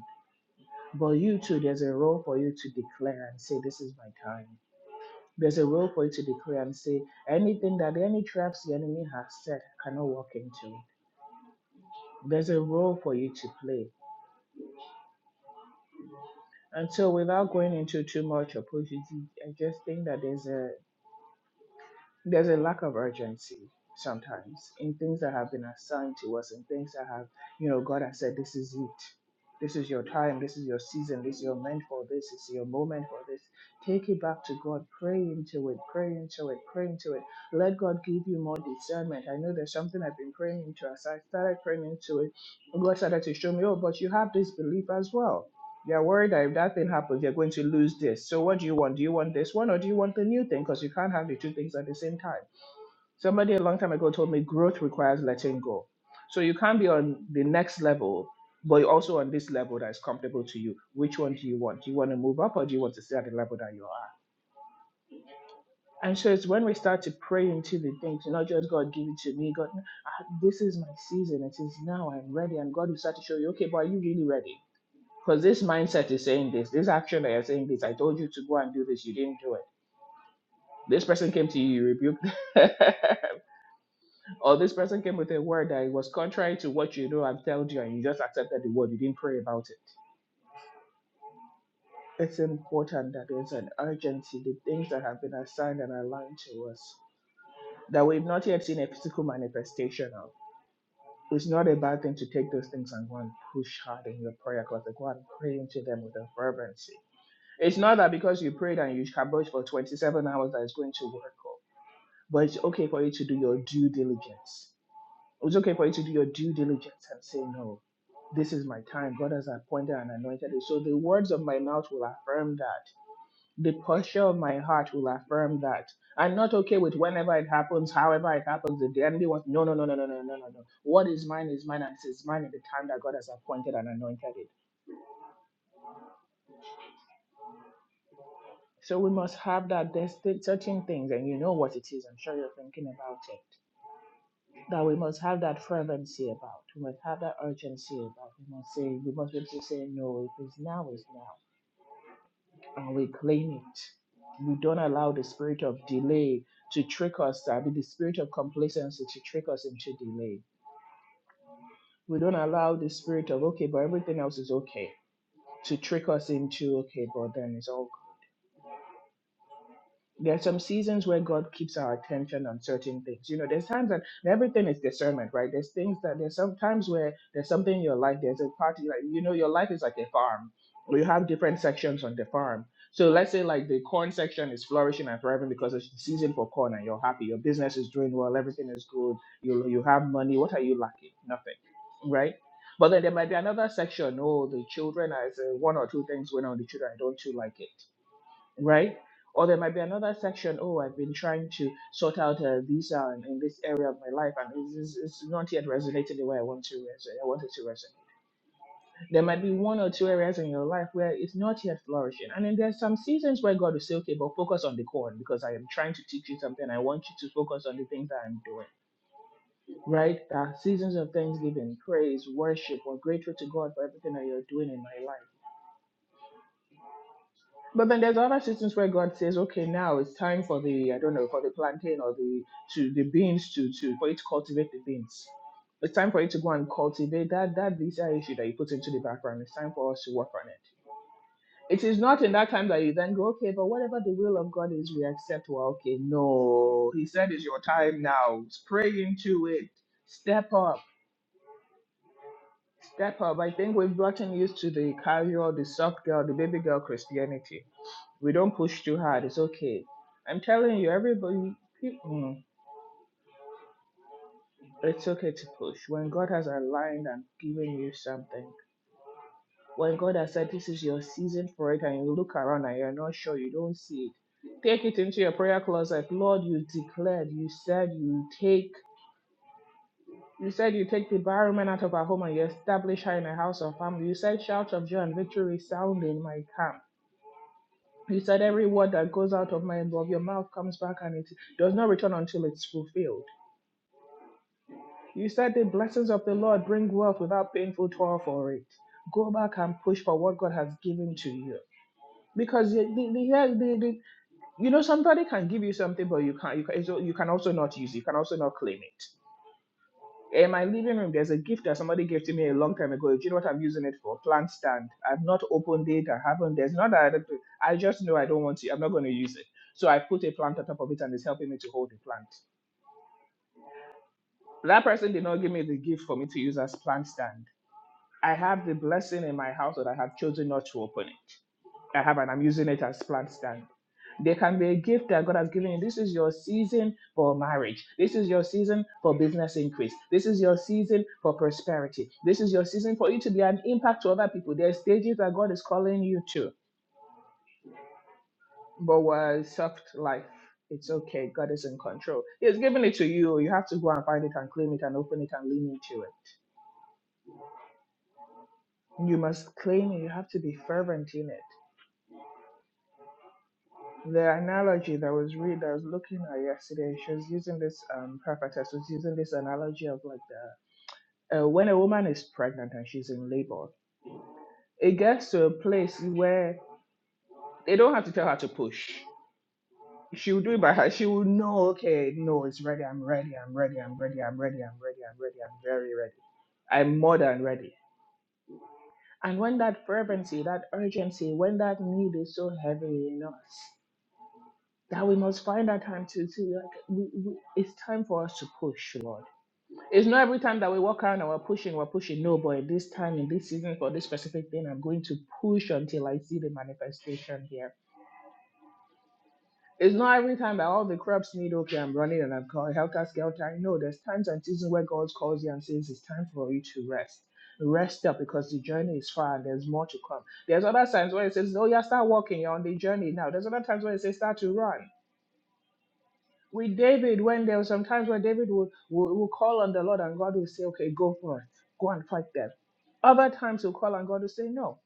Speaker 1: But you too, there's a role for you to declare and say, This is my time. There's a role for you to declare and say, Anything that any traps the enemy has set I cannot walk into. There's a role for you to play And so, without going into too much apology, I just think that there's a there's a lack of urgency sometimes in things that have been assigned to us and things that have, you know, God has said, this is it. This is your time. This is your season. This is your meant for this. This is your moment for this. Take it back to God. Pray into it. Pray into it. Pray into it. Let God give you more discernment. I know there's something I've been praying into. As I started praying into it, God started to show me, oh, but you have this belief as well you are worried that if that thing happens, you're going to lose this. So what do you want? Do you want this one or do you want the new thing? Because you can't have the two things at the same time. Somebody a long time ago told me growth requires letting go. So you can't be on the next level, but you're also on this level that is comfortable to you. Which one do you want? Do you want to move up or do you want to stay at the level that you are? And so it's when we start to pray into the things, you know, just God give it to me. God, ah, this is my season. It is now. I'm ready. And God will start to show you, okay, but are you really ready? Because this mindset is saying this, this action that you're saying this, I told you to go and do this, you didn't do it. This person came to you, you rebuked. [LAUGHS] or this person came with a word that was contrary to what you know I've told you, and you just accepted the word, you didn't pray about it. It's important that there's an urgency, the things that have been assigned and aligned to us that we've not yet seen a physical manifestation of. It's not a bad thing to take those things and go and push hard in your prayer closet, go and pray into them with a fervency It's not that because you prayed and you kabosh for 27 hours that it's going to work out. But it's okay for you to do your due diligence. It's okay for you to do your due diligence and say, no, this is my time. God has appointed and anointed it. So the words of my mouth will affirm that. The posture of my heart will affirm that. I'm not okay with whenever it happens, however it happens, if the enemy wants, no, no, no, no, no, no, no, no, no. What is mine is mine and it is mine at the time that God has appointed and anointed it. So we must have that. There's th- certain things, and you know what it is. I'm sure you're thinking about it. That we must have that fervency about. We must have that urgency about. We must say. We must be able to say no. If it's now, it's now, and we claim it. We don't allow the spirit of delay to trick us. I mean, the spirit of complacency to trick us into delay. We don't allow the spirit of okay, but everything else is okay to trick us into okay, but then it's all. there are some seasons where God keeps our attention on certain things. You know, there's times that everything is discernment, right? There's things that there's some times where there's something in your life, there's a party, like, you know, your life is like a farm. You have different sections on the farm. So let's say like the corn section is flourishing and thriving because it's the season for corn and you're happy. Your business is doing well, everything is good. You you have money. What are you lacking? Nothing, right? But then there might be another section. Oh, the children, I say one or two things going on with the children. I don't too like it right? Or there might be another section. Oh, I've been trying to sort out uh, this uh, in this area of my life, and it's, it's it's not yet resonated the way I want to resonate. I wanted to resonate. There might be one or two areas in your life where it's not yet flourishing, and then there's some seasons where God will say, "Okay, but focus on the corn because I am trying to teach you something. I want you to focus on the things that I'm doing." Right? There are seasons of thanksgiving, praise, worship. We're grateful to God for everything that you're doing in my life But then there's other systems where God says, okay, now it's time for the, I don't know, for the plantain or the to the beans to to for it to cultivate the beans. It's time for it to go and cultivate that that visa issue that you put into the background. It's time for us to work on it. It is not in that time that you then go, okay, but whatever the will of God is, we accept. Well, okay, no. He said it's your time now. Spray into it. Step up. Step up. I think we've gotten used to the carrier, the soft girl, the baby girl Christianity we don't push too hard. It's okay. I'm telling you, everybody, pe- mm, it's okay to push. When God has aligned and given you something, when God has said this is your season for it, and you look around and you're not sure, you don't see it, take it into your prayer closet. Lord, you declared, you said you take. You said you take the barren woman out of her home and you establish her in a house of family. You said shouts of joy and victory sound in my camp. You said every word that goes out of my of your mouth comes back and it does not return until it's fulfilled. You said the blessings of the Lord bring wealth without painful toil for it. Go back and push for what God has given to you. Because the, the, the, yeah, the, the, you know somebody can give you something, but you can't. You can, so you can also not use. it. You can also not claim it. In my living room, there's a gift that somebody gave to me a long time ago. Do you know what I'm using it for? Plant stand. I've not opened it. I haven't. There's not that. I, don't- I just know I don't want to. I'm not going to use it. So I put a plant on top of it, and it's helping me to hold the plant. That person did not give me the gift for me to use as plant stand I have the blessing in my house that I have chosen not to open it. I have, and I'm using it as plant stand. There can be a gift that God has given you. This is your season for marriage. This is your season for business increase. This is your season for prosperity. This is your season for you to be an impact to other people. There are stages that God is calling you to. But we're soft life. It's okay. God is in control. He has given it to you. You have to go and find it and claim it and open it and lean into it. You must claim it. You have to be fervent in it. the analogy that was read, I was looking at yesterday, she was using this, um, prophetess was using this analogy of like the, uh, when a woman is pregnant and she's in labor, it gets to a place where they don't have to tell her to push. She will do it by her. She will know, okay, no, it's ready. I'm ready. I'm ready. I'm ready. I'm ready. I'm ready. I'm ready. I'm very ready. I'm more than ready. And when that fervency, that urgency, when that need is so heavy in us, that we must find that time to to like we, we it's time for us to push lord it's not every time that we walk out and we're pushing we're pushing no but at this time in this season for this specific thing i'm going to push until i see the manifestation here it's not every time that all the crops need okay i'm running and i'm called helter skelter no there's times and seasons where god calls you and says it's time for you to rest rest up because the journey is far and there's more to come there's other times where it says oh yeah start walking you're on the journey now there's other times where it says start to run with David, when there were some times when David would, would, would call on the Lord and God would say, okay, go for it, go and fight them. Other times he'll call on God to say, no.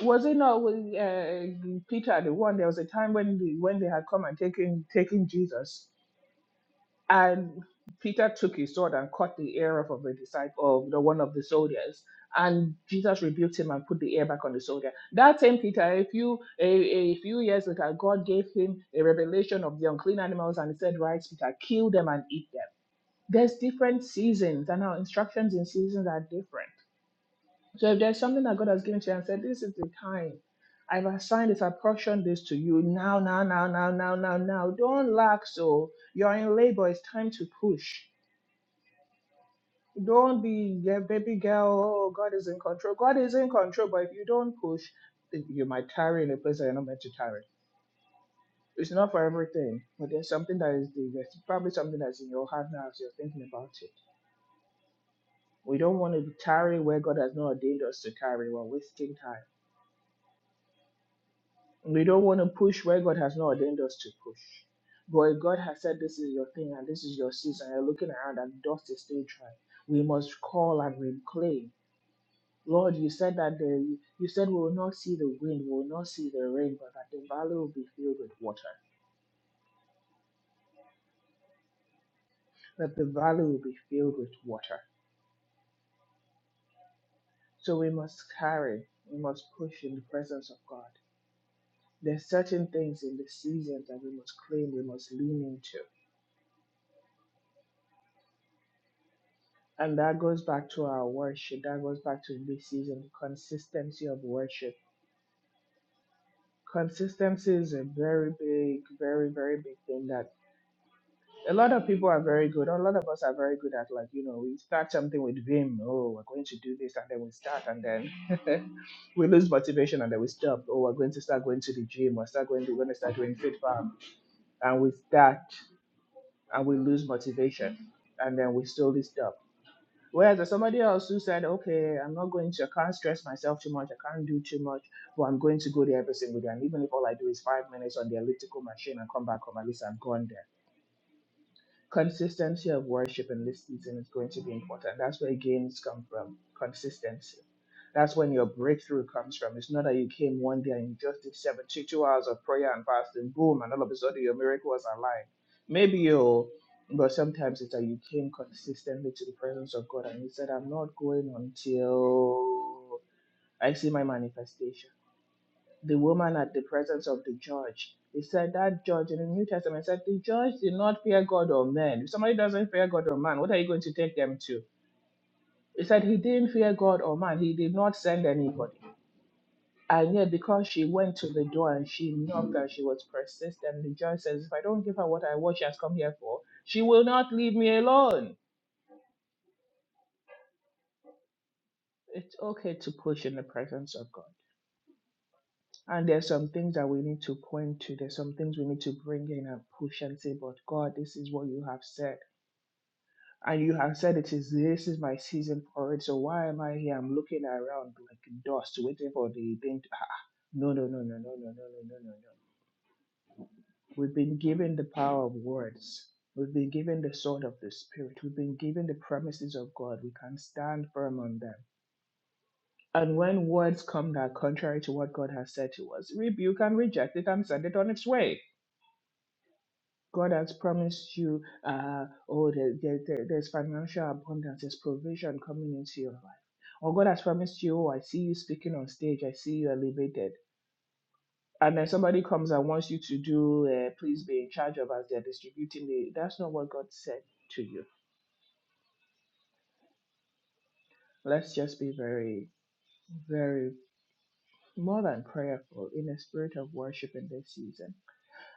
Speaker 1: Was it not with uh, Peter, the one, there was a time when, the, when they had come and taken, taken Jesus and Peter took his sword and cut the ear off of the disciple of the one of the soldiers. And Jesus rebuked him and put the ear back on the soldier. That same Peter, a few a, a few years later, God gave him a revelation of the unclean animals and he said, Right, Peter, kill them and eat them. There's different seasons, and our instructions in seasons are different. So if there's something that God has given to you and said, This is the time. I've assigned this, I've portioned this to you now, now, now, now, now, now, now. Don't lax, so you're in labor. It's time to push. Don't be yeah, baby girl. Oh, God is in control. God is in control, but if you don't push, then you might tarry in a place that you're not meant to tarry. It's not for everything, but there's something that is there's probably something that's in your heart now as you're thinking about it. We don't want to tarry where God has not ordained us to tarry. We're wasting time. We don't want to push where God has not ordained us to push. But if God has said this is your thing and this is your season, and you're looking around and dust is still dry. We must call and reclaim Lord, you said that the you said we will not see the wind, we will not see the rain, but that the valley will be filled with water. That the valley will be filled with water. So we must carry, we must push in the presence of God. There's certain things in the seasons that we must claim, we must lean into. And that goes back to our worship. That goes back to this season, consistency of worship. Consistency is a very big, very, very big thing that. a lot of people are very good. A lot of us are very good at like, you know, we start something with vim. Oh, we're going to do this, and then we start, and then [LAUGHS] we lose motivation, and then we stop. Oh, we're going to start going to the gym. We're start going. To, we're going to start doing fit farm, and we start, and we lose motivation, and then we slowly stop. Whereas there's somebody else who said, okay, I'm not going to, I can't stress myself too much, I can't do too much, but I'm going to go there every single day. And even if all I do is five minutes on the elliptical machine and come back home, at least I'm gone there Consistency of worship in this season is going to be important. That's where gains come from. Consistency. That's when your breakthrough comes from. It's not that you came one day and you just did 72 hours of prayer and fasting, boom, and all of a sudden your miracle was alive. Maybe you, but sometimes it's that you came consistently to the presence of God and you said, I'm not going until I see my manifestation the woman at the presence of the judge. They said that judge in the New Testament said the judge did not fear God or man. If somebody doesn't fear God or man, what are you going to take them to? He said he didn't fear God or man. He did not send anybody. And yet, because she went to the door and she knocked and she was persistent, the judge says, If I don't give her what I want, she has come here for, she will not leave me alone. It's okay to push in the presence of God. And there's some things that we need to point to. There's some things we need to bring in and push and say, but God, this is what you have said. And you have said it is this is my season for it. So why am I here? I'm looking around like dust, waiting for the thing. To, ah, ah." no, no, no, no, no, no, no, no, no, no, no. We've been given the power of words. We've been given the sword of the spirit. We've been given the promises of God. We can stand firm on them. And when words come that are contrary to what God has said to us, rebuke and reject it and send it on its way God has promised you, uh, oh, there, there, there- there's financial abundance, there's provision coming into your life. Or God has promised you, oh, I see you speaking on stage, I see you elevated. And then somebody comes and wants you to do, uh, please be in charge of as they're distributing the. That's not what God said to you. Let's just be very, very more than prayerful in a spirit of worship in this season.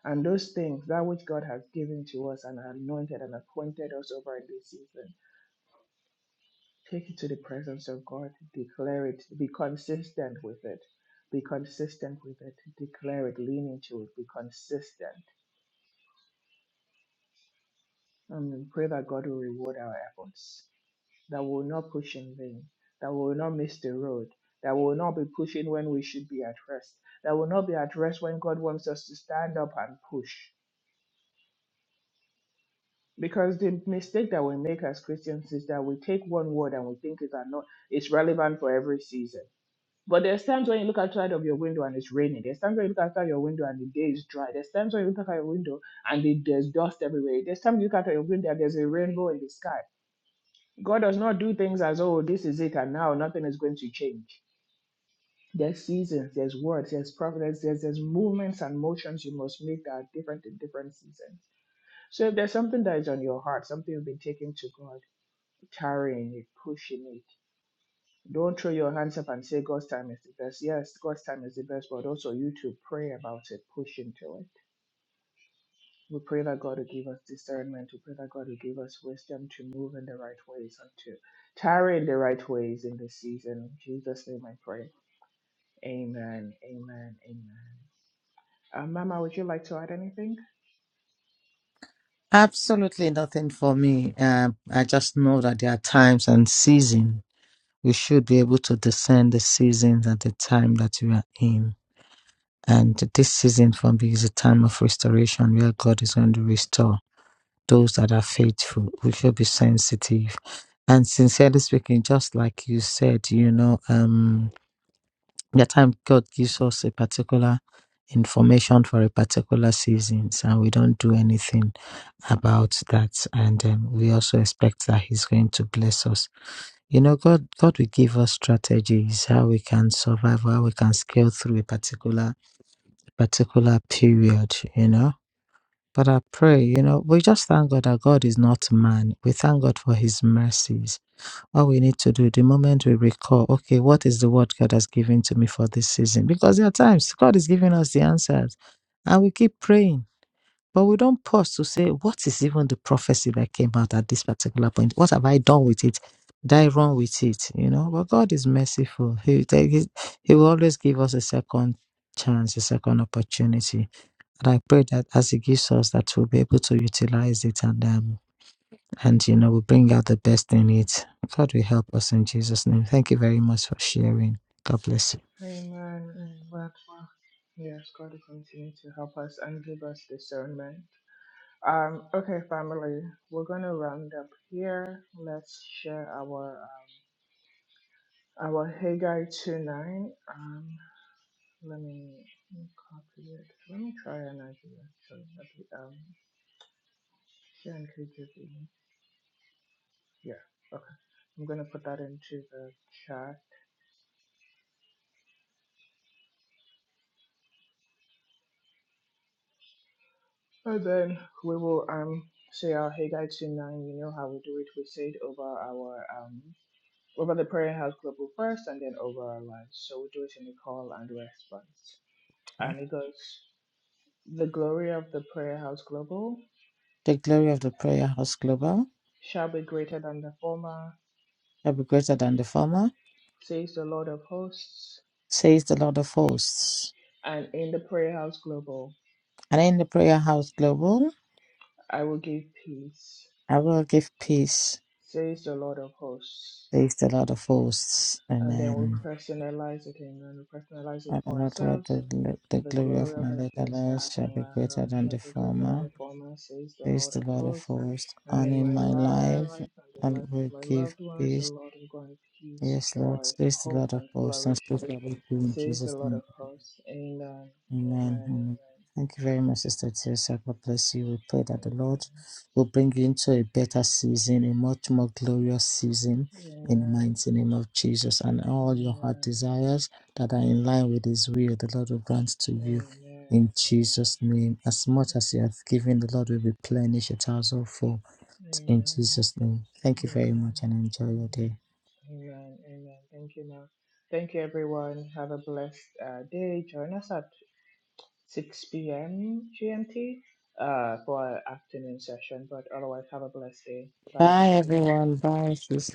Speaker 1: And those things, that which God has given to us and anointed and appointed us over in this season Take it to the presence of God. Declare it. Be consistent with it. Be consistent with it. Declare it. Lean into it. Be consistent. And pray that God will reward our efforts. That we will not push in vain. That we will not miss the road. That we will not be pushing when we should be at rest. That we will not be at rest when God wants us to stand up and push. Because the mistake that we make as Christians is that we take one word and we think it's, not, it's relevant for every season But there's times when you look outside of your window and it's raining. There's times when you look outside your window and the day is dry. There's times when you look outside your window and the, there's dust everywhere. There's times you look outside your window and there's a rainbow in the sky. God does not do things as, oh, this is it and now nothing is going to change. There's seasons, there's words, there's providence, there's, there's movements and motions you must make that are different in different seasons. So if there's something that is on your heart, something you've been taking to God, carrying it, pushing it, Don't throw your hands up and say God's time is the best. Yes, God's time is the best, but also you to pray about it, push into it. We pray that God will give us discernment. We pray that God will give us wisdom to move in the right ways and to tarry in the right ways in this season. In Jesus' name I pray. Amen. Amen. Amen. Uh, Mama, would you like to add anything?
Speaker 3: Absolutely nothing for me. Um, I just know that there are times and season. We should be able to discern the seasons at the time that we are in. And this season for me is a time of restoration where God is going to restore those that are faithful. We should be sensitive. And sincerely speaking, just like you said, you know, um, the time God gives us a particular information for a particular seasons, and we don't do anything about that. And um, we also expect that He's going to bless us. You know, God, God will give us strategies how we can survive, how we can scale through a particular particular period. You know. But I pray, you know, we just thank God that God is not man. We thank God for His mercies all we need to do the moment we recall, okay, what is the word God has given to me for this season? Because there are times God is giving us the answers and we keep praying, but we don't pause to say, what is even the prophecy that came out at this particular point? What have I done with it? Did I run with it? You know, but God is merciful. He, will he will always give us a second chance, a second opportunity. And I pray that as He gives us, that we'll be able to utilize it and um, and you know we bring out the best in it god will help us in jesus name thank you very much for sharing god bless you
Speaker 1: Amen. Amen. Yes, God will continue to help us and give us discernment Um, okay, family, we're gonna round up here. Let's share our um, our Haggai two nine. Um, let me let me copy it. Let me try an idea. So that we, um, share and keep it in. Yeah, okay. I'm gonna put that into the chat, and then we will um say our Haggai two nine. You know how we do it. We say it over our um over the prayer house global first, and then over our lives. So we do it in the call and response, and it goes. The glory of the Prayer House Global
Speaker 3: the glory of the prayer house global
Speaker 1: shall be greater than the former,
Speaker 3: shall be greater than the former
Speaker 1: says the Lord of hosts.
Speaker 3: says the lord of hosts
Speaker 1: And in the Prayer House Global,
Speaker 3: and in the prayer house global
Speaker 1: I will give peace,
Speaker 3: i will give peace
Speaker 1: says the Lord of hosts.
Speaker 3: says the lord of hosts
Speaker 1: And then we
Speaker 3: amen
Speaker 1: personalize it and then we personalize it
Speaker 3: and the,
Speaker 1: for
Speaker 3: Lord will do
Speaker 1: ourselves.
Speaker 3: gl- the
Speaker 1: The
Speaker 3: glory of
Speaker 1: glory of
Speaker 3: my
Speaker 1: it
Speaker 3: latter
Speaker 1: yourself,
Speaker 3: shall be
Speaker 1: Allah,
Speaker 3: greater than
Speaker 1: shall
Speaker 3: the
Speaker 1: be greater than the
Speaker 3: former
Speaker 1: former, says the
Speaker 3: says
Speaker 1: Lord
Speaker 3: the
Speaker 1: of
Speaker 3: lord of
Speaker 1: hosts.
Speaker 3: hosts
Speaker 1: And
Speaker 3: and
Speaker 1: in my
Speaker 3: in my life
Speaker 1: life and
Speaker 3: i
Speaker 1: the life of
Speaker 3: will
Speaker 1: my
Speaker 3: give
Speaker 1: loved ones, the
Speaker 3: peace
Speaker 1: Lord will grant peace,
Speaker 3: Yes, Lord,
Speaker 1: joy,
Speaker 3: says the
Speaker 1: hope,
Speaker 3: Lord of
Speaker 1: and
Speaker 3: hosts, and
Speaker 1: flourishing
Speaker 3: speak shall it in
Speaker 1: Says the
Speaker 3: Jesus'
Speaker 1: Lord of
Speaker 3: name.
Speaker 1: hosts. Amen.
Speaker 3: Amen.
Speaker 1: Amen.
Speaker 3: Amen. Thank you very much, Sister Teresa. God bless you. We pray that the Lord
Speaker 1: Amen.
Speaker 3: will bring you into a better season, a much more glorious season
Speaker 1: Amen.
Speaker 3: in the
Speaker 1: Amen.
Speaker 3: mighty name of Jesus. And all your heart
Speaker 1: Amen.
Speaker 3: desires that are in line with His will, the Lord will grant to you
Speaker 1: Amen.
Speaker 3: in
Speaker 1: Amen.
Speaker 3: Jesus' name. As much as you have given, the Lord will replenish a thousandfold in Jesus' name. Thank you very
Speaker 1: Amen.
Speaker 3: much and enjoy your day.
Speaker 1: Amen. Amen. Thank you, now. Thank you, everyone. Have a blessed uh, day. Join us at 6 p.m. GMT uh, for our afternoon session. But otherwise, have a blessed day. Bye,
Speaker 3: Bye,
Speaker 1: everybody.
Speaker 3: everyone. Bye, sis.